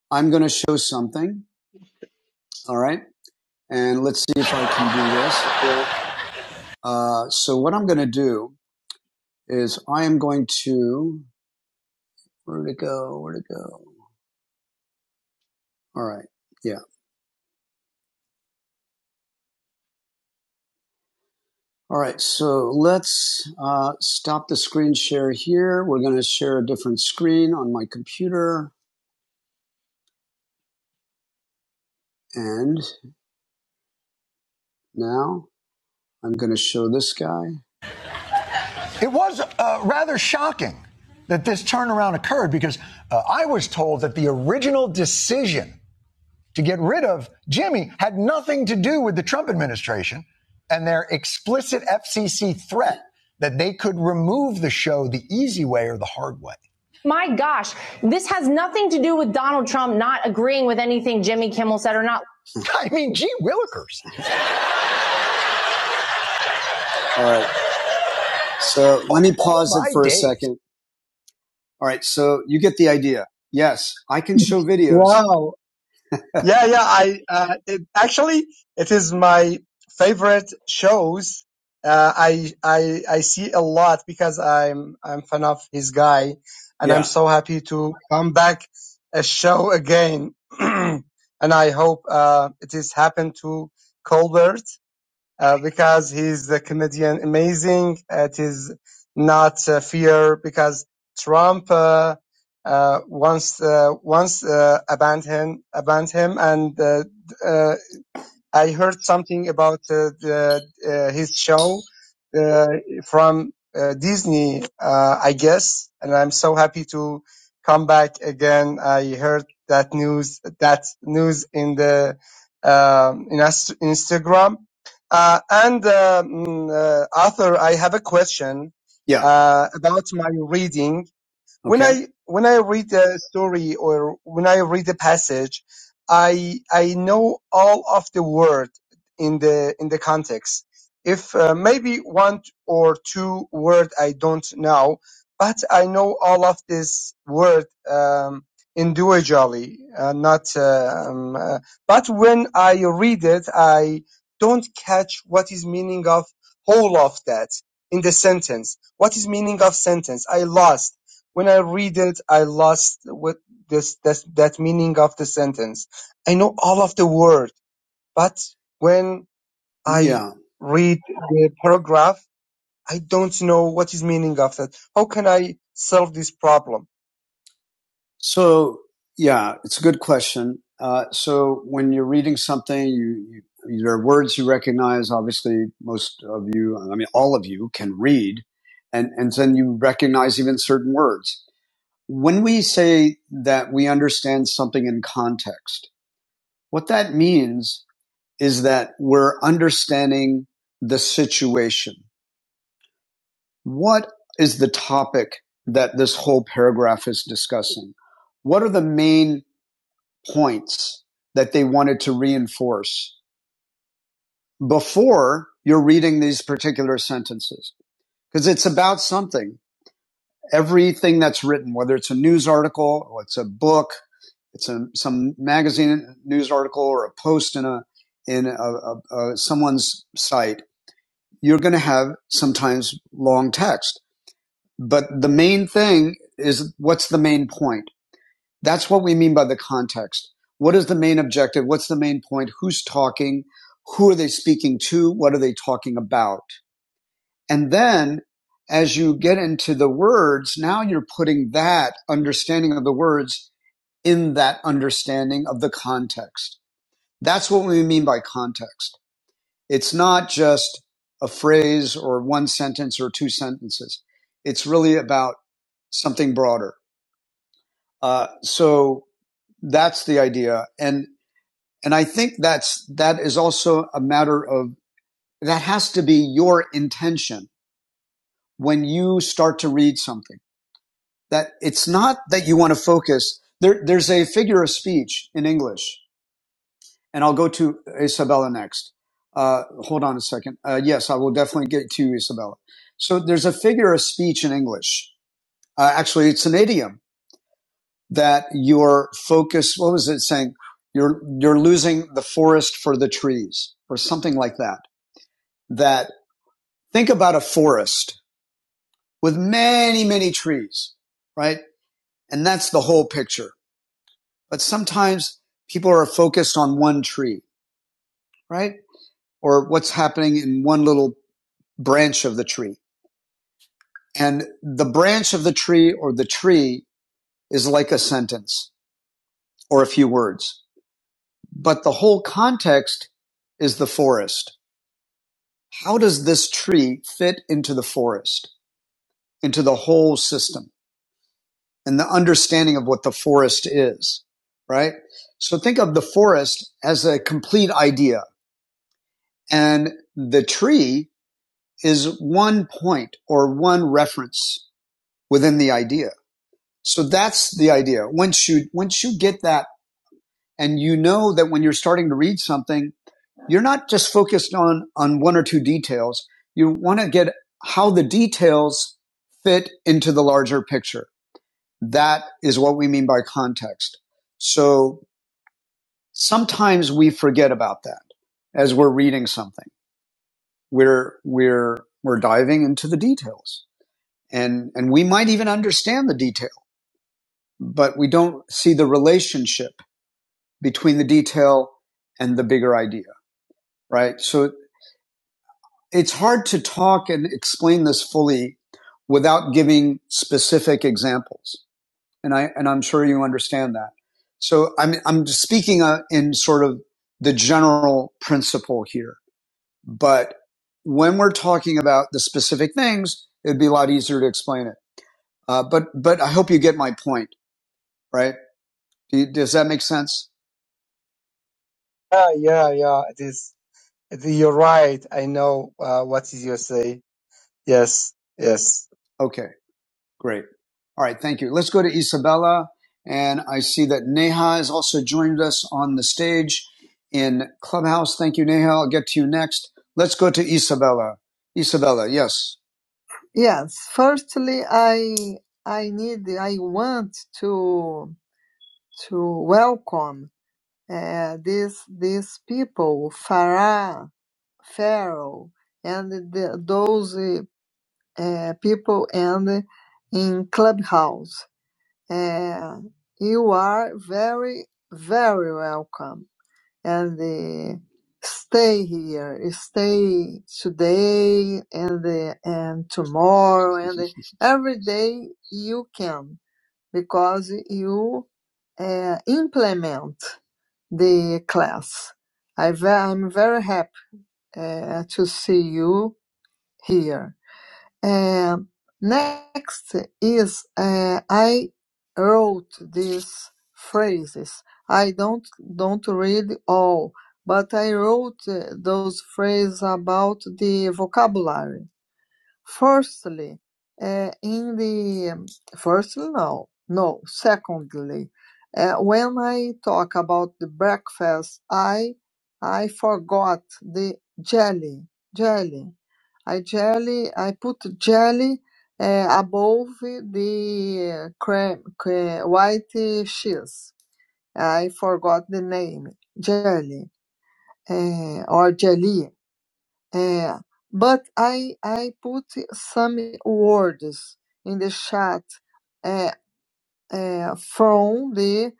[SPEAKER 1] I'm going to show something All right. And let's see if I can do this.
[SPEAKER 6] Okay,
[SPEAKER 1] Uh, so what I'm going to do is I am going to, where'd it go? Where'd it go? All right. Yeah. All right. So let's uh, stop the screen share here. We're going to share a different screen on my computer. And now I'm going to show this guy. It was uh, rather shocking that this turnaround occurred because uh, I was told that the original decision to get rid of Jimmy had nothing to do with the Trump administration and their explicit FCC threat that they could remove the show the easy way or the hard way. My gosh, this has nothing to do with Donald Trump not agreeing with anything Jimmy Kimmel said or not. (laughs) I mean, gee willikers. All right. So let me pause Oh, it my for days. a second. All right. So you get the idea. Yes, I can show (laughs) videos. Wow. Yeah, yeah. I uh, it, actually it is my favorite shows. Uh, I I I see a lot because I'm I'm fan of his guy, and yeah. I'm Yeah. so happy to come back a show again. (clears throat) and I hope uh, it is happened to Colbert uh, because he's a comedian amazing. It is not uh, fear because Trump uh, uh, once uh, once uh, abandoned him, abandoned him, and uh, uh, I heard something about uh, the, uh, his show uh, from uh, Disney, uh, I guess, and I'm so happy to come back again. I heard that news, that news in the um in Ast- Instagram. Uh, and uh, mm, uh, Arthur, I have a question Yeah. uh, about my reading when Okay. I when I read a story or when I read a passage, I I know all of the word in the in the context. If uh, maybe one or two word I don't know, but I know all of this word um, individually, uh, not. uh, Um, uh, but when I read it, I don't catch what is meaning of whole of that in the sentence. What is meaning of sentence? I lost when I read it, I lost what this that that meaning of the sentence. I know all of the word, but when I Yeah. read the paragraph, I don't know what is meaning of that. How can I solve this problem? So yeah, it's a good question. Uh, so when you're reading something, you, you there are words you recognize. Obviously, most of you, I mean, all of you, can read, and and then you recognize even certain words when we say that we understand something in context, what that means is that we're understanding the situation. What is the topic that this whole paragraph is discussing? What are the main points that they wanted to reinforce before you're reading these particular sentences? Because it's about something. Everything that's written, whether it's a news article or it's a book it's a, some magazine news article or a post in a in a, a, a someone's site, you're going to have sometimes long text. But the main thing is what's the main point? That's what we mean by the context. What is the main objective? What's the main point? Who's talking? Who are they speaking to? What are they talking about? And then as you get into the words, now you're putting that understanding of the words in that understanding of the context. That's what we mean by context. It's not just a phrase or one sentence or two sentences. It's really about something broader. Uh, so that's the idea. And, and I think that's, that is also a matter of, that has to be your intention when you start to read something that it's not that you want to focus. There, there's a figure of speech in English and I'll go to Isabella next. Uh, hold on a second. Uh, yes, I will definitely get to you, Isabella. So there's a figure of speech in English. Uh, actually, it's an idiom that your focus. What was it saying? You're you're losing the forest for the trees, or something like that. That think about a forest with many many trees, right? And that's the whole picture. But sometimes people are focused on one tree, right? Or what's happening in one little branch of the tree. And the branch of the tree or the tree is like a sentence or a few words, but the whole context is the forest. How does this tree fit into the forest, into the whole system and the understanding of what the forest is, right? So think of the forest as a complete idea and the tree is one point or one reference within the idea. So that's the idea. Once you once you get that and you know that when you're starting to read something, you're not just focused on on one or two details. You want to get how the details fit into the larger picture. That is what we mean by context. So sometimes we forget about that as we're reading something. We're we're we're diving into the details. And and we might even understand the detail, but we don't see the relationship between the detail and the bigger idea, right? So it's hard to talk and explain this fully without giving specific examples. And I, and I'm sure you understand that. So I'm, I'm speaking uh, in sort of the general principle here, but when we're talking about the specific things, it'd be a lot easier to explain it. Uh, but, but I hope you get my point, right? Do you, does that make sense? Yeah, yeah, yeah. It is. You're right. I know uh, what did say. Yes, yes. Okay, great. All right, thank you. Let's go to Isabella. And I see that Neha has also joined us on the stage in Clubhouse. Thank you, Neha. I'll get to you next. Let's go to Isabella. Isabella, yes. Yes. Firstly, I I need I want to to welcome uh, this these people, Farah. Pharaoh and the, those uh, people and in Clubhouse. Uh, you are very, very welcome. And uh, stay here, stay today and uh, and tomorrow and uh, (laughs) every day you can because you uh, implement the class. I ve- I'm very happy uh, to see you here. Um, next is uh, I wrote these phrases. I don't don't read all, but I wrote uh, those phrases about the vocabulary. Firstly, uh, in the um, firstly, no, no. Secondly, uh, when I talk about the breakfast, I I forgot the jelly, jelly. I jelly. I put jelly uh, above the cream, white cheese. I forgot the name, jelly uh, or jelly. Uh, but I I put some words in the chat uh, uh, from the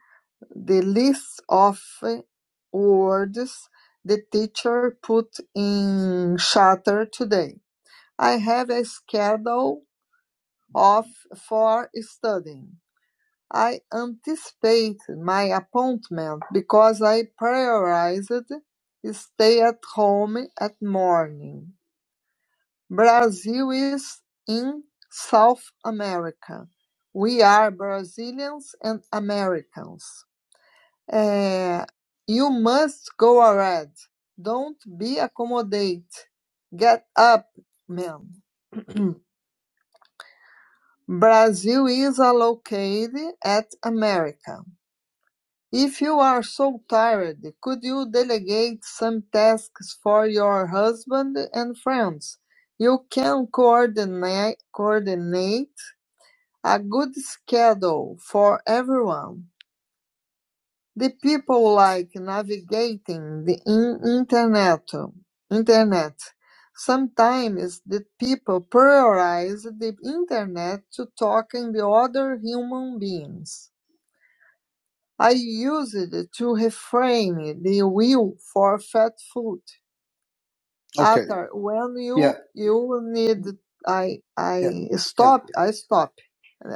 [SPEAKER 1] the list of words the teacher put in chatter today. I have a schedule of for studying. I anticipate my appointment because I prioritized stay at home at morning. Brazil is in South America. We are Brazilians and Americans. Eh, you must go ahead. Don't be accommodate. Get up, man. (clears throat) Brazil is allocated at America. If you are so tired, could you delegate some tasks for your husband and friends? You can coordinate, coordinate A good schedule for everyone. The people like navigating the in- internet. Internet. Sometimes the people prioritize the internet to talking to other human beings. I used it to refrain the will for fat food. Okay. After when Yeah. you Yeah. you need I Yeah. I Yeah. stop I stop.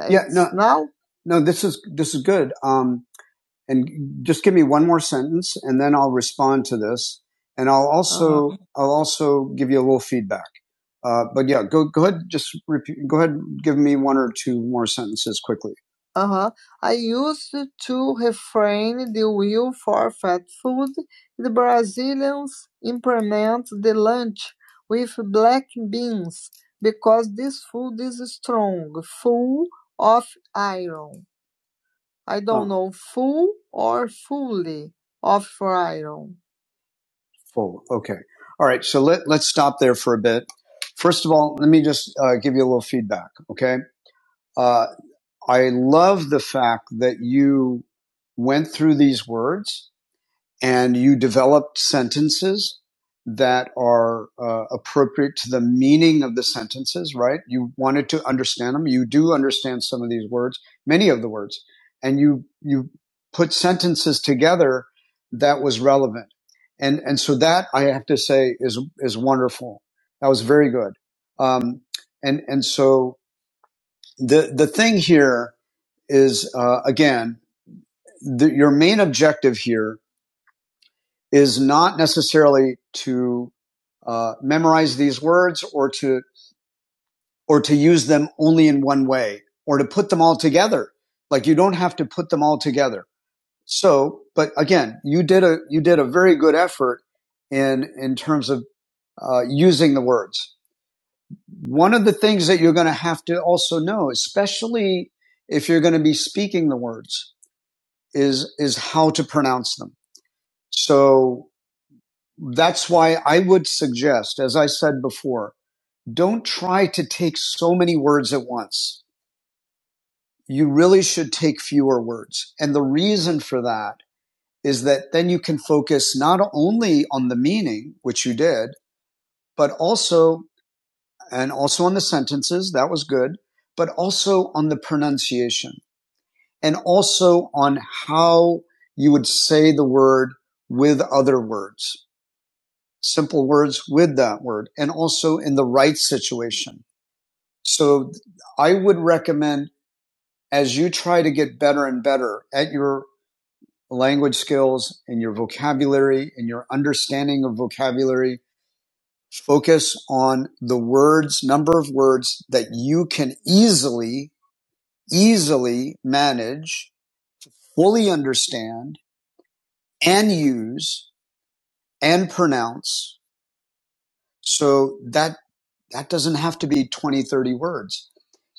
[SPEAKER 1] Yeah. It's No. now No. This is this is good. Um. and just give me one more sentence and then I'll respond to this. And I'll also, uh-huh. I'll also give you a little feedback. Uh, but yeah, go, go ahead. Just repeat, go ahead. Give me one or two more sentences quickly. Uh huh. I used to refrain the will for fat food. The Brazilians implement the lunch with black beans because this food is strong, full of iron. I don't Oh, know, full or fully of iron. full. Okay. All right. So let, let's stop there for a bit. First of all, let me just uh, give you a little feedback. Okay. Uh, I love the fact that you went through these words and you develop sentences that are uh, appropriate to the meaning of the sentences, right? You wanted to understand them. You do understand some of these words, many of the words, and you, you put sentences together that was relevant. And, and so that I have to say is, is wonderful. That was very good. Um, and, and so the, the thing here is, uh, again, the, your main objective here is not necessarily to uh, memorize these words or to or to use them only in one way or to put them all together. Like you don't have to put them all together. So, but again, you did a you did a very good effort in in terms of uh, using the words. One of the things that you're going to have to also know, especially if you're going to be speaking the words, is is how to pronounce them. So That's why I would suggest, as I said before, don't try to take so many words at once. You really should take fewer words. And the reason for that is that then you can focus not only on the meaning, which you did, but also, and also on the sentences. That was good, but also on the pronunciation and also on how you would say the word with other words simple words with that word and also in the right situation. So I would recommend as you try to get better and better at your language skills and your vocabulary and your understanding of vocabulary, focus on the words, number of words that you can easily, easily manage, fully understand and use and pronounce. So that, that doesn't have to be 20, 30 words.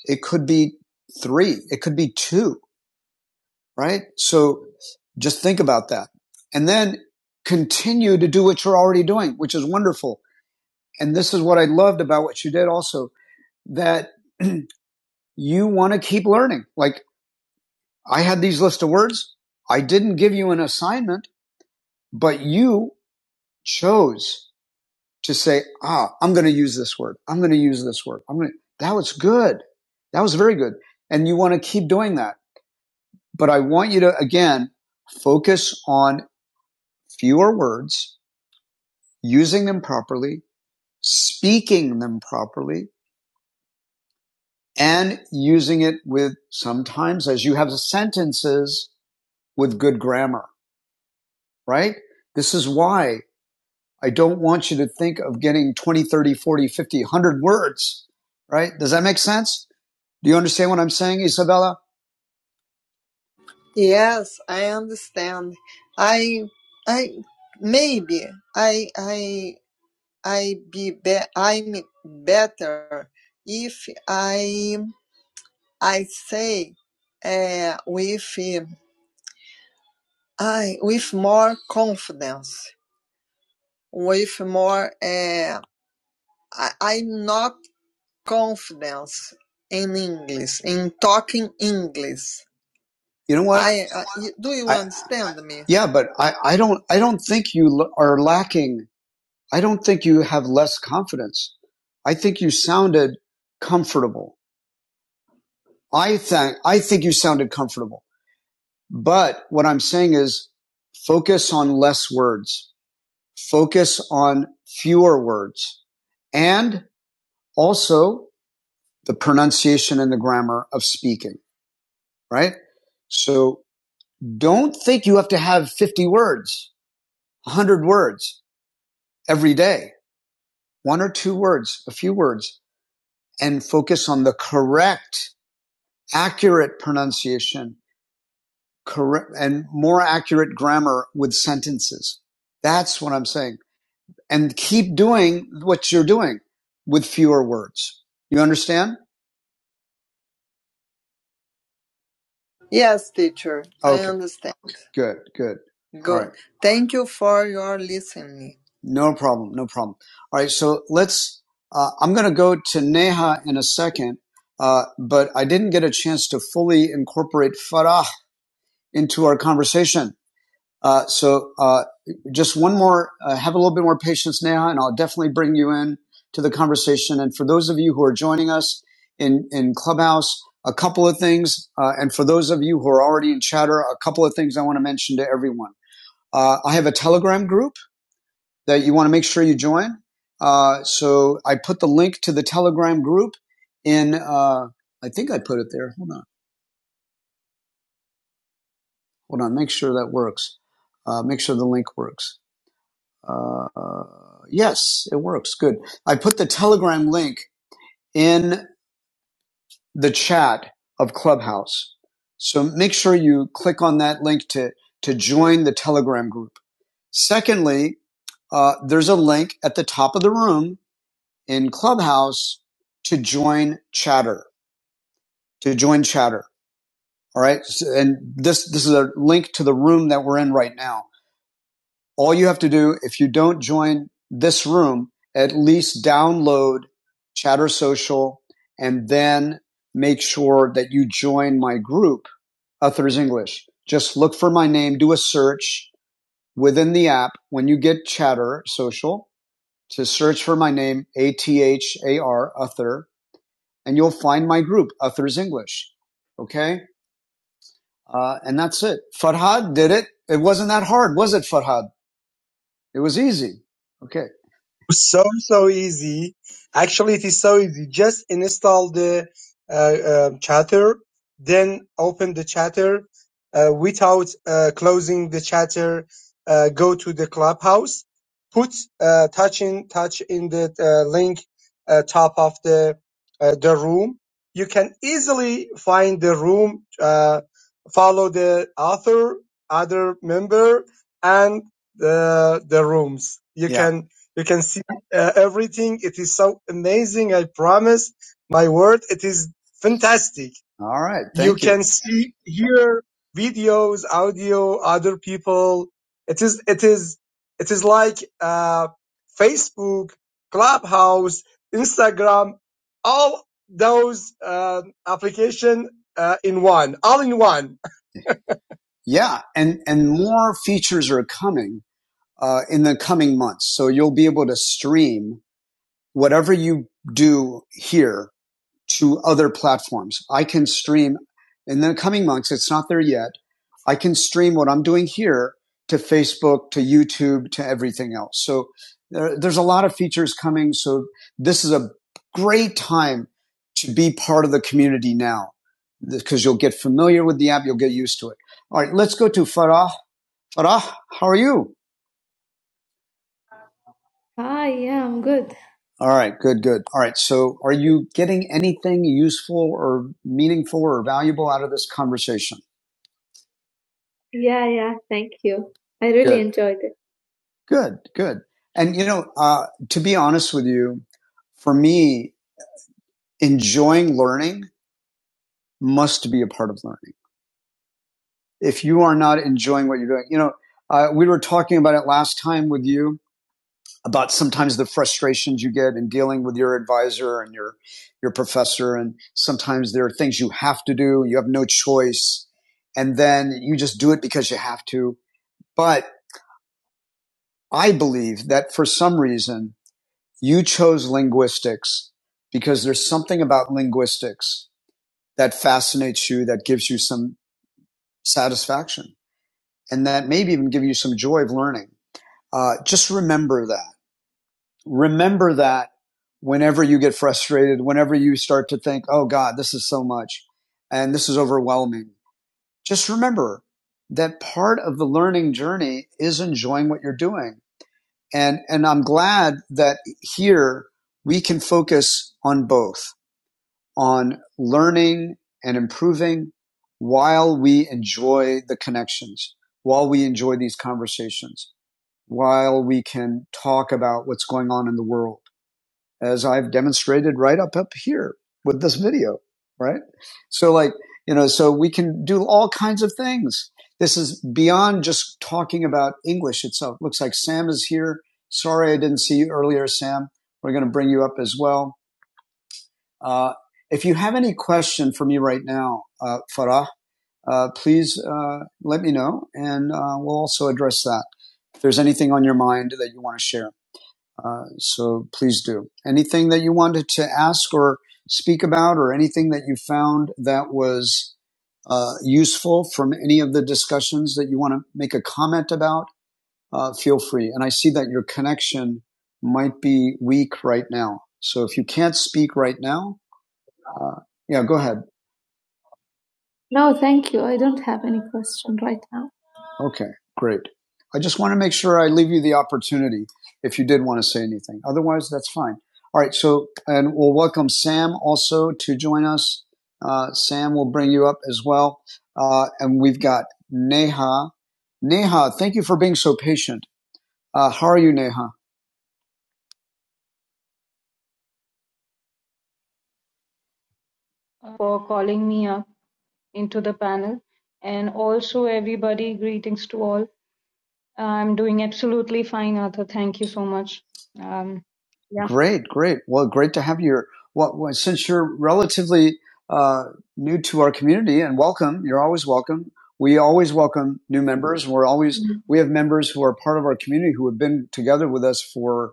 [SPEAKER 1] It could be three. It could be two, right? So just think about that. And then continue to do what you're already doing, which is wonderful. And this is what I loved about what you did also that (clears throat) you want to keep learning. Like I had these list of words. I didn't give you an assignment, but you chose to say, ah, I'm going to use this word. I'm going to use this word. I'm going to, that was good. That was very good. And you want to keep doing that. But I want you to, again, focus on fewer words, using them properly, speaking them properly, and using it with sometimes as you have sentences with good grammar, right? This is why I don't want you to think of getting 20, thirty, forty, fifty, one hundred words, right? Does that make sense? Do you understand what I'm saying, Isabella? Yes, I understand. I I maybe I I I be, be I'm better if I I say uh, with um, I with more confidence, with more uh, I, I'm not confidence in English in talking English. You know what? I, I do you I understand I, me? yeah, but I I don't I don't think you are lacking. I don't think you have less confidence. I think you sounded comfortable. I think, I think you sounded comfortable, but what I'm saying is focus on less words, focus on fewer words and also the pronunciation and the grammar of speaking, right? So don't think you have to have 50 words, 100 words every day, one or two words, a few words, and focus on the correct, accurate pronunciation correct and more accurate grammar with sentences. That's what I'm saying. And keep doing what you're doing with fewer words. You understand? Yes, teacher, Okay. I Okay. understand. Good. Good. Good. All right. Thank you for your listening. No problem. No problem. All right. So let's, uh, I'm going to go to Neha in a second. Uh, but I didn't get a chance to fully incorporate Farah into our conversation. Uh, so uh, just one more, uh, have a little bit more patience, Neha, and I'll definitely bring you in to the conversation. And for those of you who are joining us in, in Clubhouse, a couple of things. Uh, and for those of you who are already in chatter, a couple of things I want to mention to everyone. Uh, I have a Telegram group that you want to make sure you join. Uh, so I put the link to the Telegram group in, uh, I think I put it there. Hold on. Hold on. Make sure that works. Uh, make sure the link works. Uh, yes, it works. Good. I put the Telegram link in the chat of Clubhouse. So make sure you click on that link to, to join the Telegram group. Secondly, uh, there's a link at the top of the room in Clubhouse to join Chatter, to join Chatter. All right. So- and this, this is a link to the room that we're in right now all you have to do, if you don't join this room, at least download Chatter Social and then make sure that you join my group, Uthers English. Just look for my name, do a search within the app when you get Chatter Social to search for my name, A T H A R, Uther, and you'll find my group, Uthers English. Okay? Uh, and that's it. Farhad did it. It wasn't that hard, was it, Farhad? It was easy. Okay. so so easy. Actually, it is so easy. Just install the uh, uh, chatter, then open the chatter uh, without uh, closing the chatter. Uh, go to the clubhouse, put uh, touch in touch in the uh, link uh, top of the uh, the room. You can easily find the room. Uh, follow the author, other member, and the the rooms. You Yeah. can you can see uh, everything. It is so amazing. I promise. My word, it is fantastic. All right. Thank You you. can see, hear videos, audio, other people. It is, it is, it is like, uh, Facebook, Clubhouse, Instagram, all those, uh, application, uh, in one, all in one. Yeah, and and more features are coming uh, in the coming months. So you'll be able to stream whatever you do here to other platforms. I can stream in the coming months. It's not there yet. I can stream what I'm doing here to Facebook, to YouTube, to everything else. So there, there's a lot of features coming. So this is a great time to be part of the community now because you'll get familiar with the app. You'll get used to it. All right. Let's go to Farah. Farah, how are you? All right, good, good. All right, so are you getting anything useful or meaningful or valuable out of this conversation? Yeah, yeah, thank you. I really Good. enjoyed it. Good, good. And you know, uh, to be honest with you, for me, enjoying learning must be a part of learning. If you are not enjoying what you're doing, you know, uh, we were talking about it last time with you about sometimes the frustrations you get in dealing with your advisor and your your professor and sometimes there are things you have to do you have no choice and then you just do it because you have to but i believe that for some reason you chose linguistics because there's something about linguistics that fascinates you that gives you some satisfaction and that maybe even give you some joy of learning uh, just remember that remember that whenever you get frustrated, whenever you start to think, oh God, this is so much and this is overwhelming. Just remember that part of the learning journey is enjoying what you're doing. And, and I'm glad that here we can focus on both on learning and improving while we enjoy the connections, while we enjoy these conversations, while we can talk about what's going on in the world as I've demonstrated right up up here with this video, right? So like, you know, so we can do all kinds of things. This is beyond just talking about English itself. Looks like Sam is here. Sorry I didn't see you earlier, Sam. We're going to bring you up as well. Uh, if you have any question for me right now, uh, Farah, uh, please uh, let me know, and uh, we'll also address that. If there's anything on your mind that you want to share. Uh, so please do. Anything that you wanted to ask or speak about, or anything that you found that was uh, useful from any of the discussions that you want to make a comment about, uh, feel free. And I see that your connection might be weak right now. So if you can't speak right now, uh, yeah, go ahead. No, thank you. I don't have any question right now. Okay, great. I just want to make sure I leave you the opportunity if you did want to say anything. Otherwise, that's fine. All right. So, and we'll welcome Sam also to join us. Uh, Sam will bring you up as well. Uh, and we've got Neha. Neha, thank you for being so patient. Uh, how are you, Neha?
[SPEAKER 7] for calling me up into the panel. And also, everybody, greetings to all. I'm doing absolutely fine, Arthur. Thank you so much. Um, yeah.
[SPEAKER 1] Great, great. Well, great to have you. here. Well, well, since you're relatively uh, new to our community, and welcome, you're always welcome. We always welcome new members. We're always we have members who are part of our community who have been together with us for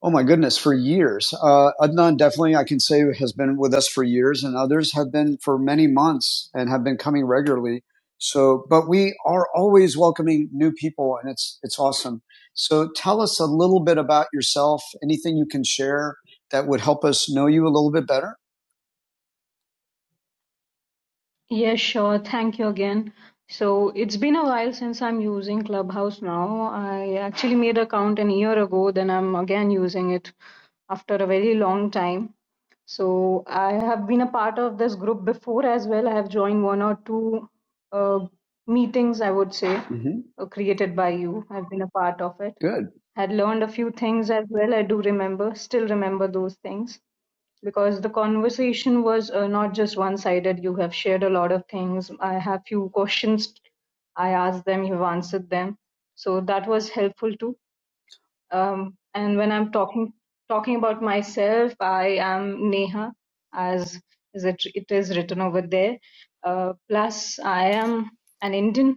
[SPEAKER 1] Oh my goodness, for years. Uh, Adnan definitely, I can say, has been with us for years, and others have been for many months and have been coming regularly. So, but we are always welcoming new people, and it's it's awesome. So, tell us a little bit about yourself. Anything you can share that would help us know you a little bit better?
[SPEAKER 7] Yeah, sure. Thank you again. So it's been a while since I'm using Clubhouse now. I actually made an account an year ago, then I'm again using it after a very long time. So I have been a part of this group before as well. I have joined one or two uh, meetings, I would say,
[SPEAKER 1] hmm
[SPEAKER 7] uh, created by you. I've been a part of it.
[SPEAKER 1] Good.
[SPEAKER 7] Had learned a few things as well. I do remember, still remember those things because the conversation was uh, not just one sided you have shared a lot of things i have few questions i asked them you've answered them so that was helpful too um, and when i'm talking talking about myself i am neha as is it, it is written over there uh, plus i am an indian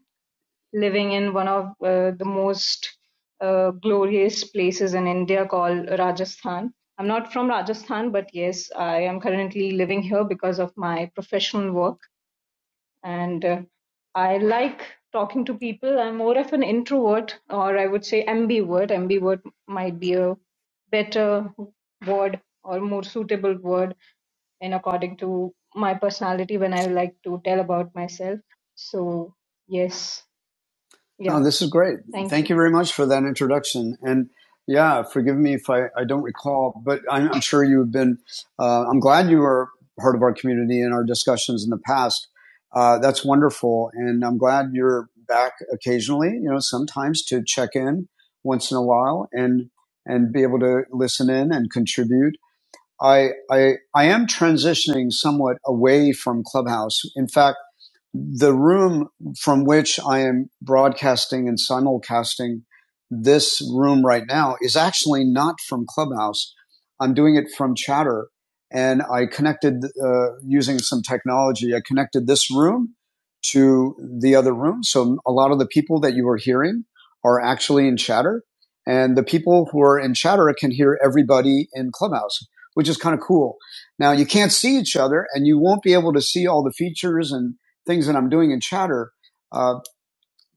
[SPEAKER 7] living in one of uh, the most uh, glorious places in India called Rajasthan. I'm not from Rajasthan, but yes, I am currently living here because of my professional work. And uh, I like talking to people. I'm more of an introvert, or I would say ambivert. Ambivert might be a better word or more suitable word in according to my personality when I like to tell about myself. So, yes, yeah,
[SPEAKER 1] No, this is great.
[SPEAKER 7] thank you.
[SPEAKER 1] Thank you very much for that introduction. And yeah, forgive me if I, I don't recall, but I'm, I'm sure you've been, uh, I'm glad you were part of our community and our discussions in the past. Uh, that's wonderful. And I'm glad you're back occasionally, you know, sometimes to check in once in a while and, and be able to listen in and contribute. I, I, I am transitioning somewhat away from Clubhouse. In fact, the room from which I am broadcasting and simulcasting this room right now is actually not from Clubhouse. I'm doing it from Chatter, and I connected uh, using some technology. I connected this room to the other room, so a lot of the people that you are hearing are actually in Chatter, and the people who are in Chatter can hear everybody in Clubhouse, which is kind of cool. Now you can't see each other, and you won't be able to see all the features and things that I'm doing in Chatter. Uh,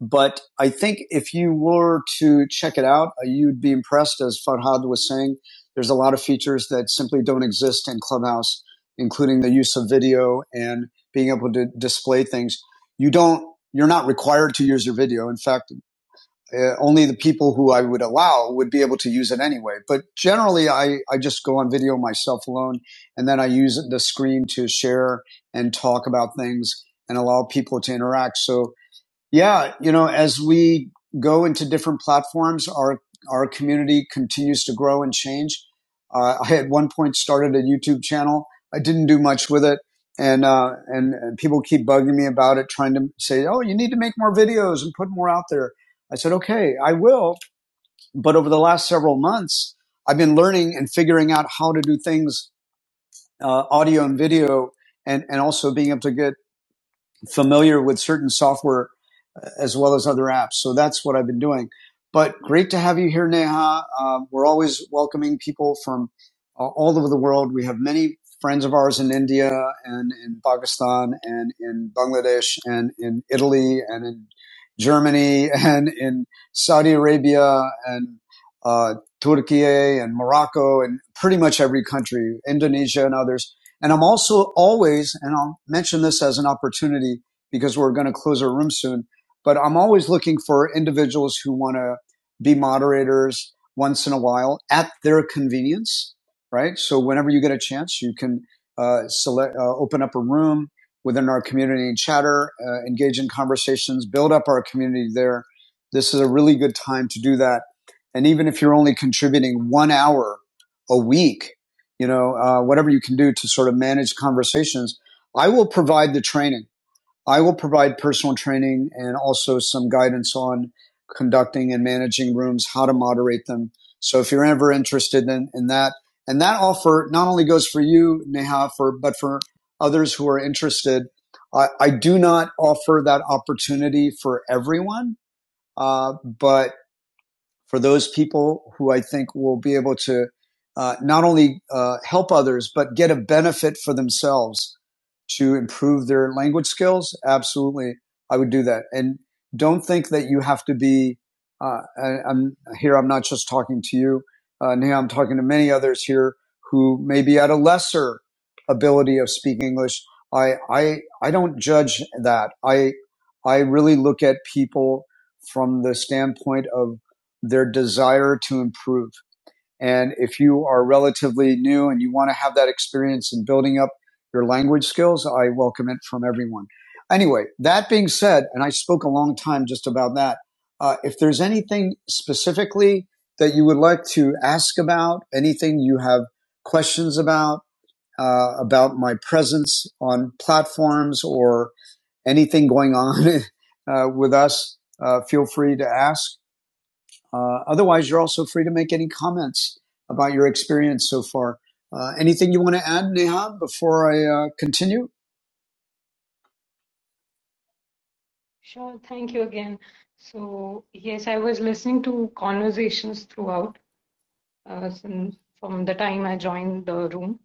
[SPEAKER 1] but I think if you were to check it out, uh, you'd be impressed, as Farhad was saying. There's a lot of features that simply don't exist in Clubhouse, including the use of video and being able to display things. You don't, you're not required to use your video. In fact, uh, only the people who I would allow would be able to use it anyway. But generally, I, I just go on video myself alone, and then I use the screen to share and talk about things and allow people to interact. So yeah, you know, as we go into different platforms, our our community continues to grow and change. Uh, I at one point started a YouTube channel. I didn't do much with it, and uh, and, and people keep bugging me about it, trying to say, "Oh, you need to make more videos and put more out there." I said, "Okay, I will." But over the last several months, I've been learning and figuring out how to do things, uh, audio and video, and and also being able to get familiar with certain software uh, as well as other apps. So that's what I've been doing. But great to have you here, Neha. Um, we're always welcoming people from uh, all over the world. We have many friends of ours in India and in Pakistan and in Bangladesh and in Italy and in Germany (laughs) and in Saudi Arabia and uh, Turkey and Morocco and pretty much every country, Indonesia and others. And I'm also always, and I'll mention this as an opportunity because we're going to close our room soon, but I'm always looking for individuals who want to be moderators once in a while at their convenience, right? So whenever you get a chance, you can uh, select, uh, open up a room within our community and chatter, uh, engage in conversations, build up our community there. This is a really good time to do that. And even if you're only contributing one hour a week, you know, uh, whatever you can do to sort of manage conversations. I will provide the training. I will provide personal training and also some guidance on conducting and managing rooms, how to moderate them. So if you're ever interested in, in that, and that offer not only goes for you, Neha, for, but for others who are interested. I, I do not offer that opportunity for everyone, uh, but for those people who I think will be able to uh, not only uh, help others, but get a benefit for themselves to improve their language skills. Absolutely. I would do that. And don't think that you have to be, uh, I, I'm here, I'm not just talking to you. Uh, now I'm talking to many others here who may be at a lesser ability of speaking English. I, I, I don't judge that. I, I really look at people from the standpoint of their desire to improve. And if you are relatively new and you want to have that experience in building up your language skills, I welcome it from everyone. Anyway, that being said, and I spoke a long time just about that. Uh, if there's anything specifically that you would like to ask about, anything you have questions about, uh, about my presence on platforms or anything going on (laughs) uh, with us, uh, feel free to ask. Uh, otherwise, you're also free to make any comments about your experience so far. Uh, anything you want to add, Neha, before I uh, continue?
[SPEAKER 7] Sure. Thank you again. So, yes, I was listening to conversations throughout uh, from the time I joined the room,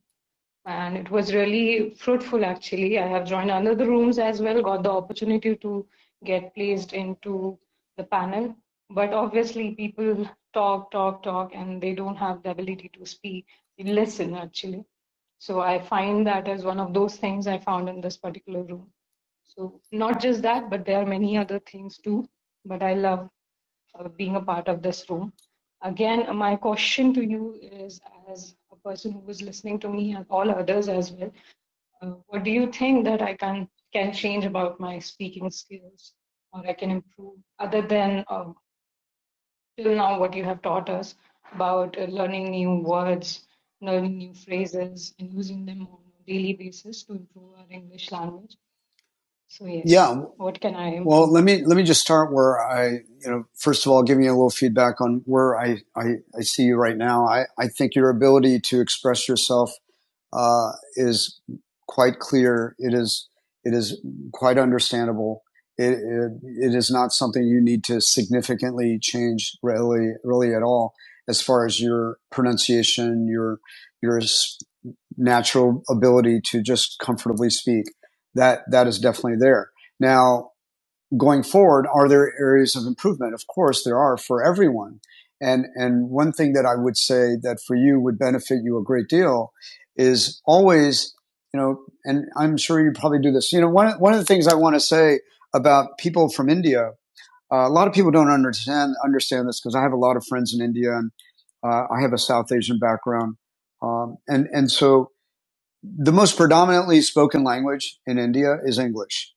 [SPEAKER 7] and it was really fruitful actually. I have joined another rooms as well, got the opportunity to get placed into the panel. But obviously, people talk, talk, talk, and they don't have the ability to speak, listen actually. So, I find that as one of those things I found in this particular room. So not just that, but there are many other things too. But I love uh, being a part of this room. Again, my question to you is, as a person who is listening to me and all others as well, uh, what do you think that I can can change about my speaking skills, or I can improve, other than uh, till now what you have taught us about uh, learning new words, learning new phrases, and using them on a daily basis to improve our English language. So yes,
[SPEAKER 1] Yeah.
[SPEAKER 7] what can I
[SPEAKER 1] Well,
[SPEAKER 7] improve?
[SPEAKER 1] let me let me just start where I, you know, first of all, giving you a little feedback on where I I, I see you right now. I I think your ability to express yourself uh, is quite clear. It is it is quite understandable. It, it it is not something you need to significantly change really really at all as far as your pronunciation, your your natural ability to just comfortably speak. That that is definitely there. Now, going forward, are there areas of improvement? Of course, there are for everyone. And, and one thing that I would say that for you would benefit you a great deal is always, you know, and I'm sure you probably do this. You know, one, one of the things I want to say about people from India, uh, a lot of people don't understand, understand this because I have a lot of friends in India and uh, I have a South Asian background. Um, and, and so the most predominantly spoken language in India is English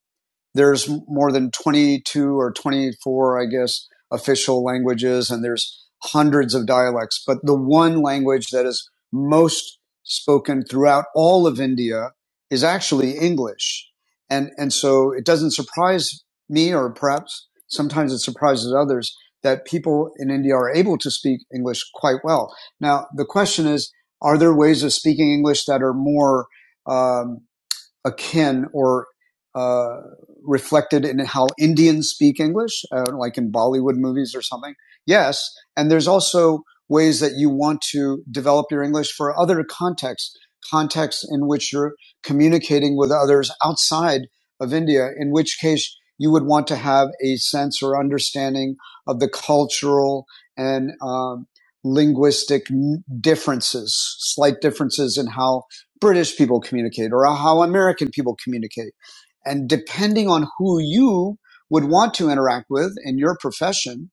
[SPEAKER 1] there's more than 22 or 24, I guess, official languages, and there's hundreds of dialects. But the one language that is most spoken throughout all of India is actually English. And, and so it doesn't surprise me, or perhaps sometimes it surprises others, that people in India are able to speak English quite well. Now, the question is, are there ways of speaking English that are more, um, akin or uh, reflected in how Indians speak English, uh, like in Bollywood movies or something. Yes. And there's also ways that you want to develop your English for other contexts, contexts in which you're communicating with others outside of India, in which case you would want to have a sense or understanding of the cultural and um, linguistic differences, slight differences in how British people communicate or how American people communicate. And depending on who you would want to interact with in your profession,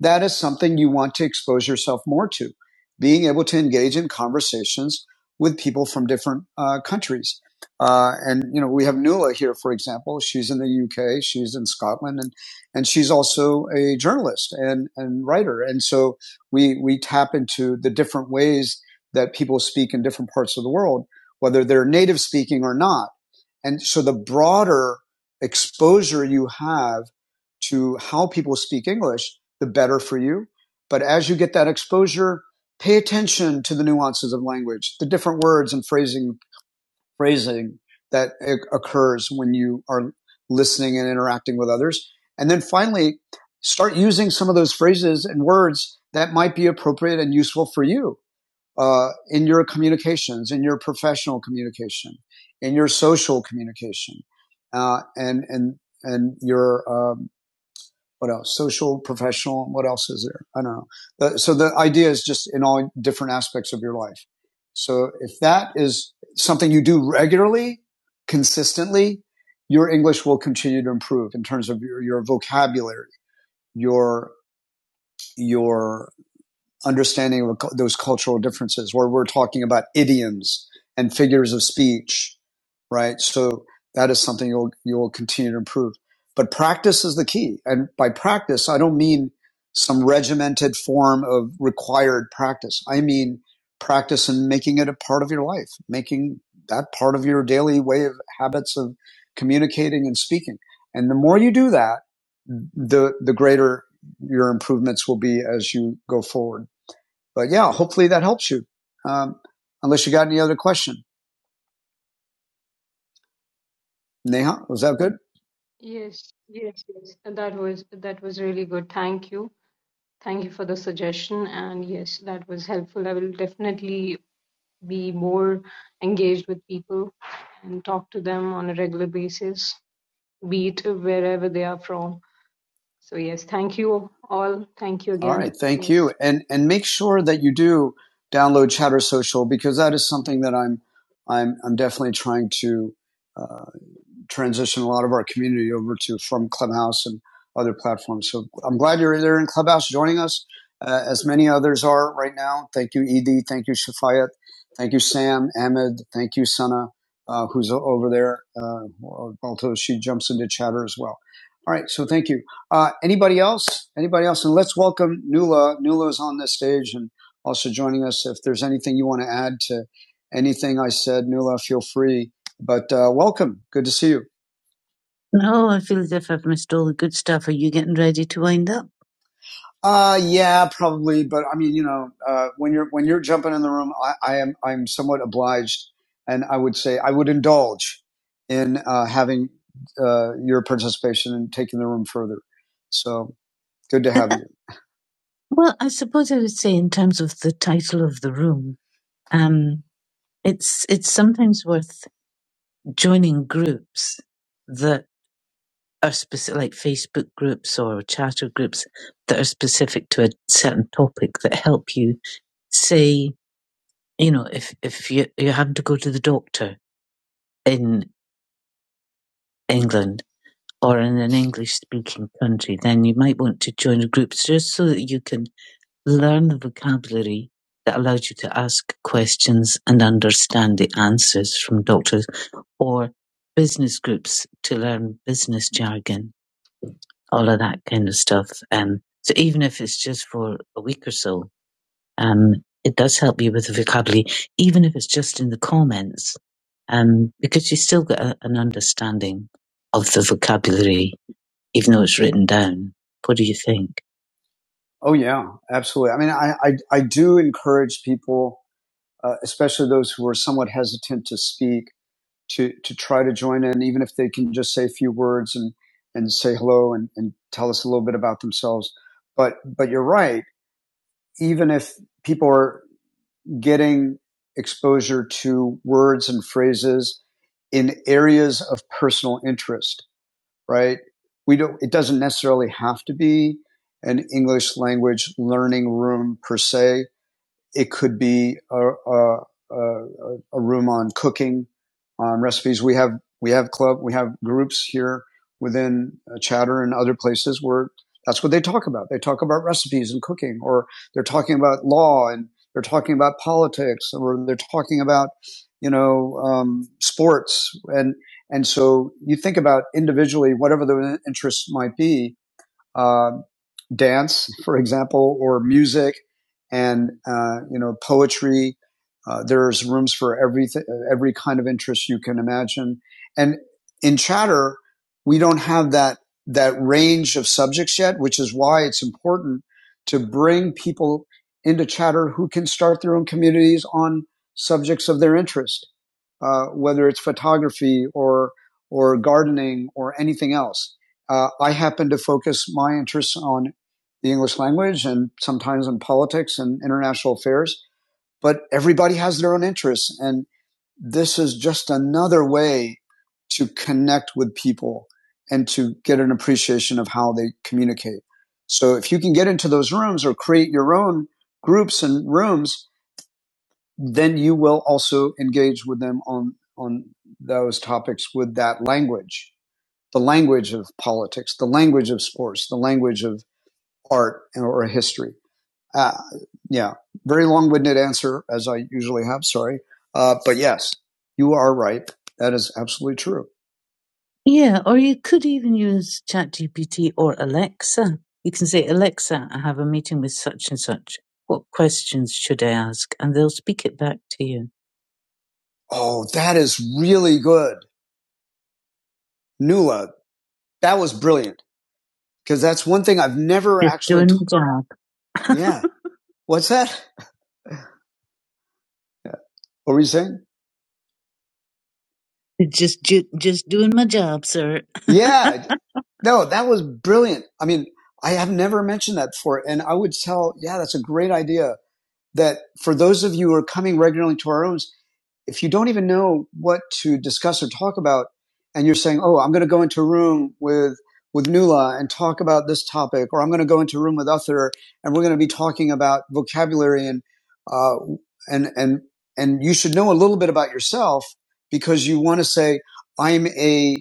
[SPEAKER 1] that is something you want to expose yourself more to. Being able to engage in conversations with people from different uh, countries. Uh, and, you know, we have Nuala here, for example. She's in the UK, she's in Scotland, and, and she's also a journalist and, and writer. And so we, we tap into the different ways that people speak in different parts of the world, whether they're native speaking or not. And so the broader exposure you have to how people speak English the better for you. But as you get that exposure, pay attention to the nuances of language, the different words and phrasing, phrasing that occurs when you are listening and interacting with others. And then finally, start using some of those phrases and words that might be appropriate and useful for you uh, in your communications, in your professional communication, in your social communication, uh, and and and your um, what else? Social, professional. What else is there? I don't know. So the idea is just in all different aspects of your life. So if that is something you do regularly, consistently, your English will continue to improve in terms of your, your vocabulary, your, your understanding of those cultural differences where we're talking about idioms and figures of speech, right? So that is something you'll, you'll continue to improve. But practice is the key. And by practice, I don't mean some regimented form of required practice. I mean practice in making it a part of your life, making that part of your daily way of habits of communicating and speaking. And the more you do that, the the greater your improvements will be as you go forward. But yeah, hopefully that helps you. Um, unless you got any other question. Neha, was that good?
[SPEAKER 7] Yes, yes, yes. And That was that was really good. Thank you. Thank you for the suggestion. And yes, that was helpful. I will definitely be more engaged with people and talk to them on a regular basis, be it wherever they are from. So yes, thank you all. Thank you
[SPEAKER 1] All
[SPEAKER 7] again.
[SPEAKER 1] right. Thank you.
[SPEAKER 7] Yes.
[SPEAKER 1] And, and make sure that you do download Chatter Social because that is something that I'm, I'm, I'm definitely trying to, uh, transition a lot of our community over to from Clubhouse and other platforms. So I'm glad you're there in Clubhouse joining us, uh, as many others are right now. Thank you, Ed. Thank you, Shafayat. Thank you, Sam, Ahmed. Thank you, Sana, uh, who's over there, uh, although she jumps into chatter as well. All right, so thank you. Uh, anybody else? Anybody else? And let's welcome Nula. Nula's on this stage and also joining us. If there's anything you want to add to anything I said, Nula, feel free but uh, welcome. Good to see you. No, I feel as if I've missed all the good stuff. Are you getting ready to wind up? Uh, yeah, probably. But I mean, you know, uh, when you're when you're jumping in the room, I, I am I'm somewhat obliged, and I would say I would indulge in uh, having uh, your participation and taking the room further. So good to have uh, you. Well, I suppose I would say in terms of the title of the room, um, it's it's sometimes worth joining groups that. are specific, like Facebook groups or chatter groups that are specific to a certain topic that help you say, you know, if, if you, you have to go to the doctor in England or in an English speaking country, then you might want to join a group just so that you can learn the vocabulary that allows you to ask questions and understand the answers from doctors or business groups to learn business jargon all of that kind of stuff. Um, so even if it's just for a week or so, um, it does help you with the vocabulary, even if it's just in the comments, um, because you still get a, an understanding of the vocabulary, even though it's written down. What do you think? Oh yeah, absolutely. I mean, I I, I do encourage people, uh, especially those who are somewhat hesitant to speak to to try to join in, even if they can just say a few words and and say hello and, and tell us a little bit about themselves. But but you're right. Even if people are getting exposure to words and phrases in areas of personal interest, right? We don't. It doesn't necessarily have to be an English language learning room per se. It could be a, a, a, a room on cooking, on recipes. We have we have club we have groups here within uh, Chatter and other places where that's what they talk about. They talk about recipes and cooking, or they're talking about law and they're talking about politics, or they're talking about you know um, sports and and so you think about individually whatever the interests might be uh, dance, for example, or music, and uh, you know poetry. Uh, there's rooms for every every kind of interest you can imagine. And in Chatter, we don't have that that range of subjects yet, which is why it's important to bring people into Chatter who can start their own communities on subjects of their interest, uh, whether it's photography or or gardening or anything else. Uh, I happen to focus my interests on the English language and sometimes on politics and international affairs, but everybody has their own interests. And this is just another way to connect with people and to get an appreciation of how they communicate. So if you can get into those rooms or create your own groups and rooms, then you will also engage with them on, on those topics with that language the language of politics, the language of sports, the language of art and, or history. Uh, yeah, very long-winded answer as I usually have. Sorry, uh, but yes, you are right. That is absolutely true. Yeah, or you could even use ChatGPT or Alexa. You can say, Alexa, I have a meeting with such and such. What questions should I ask? And they'll speak it back to you. Oh, that is really good, Nuala. That was brilliant because that's one thing I've never It's actually (laughs) yeah. What's that? Yeah. What were you saying? Just, ju- just doing my job, sir. (laughs) Yeah. No, that was brilliant. I mean, I have never mentioned that before. And I would tell, yeah, that's a great idea that for those of you who are coming regularly to our rooms, if you don't even know what to discuss or talk about, and you're saying, "Oh, I'm going to go into a room with with Nula and talk about this topic," or "I'm going to go into a room with Uther and we're going to be talking about vocabulary and uh, and and and you should know a little bit about yourself because you want to say, "I'm a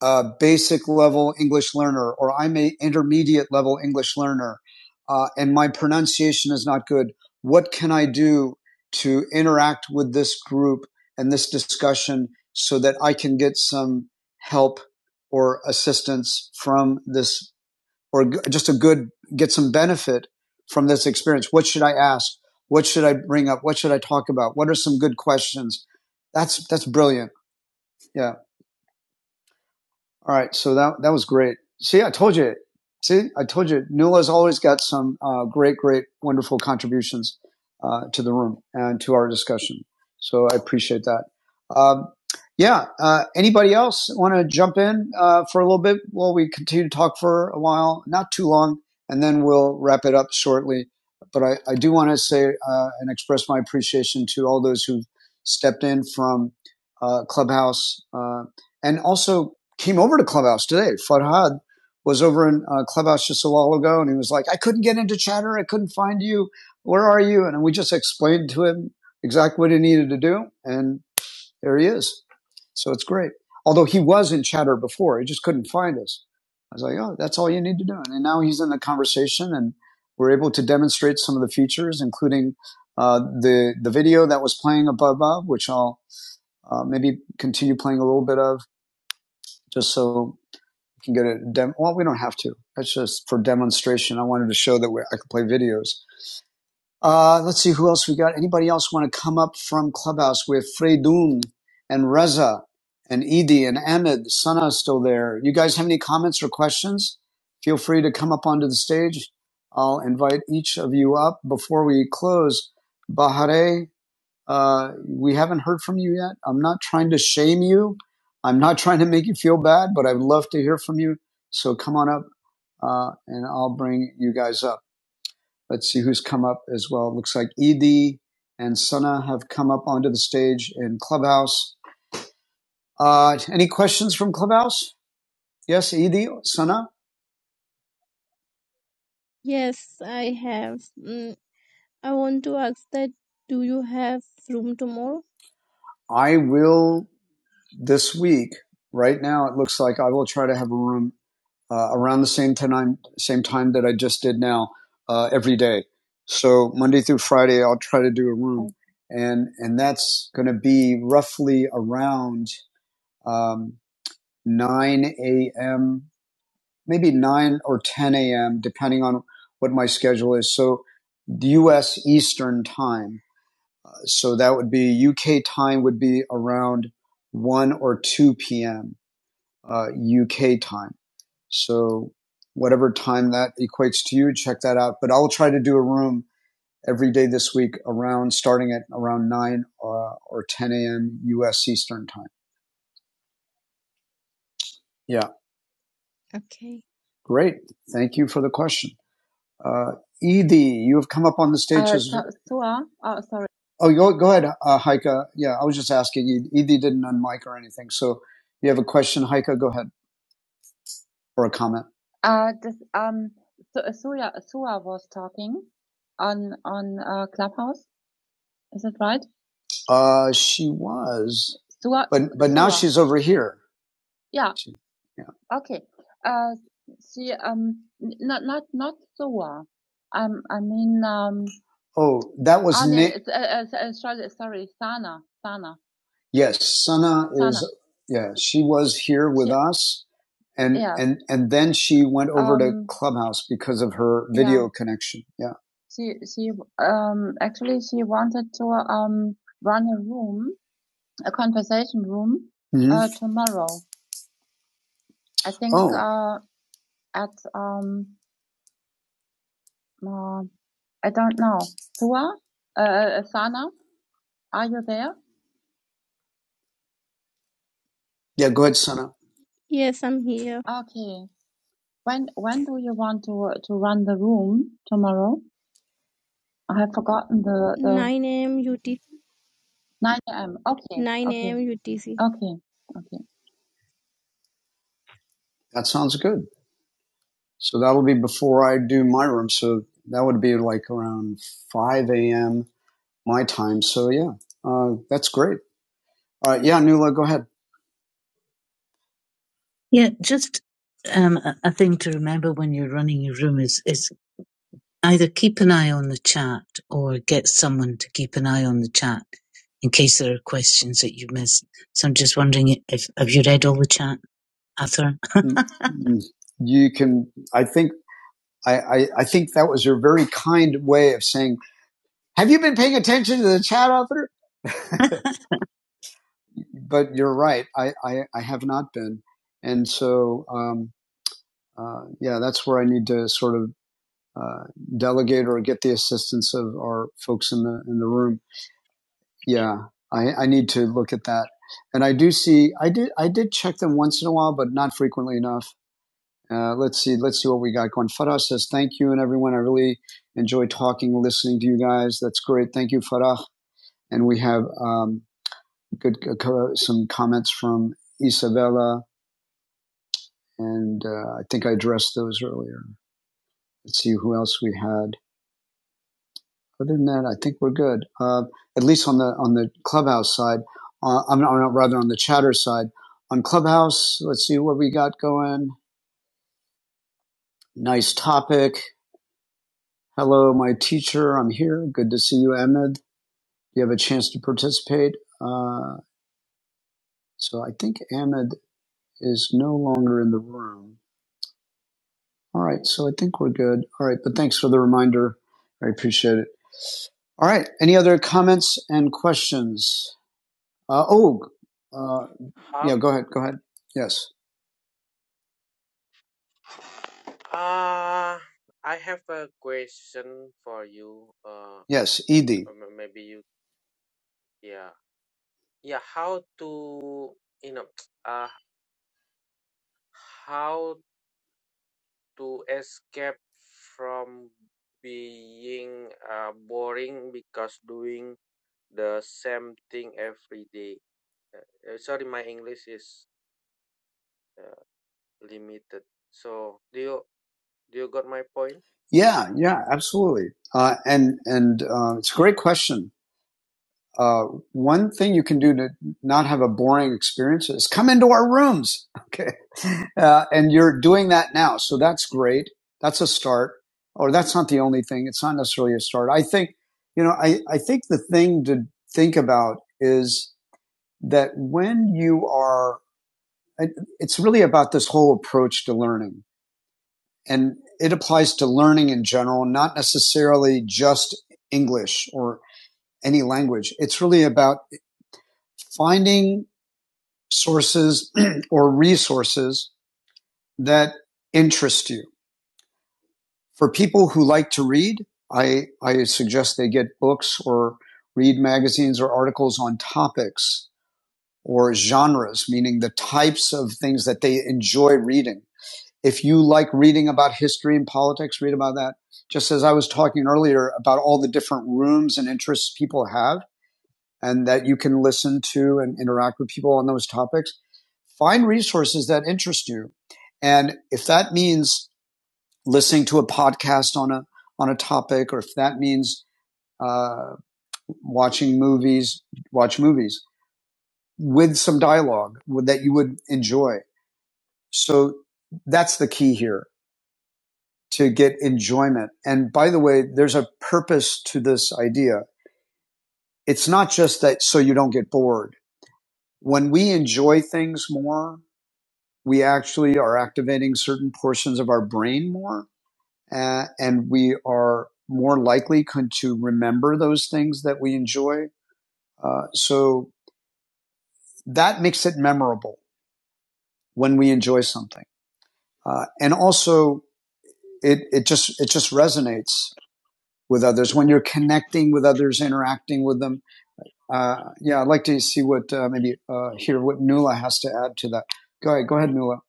[SPEAKER 1] uh, basic level English learner," or "I'm a intermediate level English learner," uh, and my pronunciation is not good. What can I do to interact with this group and this discussion so that I can get some help or assistance from this, or just a good, get some benefit from this experience? What should I ask? What should I bring up? What should I talk about? What are some good questions? That's, that's brilliant. Yeah. All right, so that that was great. See, I told you. See, I told you. Nula's always got some uh, great, great, wonderful contributions uh, to the room and to our discussion. So I appreciate that. Um, yeah. Uh, anybody else want to jump in uh, for a little bit while we continue to talk for a while? Not too long, and then we'll wrap it up shortly. But I, I do want to say uh, and express my appreciation to all those who stepped in from uh, Clubhouse uh, and also came over to Clubhouse today. Farhad was over in uh, Clubhouse just a while ago, and he was like, "I couldn't get into Chatter. I couldn't find you. Where are you?" And we just explained to him exactly what he needed to do, and there he is. So it's great. Although he was in Chatter before, he just couldn't find us. I was like, "Oh, that's all you need to do." And now he's in the conversation, and we're able to demonstrate some of the features, including uh, the the video that was playing above, of, which I'll uh, maybe continue playing a little bit of, just so you can go to dem. Well, we don't have to. That's just for demonstration. I wanted to show that we- I could play videos. Uh, let's see who else we got. Anybody else want to come up from Clubhouse with Freydun and Reza and Edie and Ahmed? Sana's still there. You guys have any comments or questions? Feel free to come up onto the stage. I'll invite each of you up before we close. Bahare uh, we haven't heard from you yet. I'm not trying to shame you. I'm not (laughs) trying to make you feel bad, but I'd love to hear from you. So come on up, uh, and I'll bring you guys up. Let's see who's come up as well. It looks like Ed and Sana have come up onto the stage in Clubhouse. Uh, any questions from Clubhouse? Yes, Ed, Sana.
[SPEAKER 3] yes, I have. Mm, I want to ask that do you have room tomorrow?
[SPEAKER 1] I will. this week. Right now, it looks like I will try to have a room uh, around the same time same time that I just did now uh, every day. So Monday through Friday, I'll try to do a room,
[SPEAKER 3] Oh,
[SPEAKER 1] and and that's going to be roughly around um, nine a.m. maybe nine or ten a.m. depending on what my schedule is. So the U.S. Eastern time, uh, so that would be UK time would be around one or two p.m uh, UK time. So whatever time that equates to you, check that out. But I'll try to do a room every day this week around starting at around 9 uh, or 10 a.m. U.S. Eastern time. Yeah,
[SPEAKER 3] okay.
[SPEAKER 1] great. Thank you for the question. Uh, Edie, you have come up on the stage Uh, as so, so uh, oh, sorry. Oh, go, go ahead, uh, Heike. Yeah, I was just asking. E-, Edie didn't unmic or anything. So you have a question, Heike? Go ahead. or a comment? Uh, this, um, so, uh, Sura, Sura was talking on, on, uh, Clubhouse. Is that right? Uh, she was, Sura, but but now Sura. she's over here. Yeah. She, yeah. Okay. Uh, she, um, n- not, not, not Sura. Um, I mean, um, Oh, that was Anne, Nick. uh, uh, uh, sorry, sorry, Sana, Sana, Yes, Sana Sana. is. Yeah, she was here with She, us and Yeah. and and then she went over um, to Um, Clubhouse because of her video yeah. connection. Yeah. She she um actually she wanted to um run a room, a conversation room, hmm uh tomorrow. I think Oh, uh at um uh, I don't know. Tua? Uh uh, Sana, are you there? yeah. Go ahead, Sana.
[SPEAKER 3] Yes, I'm here.
[SPEAKER 1] Okay. When when do you want to to run the room tomorrow? I have forgotten the the
[SPEAKER 3] 9 a.m. UT
[SPEAKER 1] 9 a.m. Okay,
[SPEAKER 3] 9
[SPEAKER 1] okay.
[SPEAKER 3] a.m. UTC.
[SPEAKER 1] Okay. Okay. That sounds good. So that'll be before I do my room. So that would be like around 5 a.m. my time. So yeah, uh, that's great. Uh, yeah, Nuala, go ahead. Get someone to keep an eye on the chat in case there are questions that you missed. So I'm just wondering if have you read all the chat, Arthur? (laughs) You can, I think, I, I, I think that was your very kind way of saying, have you been paying attention to the chat, Arthur? (laughs) but you're right. I, I, I have not been. And so, um, uh, yeah, that's where I need to sort of uh, delegate or get the assistance of our folks in the in the room. Yeah, I, I need to look at that. And I do see I did I did check them once in a while, but not frequently enough. Uh, let's see let's see what we got going. Farah says thank you and everyone. I really enjoy talking, listening to you guys. That's great. Thank you, Farah. And we have um, good uh, some comments from Isabella And uh, I think I addressed those earlier. Let's see who else we had. Other than that, I think we're good. Uh, at least on the on the clubhouse side. Uh, I'm, not, rather on the chatter side. On clubhouse, let's see what we got going. Nice topic. Hello, my teacher. I'm here. Good to see you, Ahmed. You have a chance to participate. Uh, so I think Ahmed is no longer in the room. All right, so I think we're good. All right, but thanks for the reminder. I appreciate it. All right, any other comments and questions? Uh, oh, uh,
[SPEAKER 8] How?
[SPEAKER 1] yeah, go ahead, go ahead. Yes,
[SPEAKER 8] Uh, I have a question for you. Uh,
[SPEAKER 1] yes, Edie.
[SPEAKER 8] or m- maybe you. Yeah. Yeah. How to? You know. (tsk) Uh, how to escape from being uh, boring because doing the same thing every day. Uh, sorry, my English is uh, limited. So, do you do you got my point?
[SPEAKER 1] Yeah, yeah, absolutely. Uh, and and uh, it's a great question. uh, one thing you can do to
[SPEAKER 8] Yeah.
[SPEAKER 1] not have a boring experience is come into our rooms. (laughs) Okay. Uh, and you're doing that now. So that's great. That's a start. Or that's not the only thing. It's not necessarily a start. I think, you know, I, I think the thing to think about is that when you are, it's really about this whole approach to learning and it applies to learning in general, not necessarily just English or any language. It's really about finding sources (clears throat) or resources that interest you. For people who like to read, I, I suggest they get books or read magazines or articles on topics or genres, meaning the
[SPEAKER 8] Mm.
[SPEAKER 1] types of things that they enjoy reading. If you like reading about history and politics, read about that. Just as I was talking earlier about all the different rooms and interests people have, and that you can listen to and interact with people on those topics. Find resources that interest you. And if that means listening to a podcast on a, on a topic, or if that means uh, watching movies, watch movies with some dialogue that you would enjoy. So that's the key here to get enjoyment. And by the way, there's a purpose to this idea. It's not just that so you don't get bored. When we enjoy things more, we actually are activating certain portions of our brain more, uh, and we are more likely to remember those things that we enjoy. Uh, so that makes it memorable when we enjoy something, uh, and also it it just it just resonates with others when you're connecting with others, interacting with them. Uh, yeah, I'd like to see what uh, maybe uh, hear what Nuala has to add to that. Go ahead, go ahead, Nuala.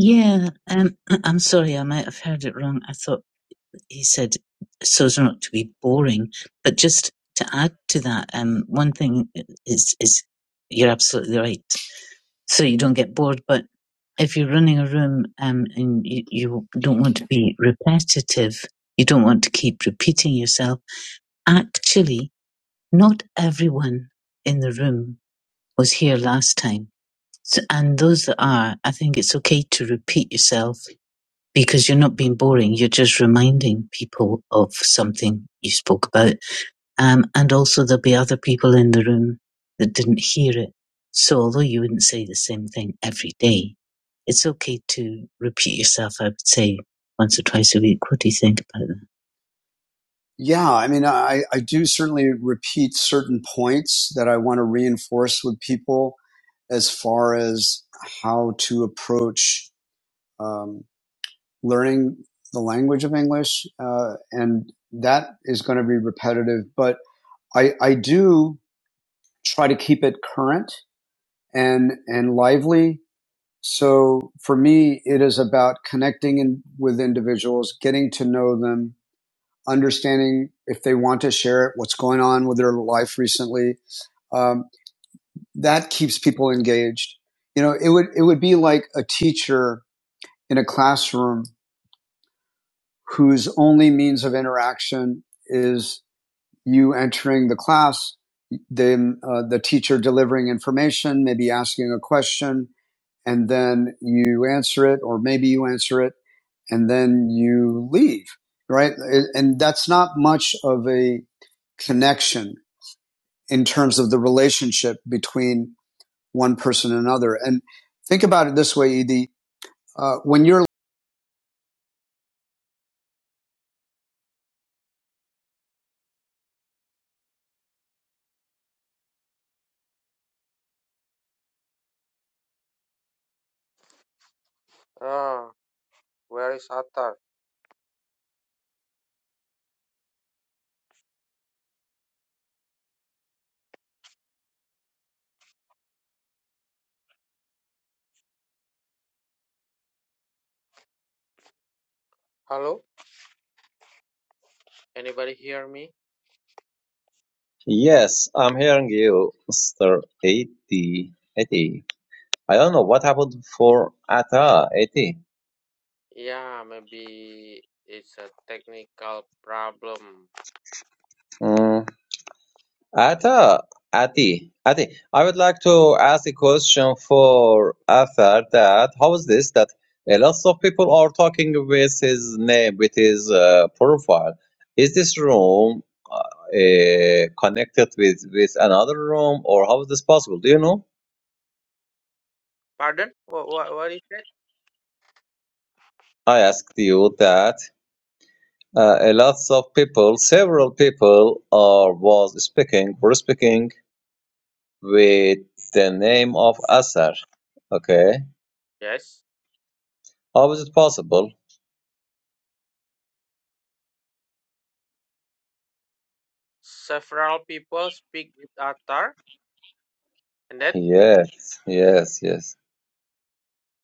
[SPEAKER 1] Yeah, um, (clears throat) I'm sorry, I might have heard it wrong. I thought I said. to be boring. But just to that, um, one thing is is you're absolutely right. So you don't get bored. But if you're running a room um, and you, you don't want to be repetitive, you don't want to keep repeating yourself. Actually, not everyone in the room was here last time. So, and those that are, I think it's okay to repeat yourself because you're not being boring. You're just reminding people you spoke about Um, and also there'll be other people in the room that didn't hear it. So although you wouldn't say the same thing every day, it's okay to repeat yourself, I would say, once or twice a week. What do you think about that? Yeah, I mean, I, I do certainly repeat certain points that I want to reinforce with people as far as how to approach um, learning the language of English. Uh, and that is going to be repetitive. But I, I do try to keep it current and and lively. So for me, it is about connecting in, with individuals, getting to know them, understanding if they want to share it, what's going on with their life recently. Um, that keeps people engaged. You know, it would it would be like a teacher in a classroom whose only means of interaction is you entering the class, then uh, the teacher delivering information, maybe asking a question, and then you answer it, or maybe you answer it, and then you leave, right? And that's not much of a connection in terms of the relationship between one person and another. And think about it this way, Edie. Uh, when you're,
[SPEAKER 8] Ah, where is Atar? Hello? Anybody hear me?
[SPEAKER 9] Yes, I'm hearing you, Mr. 80. 80. I don't know what happened for Atta 80.
[SPEAKER 8] Yeah, maybe it's a technical problem.
[SPEAKER 9] Mm. Atta, Ati, Ati. I would like to ask a question for Arthur that how is this that a lot of people are talking with his name, with his uh, profile. Is this room uh, uh, connected with, with another room or how is this possible? Do you know?
[SPEAKER 8] Pardon? What, what, what is that?
[SPEAKER 9] I asked you that uh, a lots of people, several people are was speaking, were speaking with the name of Asar. Okay,
[SPEAKER 8] Yes.
[SPEAKER 9] how is it possible?
[SPEAKER 8] Several people speak with Atar, and then,
[SPEAKER 9] Yes, yes, yes.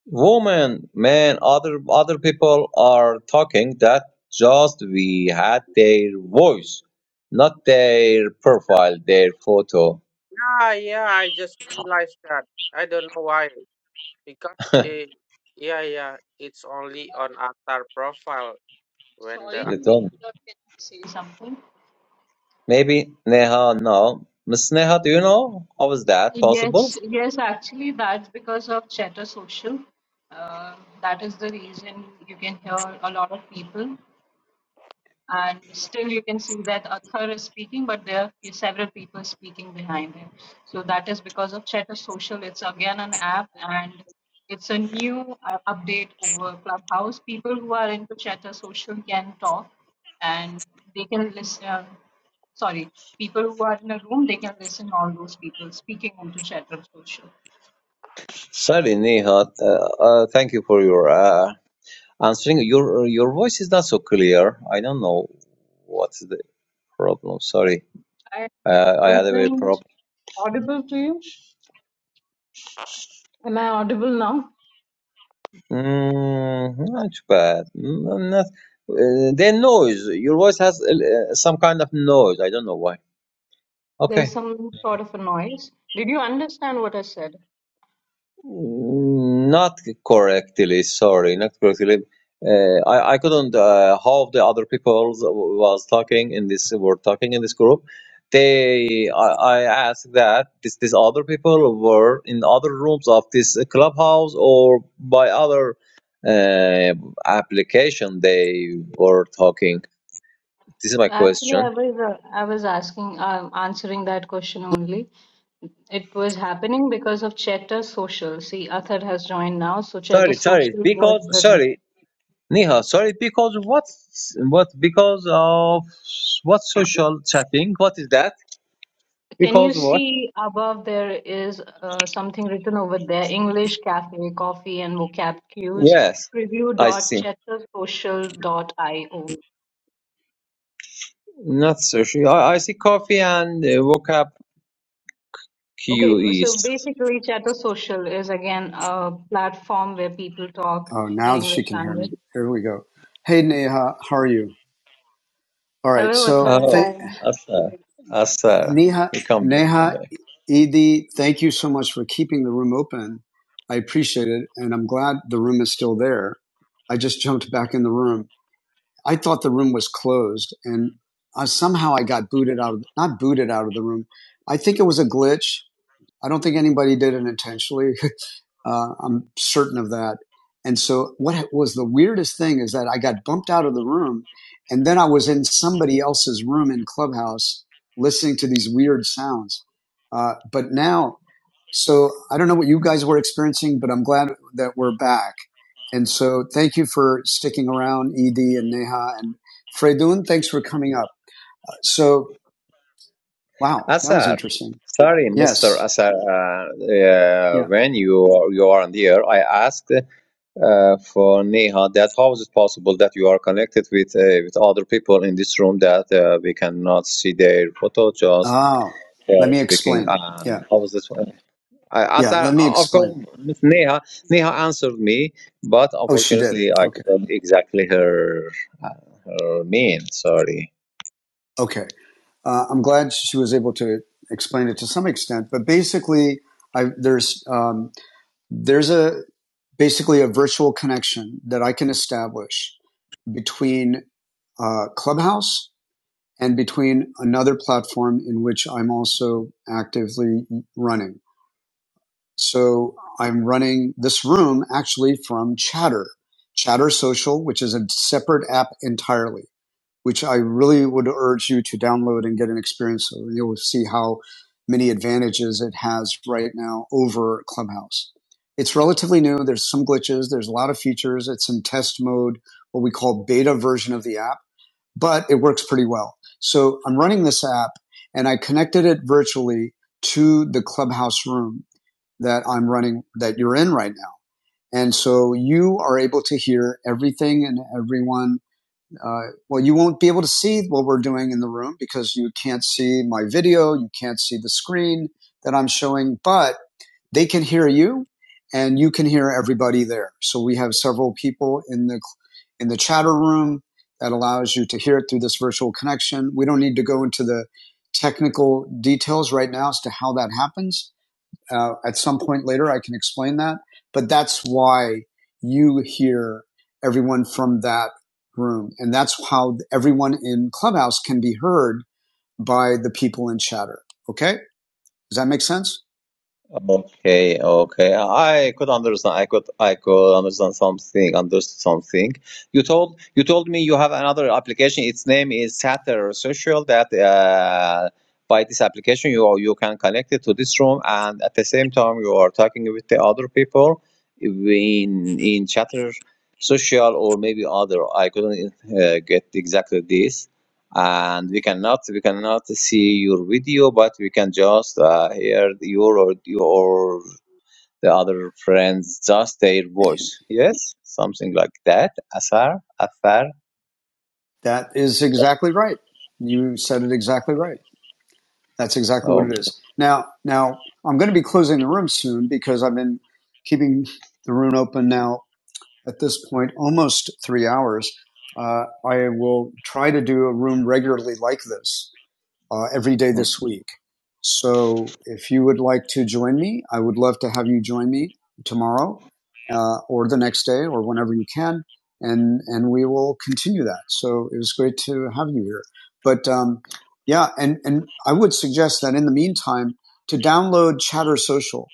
[SPEAKER 9] Woman, man, other other people are talking. That just we had their voice, not their profile, their photo.
[SPEAKER 8] ah, yeah, I just realized that. I don't know why. Because, it, yeah, yeah, it's only on Atar profile when the
[SPEAKER 7] Sorry
[SPEAKER 9] You
[SPEAKER 7] to
[SPEAKER 8] other.
[SPEAKER 9] don't.
[SPEAKER 7] interrupt. Can I say something?
[SPEAKER 9] Maybe Neha, no. Miss Neha, do you know how is that possible?
[SPEAKER 7] Yes, yes, actually, that's because of Chatter Social. Uh, that is the reason you can hear a lot of people. and still you can see that Athar is speaking, but there are several people speaking behind him. So that is because of Chatter Social. It's again an app and it's a new uh, update over Clubhouse. People who are into Chatter Social can talk and they can listen. Uh, sorry, people who are in a room, they can listen all those people speaking into Chatter Social.
[SPEAKER 9] Sorry, Nihat. Uh, uh, thank you for your uh, answering. Your your voice is not so clear. I don't know what's the problem. Sorry,
[SPEAKER 7] I
[SPEAKER 9] uh, I had a very
[SPEAKER 7] wasn't
[SPEAKER 9] problem.
[SPEAKER 7] audible to you. Am I audible now?
[SPEAKER 9] Mm, not too bad. Mm, Not, uh, then noise. Your voice has uh, some kind of noise. I don't know why. Okay.
[SPEAKER 7] There's some sort of a noise. Did you understand what I said?
[SPEAKER 9] Not correctly, sorry, not correctly. Uh, I, I couldn't. Uh, how the other people was talking in this were talking in this group. They, I, I asked that this these other people were in other rooms of this clubhouse or by other uh, application they were talking. This is my
[SPEAKER 7] Actually,
[SPEAKER 9] question.
[SPEAKER 7] I was uh, I was asking um, answering that question only. It was happening because of Chatter Social. See, Athar has joined now, so Chatter
[SPEAKER 9] Sorry, sorry,
[SPEAKER 7] Social was
[SPEAKER 9] because
[SPEAKER 7] the reason.
[SPEAKER 9] sorry, Neha, sorry, because what, what, because of what social chatting? What is that?
[SPEAKER 7] Can you
[SPEAKER 9] Because what?
[SPEAKER 7] see above there is uh, something written over there? English Cafe Coffee and Vocab Cues
[SPEAKER 9] Yes, I see.
[SPEAKER 7] preview.chattersocial.io.
[SPEAKER 9] Not social. I, I see coffee and uh, woke up Q
[SPEAKER 7] Okay, so
[SPEAKER 9] East.
[SPEAKER 7] basically, Chatter Social is again a platform where people talk
[SPEAKER 1] oh,
[SPEAKER 7] in
[SPEAKER 1] now
[SPEAKER 7] English
[SPEAKER 1] she can hear
[SPEAKER 7] language.
[SPEAKER 1] me. Here we go. Hey, Neha, how are you? All
[SPEAKER 7] Hello,
[SPEAKER 1] right. So
[SPEAKER 9] Oh,
[SPEAKER 1] th-
[SPEAKER 7] hi.
[SPEAKER 9] Asar, Asar,
[SPEAKER 1] Neha,
[SPEAKER 9] he come back. he
[SPEAKER 1] Neha,
[SPEAKER 9] back.
[SPEAKER 1] Edie, thank you so much for keeping the room open. I appreciate it, and I'm glad the room is still there. I just jumped back in the room. I thought the room was closed, and I, somehow I got booted out of not booted out of the room. I think it was a glitch. I don't think anybody did it intentionally. (laughs) uh, I'm certain of that. And so, what was the weirdest thing is that I got bumped out of the room, and then I was in somebody else's room in Clubhouse listening to these weird sounds. Uh, but now, so I don't know what you guys were experiencing, but I'm glad that we're back. And so thank you for sticking around, Ed and Neha and Fredun. Thanks for coming up. Uh, So, wow, that was
[SPEAKER 9] Asar,
[SPEAKER 1] interesting.
[SPEAKER 9] sorry, Mister
[SPEAKER 1] Yes.
[SPEAKER 9] Asar. Uh, uh,
[SPEAKER 1] Yeah.
[SPEAKER 9] when you are, you are on the air, I asked. uh, for Neha that how is it possible that you are connected with uh, with other people in this room that uh, we cannot see their photo just
[SPEAKER 1] Oh,
[SPEAKER 9] they
[SPEAKER 1] let
[SPEAKER 9] are
[SPEAKER 1] me
[SPEAKER 9] speaking
[SPEAKER 1] explain. Yeah.
[SPEAKER 9] and how is this one? I asked
[SPEAKER 1] Yeah.
[SPEAKER 9] her,
[SPEAKER 1] Let me
[SPEAKER 9] of course
[SPEAKER 1] explain.
[SPEAKER 9] Miss Neha Neha answered me but
[SPEAKER 1] Oh, she did.
[SPEAKER 9] unfortunately I
[SPEAKER 1] Okay.
[SPEAKER 9] couldn't exactly her uh, her mean sorry
[SPEAKER 1] Okay. Uh, I'm glad she was able to explain it to some extent, but basically, I, there's, um, there's a, basically a virtual connection that I can establish between uh, Clubhouse and between another platform in which I'm also actively running. So I'm running this room actually from Chatter, Chatter Social, which is a separate app entirely, which I really would urge you to download and get an experience of. You'll see how many advantages it has right now over Clubhouse. It's relatively new. There's some glitches. There's a lot of features. It's in test mode, what we call beta version of the app but it works pretty well. So I'm running this app and I connected it virtually to the clubhouse room that I'm running that you're in right now. And so you are able to hear everything and everyone. Uh, well, you won't be able to see what we're doing in the room because you can't see my video. You can't see the screen that I'm showing, but they can hear you and you can hear everybody there. So we have several people in the in the chatter room that allows you to hear it through this virtual connection. We don't need to go into the technical details right now as to how that happens. Uh, at some point later, I can explain that. But that's why you hear everyone from that room, and that's how everyone in Clubhouse can be heard by the people in chatter. Okay, does that make sense?
[SPEAKER 9] Okay, okay. I could understand. I could, I could understand something. Understood something. You told, you told me you have another application. Its name is Satter Social. That uh, by this application, you you can connect it to this room, and at the same time, you are talking with the other people in in Chatter Social or maybe other. I couldn't uh, get exactly this and we cannot we cannot see your video but we can just uh, hear your or your the other friends just their voice yes something like that asar afar
[SPEAKER 1] That is exactly right. You said it exactly right. That's exactly what
[SPEAKER 9] oh
[SPEAKER 1] it is. Now, now I'm going to be closing the room soon because I've been keeping the room open now at this point almost three hours. Uh, I will try to do a room regularly like this uh, every day
[SPEAKER 9] mm,
[SPEAKER 1] this week. So if you would like to join me, I would love to have you join me tomorrow uh, or the next day or whenever you can, and and we will continue that. So it was great to have you here. But um, yeah, and and I would suggest that in the meantime to download Chatter Social.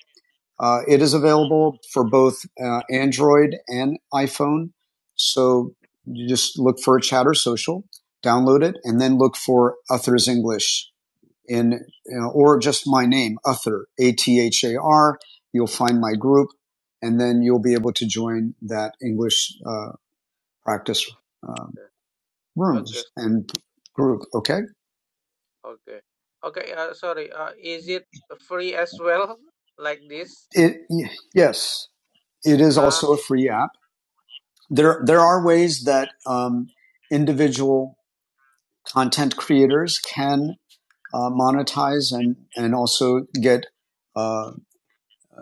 [SPEAKER 1] Uh, it is available for both uh, Android and iPhone. So you just look for Chatter Social, download it, and then look for Others English in you or just my name, Uther, A T H A R. You'll find my group, and then you'll be able to join that English uh, practice um,
[SPEAKER 8] Okay,
[SPEAKER 1] rooms and group. Okay.
[SPEAKER 8] okay. Okay, uh, sorry. Uh, is it free as well? (laughs) Like this?
[SPEAKER 1] It yes, it is
[SPEAKER 8] Ah,
[SPEAKER 1] also a free app. There there are ways that um, individual content creators can uh, monetize and and also get uh,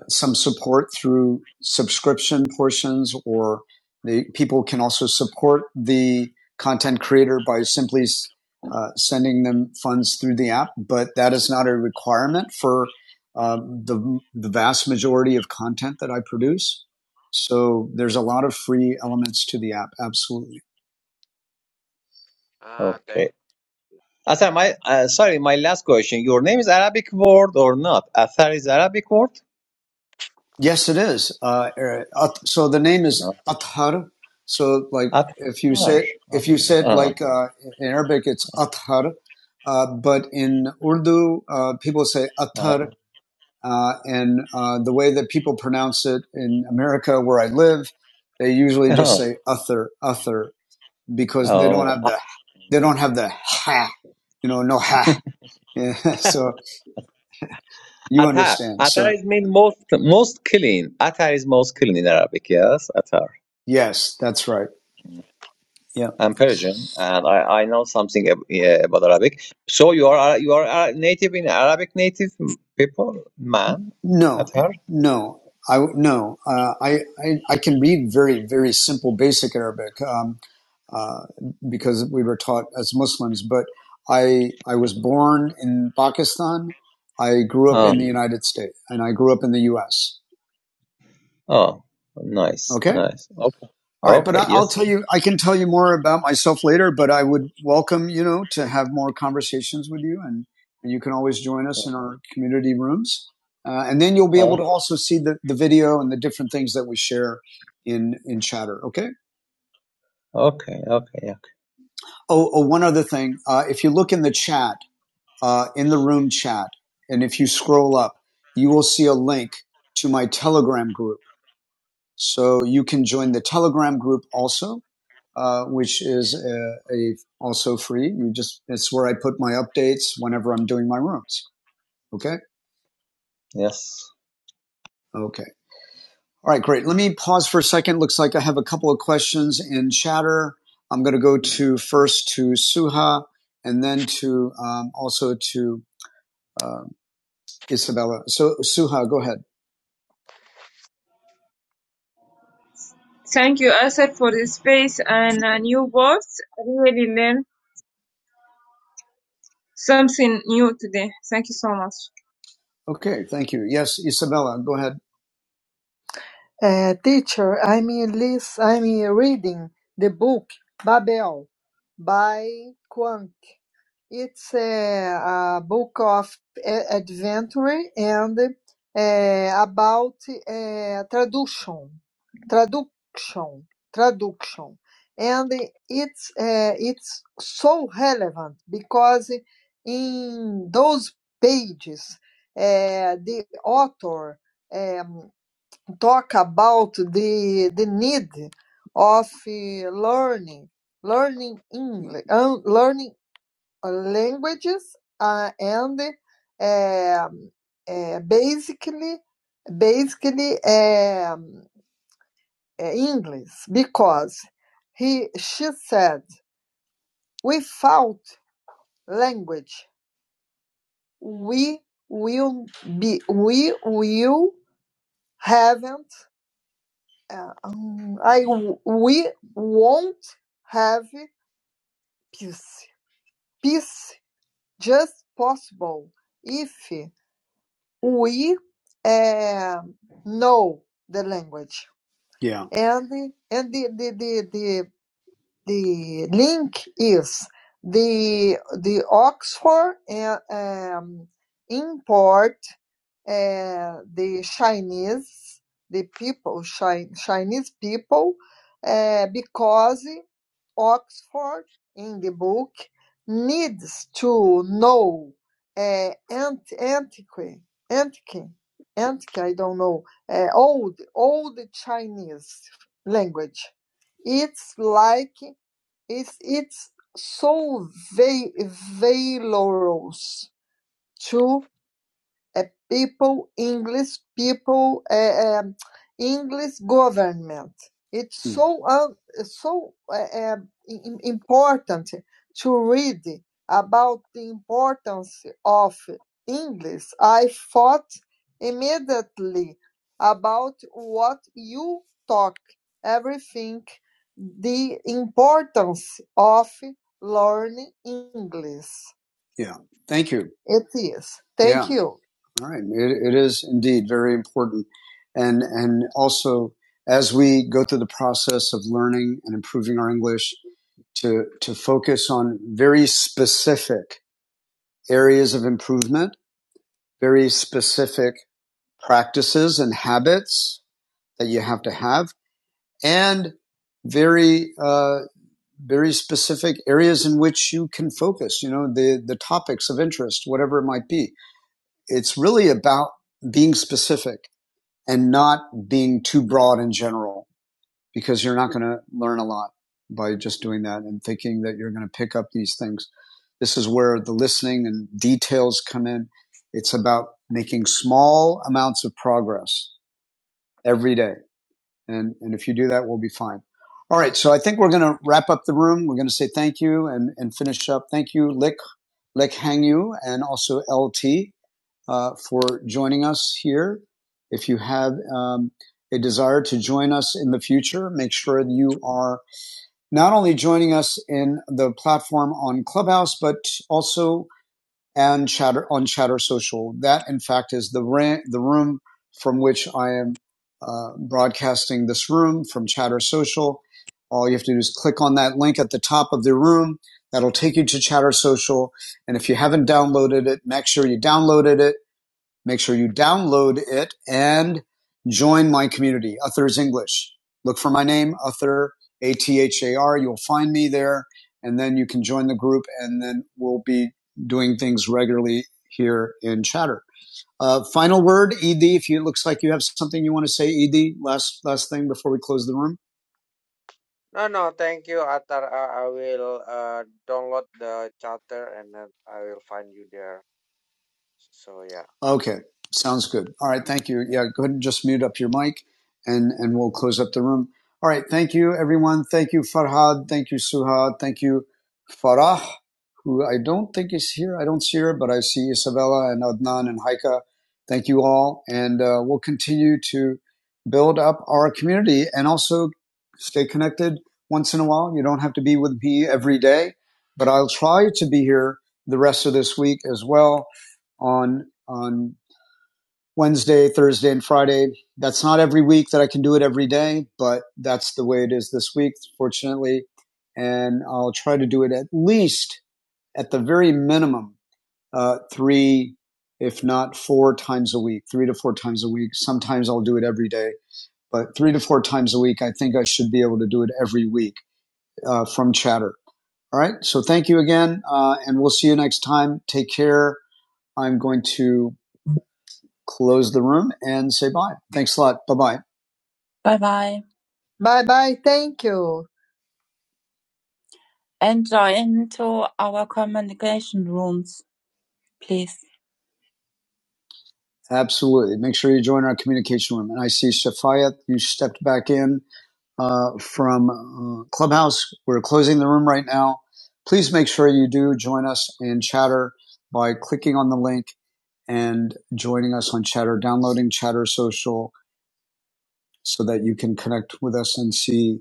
[SPEAKER 1] some support through subscription portions or the people can also support the content creator by simply uh, sending them funds through the app, but that is not a requirement for um, the, the vast majority of content that I produce. So there's a lot of free elements to the app. Absolutely.
[SPEAKER 8] ah, thank
[SPEAKER 9] okay asar my uh, sorry my last question your name is arabic word or not asar is arabic word
[SPEAKER 1] Yes, it is. Uh, er, so the name
[SPEAKER 9] Uh,
[SPEAKER 1] is Athar. So like
[SPEAKER 9] Atar.
[SPEAKER 1] if you say it, if you say
[SPEAKER 9] Oh,
[SPEAKER 1] it like uh, in Arabic, it's Athar. Uh, but in Urdu, uh, people say
[SPEAKER 9] oh,
[SPEAKER 1] Athar. Uh, and uh, the way that people pronounce it in America, where I live, they usually just
[SPEAKER 9] oh,
[SPEAKER 1] say Athar, Athar, because they don't
[SPEAKER 9] oh.
[SPEAKER 1] have the they don't have the ha, you know, no ha. (laughs) Yeah, so you
[SPEAKER 9] Atar.
[SPEAKER 1] understand.
[SPEAKER 9] Atar
[SPEAKER 1] So
[SPEAKER 9] is mean most most clean. Atar is most clean in Arabic. Yes, Atar.
[SPEAKER 1] yes, that's right. Yeah.
[SPEAKER 9] I'm Persian, and I, I know something ab- yeah, about Arabic. So you are Ara- you are Ara- native in Arabic, native people, man, at
[SPEAKER 1] No,
[SPEAKER 9] her.
[SPEAKER 1] no, I no. Uh, I, I I can read very very simple basic Arabic um, uh, because we were taught as Muslims. But I I was born in Pakistan. I grew up
[SPEAKER 9] Ah,
[SPEAKER 1] in the United States, and I grew up in the U.S.
[SPEAKER 9] oh, nice,
[SPEAKER 1] Okay
[SPEAKER 9] nice. Okay,
[SPEAKER 1] All right, but
[SPEAKER 9] okay,
[SPEAKER 1] I- will
[SPEAKER 9] yes.
[SPEAKER 1] tell you. I can tell you more about myself later. But I would welcome you know to have more conversations with you, and, and you can always join us in our community rooms, uh, and then you'll be
[SPEAKER 9] Oh,
[SPEAKER 1] able to also see the, the video and the different things that we share in in chatter. Okay.
[SPEAKER 9] okay, okay, okay.
[SPEAKER 1] Oh, oh one other thing. Uh, if you look in the chat, uh, in the room chat, and if you scroll up, you will see a link to my Telegram group, so you can join the Telegram group also uh, which is a, a also free. You just it's where I put my updates whenever I'm doing my rooms. Okay,
[SPEAKER 9] Yes.
[SPEAKER 1] okay, all right, great. Let me pause for a second. Looks like I have a couple of questions in chatter. I'm going to go to first to Suha and then to um, also to uh, Isabella. So Suha, go ahead. Thank you, Asad, for the space and uh, new words. I really learned something new today. Thank you so much. Okay, thank you. Yes, Isabella, go ahead. Uh, teacher, I'm lis- I'm reading the book Babel by Quank. It's a, a book of a- adventure and uh, about uh, traduction, traduction, traduction, and it's uh, it's so relevant because in those pages, uh, the author. Um, talk about the the need of eh, learning learning English learning uh, languages uh, and um, uh, basically basically um, uh, English because he she said without language we will be we will haven't Uh, um, I w- we won't have peace. Peace just possible if we uh, know the language. Yeah. and the and the the the the, the link is the the Oxford uh, um, import uh, the Chinese, the people, Chi- Chinese people, uh, because Oxford in the book needs to know uh, ant- antiquity, antique, antique, I don't know, uh, old, old Chinese language. It's like it's it's so va- valorous to uh, people, English people, uh, um, English government. It's Mm. so um, so uh, um, im- important to read about the importance of English. I thought immediately about what you talk, everything, the importance of learning English. Yeah. Thank you. It is. Thank Yeah. you. All right. It, it is indeed very important. And, and also as we go through the process of learning and improving our English to, to focus on very specific areas of improvement, very specific practices and habits that you have to have and very, uh, very specific areas in which you can focus, you know, the, the topics of interest, whatever it might be. It's really about being specific and not being too broad in general because you're not going to learn a lot by just doing that and thinking that you're going to pick up these things. This is where the listening and details come in. It's about making small amounts of progress every day. And, and if you do that, we'll be fine. All right. So I think we're going to wrap up the room. We're going to say thank you and, and finish up. Thank you, Lick, Lick Hangyu, and also LT uh, for joining us here. If you have um, a desire to join us in the future, make sure that you are not only joining us in the platform on Clubhouse, but also and chatter on chatter social that in fact is the ra- the room from which i am uh, broadcasting this room from chatter social all you have to do is click on that link at the top of the room that'll take you to chatter social and if you haven't downloaded it make sure you downloaded it Make sure you download it and join my community, Uthers English. Look for my name, Uther, A T H A R. You'll find me there, and then you can join the group, and then we'll be doing things regularly here in Chatter. Uh, final word, Ed. If you, it looks like you have something you want to say, Ed. Last last thing before we close the room.
[SPEAKER 8] No, no, thank you, Atar. I, I will uh, download the charter and then I will find you there. So yeah.
[SPEAKER 1] Okay, sounds good. All right, thank you. Yeah, go ahead and just mute up your mic, and and we'll close up the room. All right, thank you, everyone. Thank you, Farhad. Thank you, Suha. Thank you, Farah, who I don't think is here. I don't see her, but I see Isabella and Adnan and Haika. Thank you all, and uh, we'll continue to build up our community and also stay connected once in a while. You don't have to be with me every day, but I'll try to be here the rest of this week as well on on Wednesday, Thursday, and Friday. That's not every week that I can do it every day, but that's the way it is this week, fortunately. And I'll try to do it at least, at the very minimum, uh, three, if not four times a week, three to four times a week. Sometimes I'll do it every day, but three to four times a week, I think I should be able to do it every week uh, from chatter. All right. So thank you again, uh, and we'll see you next time. Take care. I'm going to close the room and say bye. Thanks a lot. Bye bye. Bye bye. Bye bye. Thank you. And join to our communication rooms, please. Absolutely. Make sure you join our communication room. And I see Shafayat, you stepped back in uh, from uh, Clubhouse. We're closing the room right now. Please make sure you do join us in Chatter by clicking on the link and joining us on Chatter, downloading Chatter Social, so that you can connect with us and see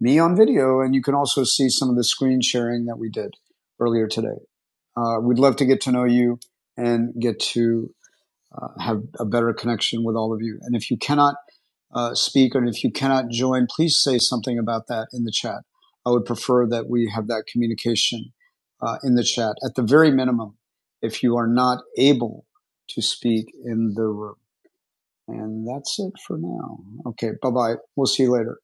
[SPEAKER 1] me on video. And you can also see some of the screen sharing that we did earlier today. Uh, we'd love to get to know you and get to uh, have a better connection with all of you. And if you cannot uh, speak and if you cannot join, please say something about that in the chat. I would prefer that we have that communication uh, in the chat. At the very minimum, if you are not able to speak in the room. And that's it for now. Okay, bye bye. We'll see you later.